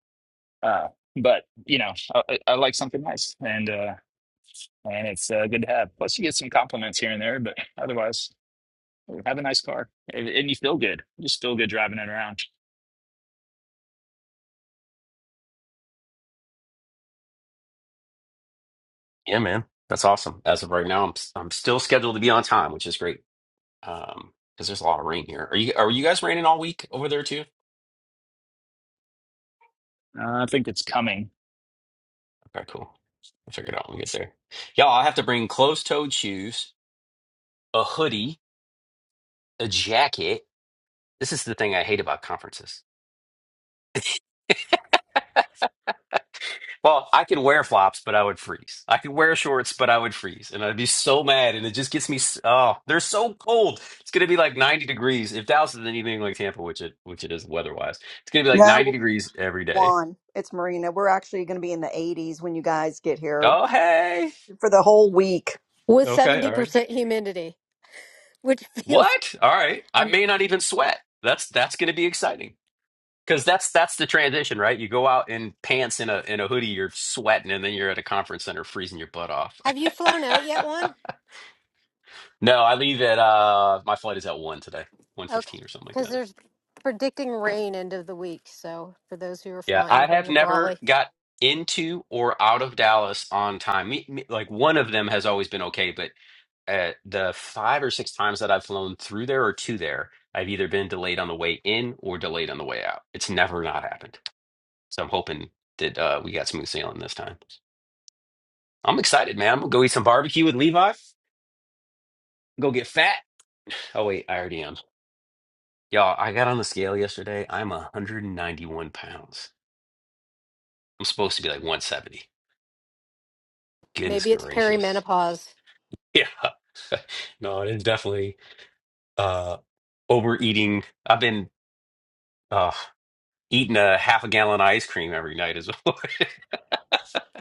Speaker 11: uh, but, you know, I, I I like something nice and, uh, and it's uh, good to have. Plus, you get some compliments here and there, but otherwise, have a nice car and, and you feel good. You just feel good driving it around.
Speaker 1: Yeah, man, that's awesome. As of right now, I'm I'm still scheduled to be on time, which is great. Um, because there's a lot of rain here. Are you are you guys raining all week over there too?
Speaker 11: Uh, I think it's coming.
Speaker 1: Okay, cool. I'll figure it out when we get there. Y'all, I have to bring closed-toed shoes, a hoodie, a jacket. This is the thing I hate about conferences. Well, I can wear flops, but I would freeze. I could wear shorts, but I would freeze, and I'd be so mad. And it just gets me. s- Oh, they're so cold. It's gonna be like 90 degrees. If Dallas is anything like Tampa, which it which it is weather-wise, it's gonna be like 90
Speaker 15: No,
Speaker 1: degrees every day
Speaker 15: Juan, it's Marina. We're actually going to be in the 80s when you guys get here
Speaker 1: Oh, hey.
Speaker 15: for the whole week.
Speaker 16: with
Speaker 1: Okay, all right.
Speaker 16: 70% humidity, which *laughs* feels
Speaker 1: What? All right. I
Speaker 16: I'm
Speaker 1: may not even sweat. That's that's going to be exciting because that's that's the transition, right? You go out in pants in a in a hoodie, you're sweating, and then you're at a conference center freezing your butt off.
Speaker 16: have you flown out yet one?
Speaker 1: *laughs* no, I leave at uh my flight is at one today, one
Speaker 16: Okay.
Speaker 1: fifteen or something like
Speaker 16: Cuz
Speaker 1: that.
Speaker 16: there's predicting rain end of the week, so for those who are
Speaker 1: Yeah,
Speaker 16: flying,
Speaker 1: I
Speaker 16: bring
Speaker 1: have
Speaker 16: a
Speaker 1: never
Speaker 16: brolly.
Speaker 1: got into or out of Dallas on time. Me, me, like one of them has always been okay, but at the five or six times that I've flown through there or to there, I've either been delayed on the way in or delayed on the way out. It's never not happened. So I'm hoping that uh, we got smooth sailing this time. I'm excited, man. I'm gonna go eat some barbecue with Levi. Go get fat. Oh wait, I already am. Y'all, I got on the scale yesterday. I'm 191 pounds. I'm supposed to be like 170. Goodness
Speaker 16: Maybe it's
Speaker 1: gracious.
Speaker 16: perimenopause.
Speaker 1: Yeah. *laughs* no, it is definitely uh overeating. I've been. uh eating a half a gallon of ice cream every night is *laughs*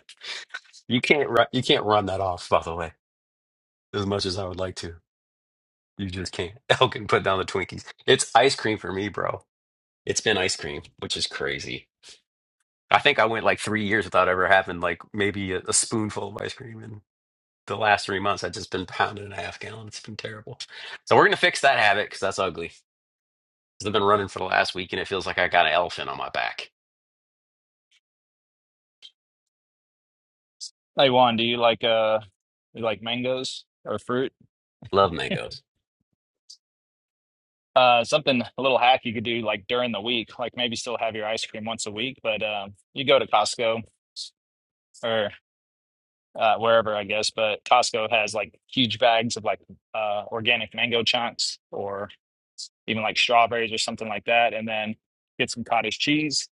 Speaker 1: you can't run you can't run that off by the way as much as i would like to you just can't *laughs* elkin put down the twinkies it's ice cream for me bro it's been ice cream which is crazy i think i went like three years without ever having like maybe a, a spoonful of ice cream and the last three months i've just been pounding a half gallon it's been terrible so we're gonna fix that habit because that's ugly 'Cause i've been running for the last week and it feels like i got an elephant on my back
Speaker 11: Hey, Juan, do you like, uh, you like mangoes or fruit?
Speaker 1: love mangoes
Speaker 11: Uh, something a little hack you could do like during the week, like maybe still have your ice cream once a week, but um, you go to Costco or uh, wherever, I guess. But Costco has like huge bags of like uh, organic mango chunks or even like strawberries or something like that. And then get some cottage cheese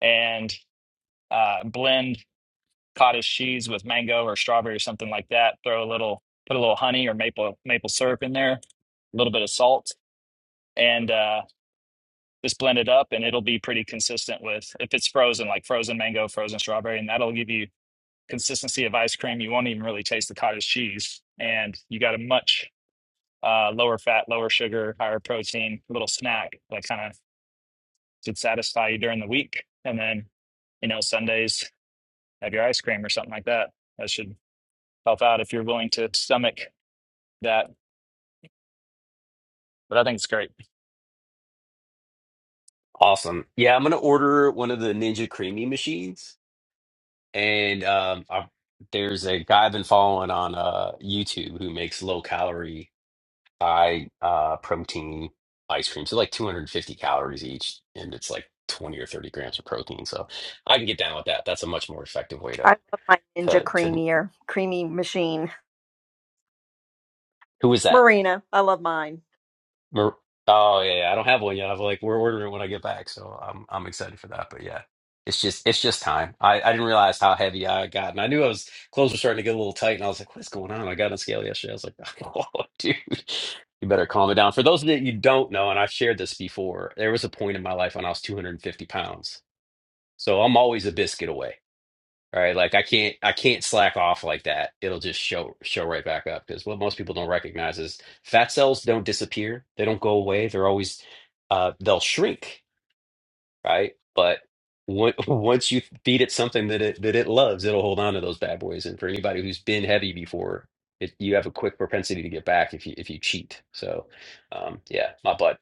Speaker 11: and uh, blend cottage cheese with mango or strawberry or something like that. Throw a little, put a little honey or maple maple syrup in there, a little bit of salt. And uh. just blend it up and it'll be pretty consistent with if it's frozen, like frozen mango, frozen strawberry, and that'll give you consistency of ice cream. You won't even really taste the cottage cheese. And you got a much uh, lower fat, lower sugar, higher protein little snack that kind of should satisfy you during the week. And then, you know, Sundays, have your ice cream or something like that. That should help out if you're willing to stomach that. But I think it's great.
Speaker 1: Awesome. Yeah, I'm gonna order one of the Ninja Creamy machines, and um, I, there's a guy I've been following on uh YouTube who makes low calorie, high uh protein ice cream. So like 250 calories each, and it's like 20 or 30 grams of protein. So I can get down with that. That's a much more effective way
Speaker 15: I
Speaker 1: to
Speaker 15: love my Ninja
Speaker 1: to to.
Speaker 15: creamier creamy machine.
Speaker 1: Who is that?
Speaker 15: Marina, I love mine.
Speaker 1: Mer- oh yeah, yeah, I don't have one yet. I've like we're ordering when I get back, so I'm I'm excited for that. But yeah, it's just it's just time. I I didn't realize how heavy I got, and I knew I was clothes were starting to get a little tight, and I was like, what's going on? I got on scale yesterday. I was like, *laughs* oh dude, you better calm it down. For those that you don't know, and I've shared this before, there was a point in my life when I was 250 pounds, so I'm always a biscuit away right? Like I can't I can't slack off like that. It'll just show show right back up because what most people don't recognize is fat cells don't disappear. They don't go away. They're always uh they'll shrink, right? But on- *laughs* once you feed it something that it that it loves, it'll hold on to those bad boys. And for anybody who's been heavy before, it, you have a quick propensity to get back if you if you cheat. So, um, yeah, my butt.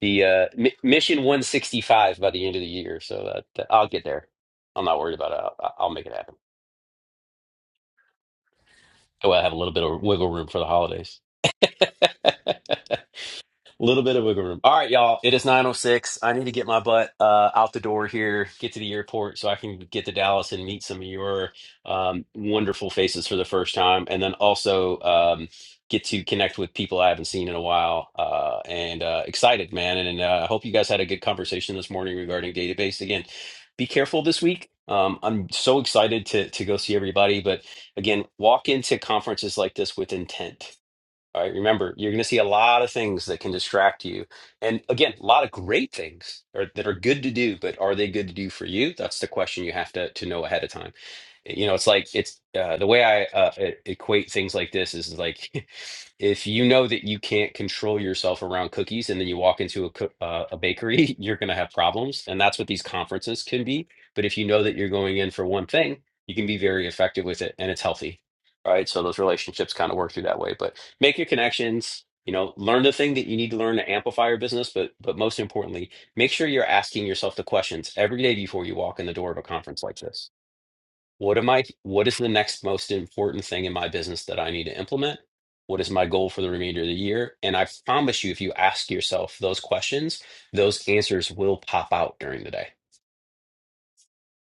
Speaker 1: The uh, mi mission 165 by the end of the year, so that, that I'll get there. I'm not worried about it. I'll, I'll make it happen. That way I have a little bit of wiggle room for the holidays. *laughs* A little bit of wiggle room. All right, y'all. It is 9:06. I need to get my butt uh, out the door here, get to the airport so I can get to Dallas and meet some of your um, wonderful faces for the first time, and then also um, get to connect with people I haven't seen in a while. Uh, and uh, excited, man. And uh, I hope you guys had a good conversation this morning regarding database. Again, be careful this week. Um, I'm so excited to to go see everybody, but again, walk into conferences like this with intent all right, remember, you're going to see a lot of things that can distract you. And again, a lot of great things or, that are good to do, but are they good to do for you? That's the question you have to, to know ahead of time. Eh, You know, it's like, it's uh, the way I uh, e- equate things like this is like, *laughs* if you know that you can't control yourself around cookies and then you walk into a, coo- uh, a bakery, *laughs* you're going to have problems. And that's what these conferences can be. But if you know that you're going in for one thing, you can be very effective with it and it's healthy right? So those relationships kind of work through that way. But make your connections, you know, learn the thing that you need to learn to amplify your business, but but most importantly, make sure you're asking yourself the questions every day before you walk in the door of a conference like this. What am I what is the next most important thing in my business that I need to implement? What is my goal for the remainder of the year? And I promise you, if you ask yourself those questions, those answers will pop out during the day.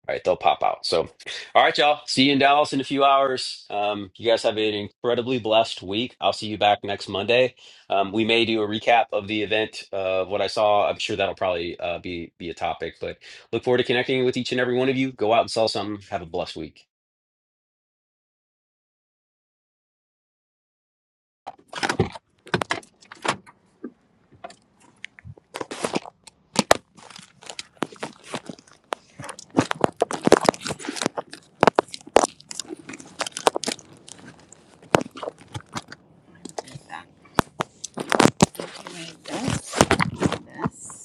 Speaker 1: All right, they'll pop out. So, all right, y'all. See you in Dallas in a few hours. Um, you guys have an incredibly blessed week. I'll see you back next Monday. Um, we may do a recap of the event, uh, of what I saw. I'm sure that'll probably uh, be be a topic, but look forward to connecting with each and every one of you. Go out and sell something. Have a blessed week.
Speaker 4: That. Okay, that's this.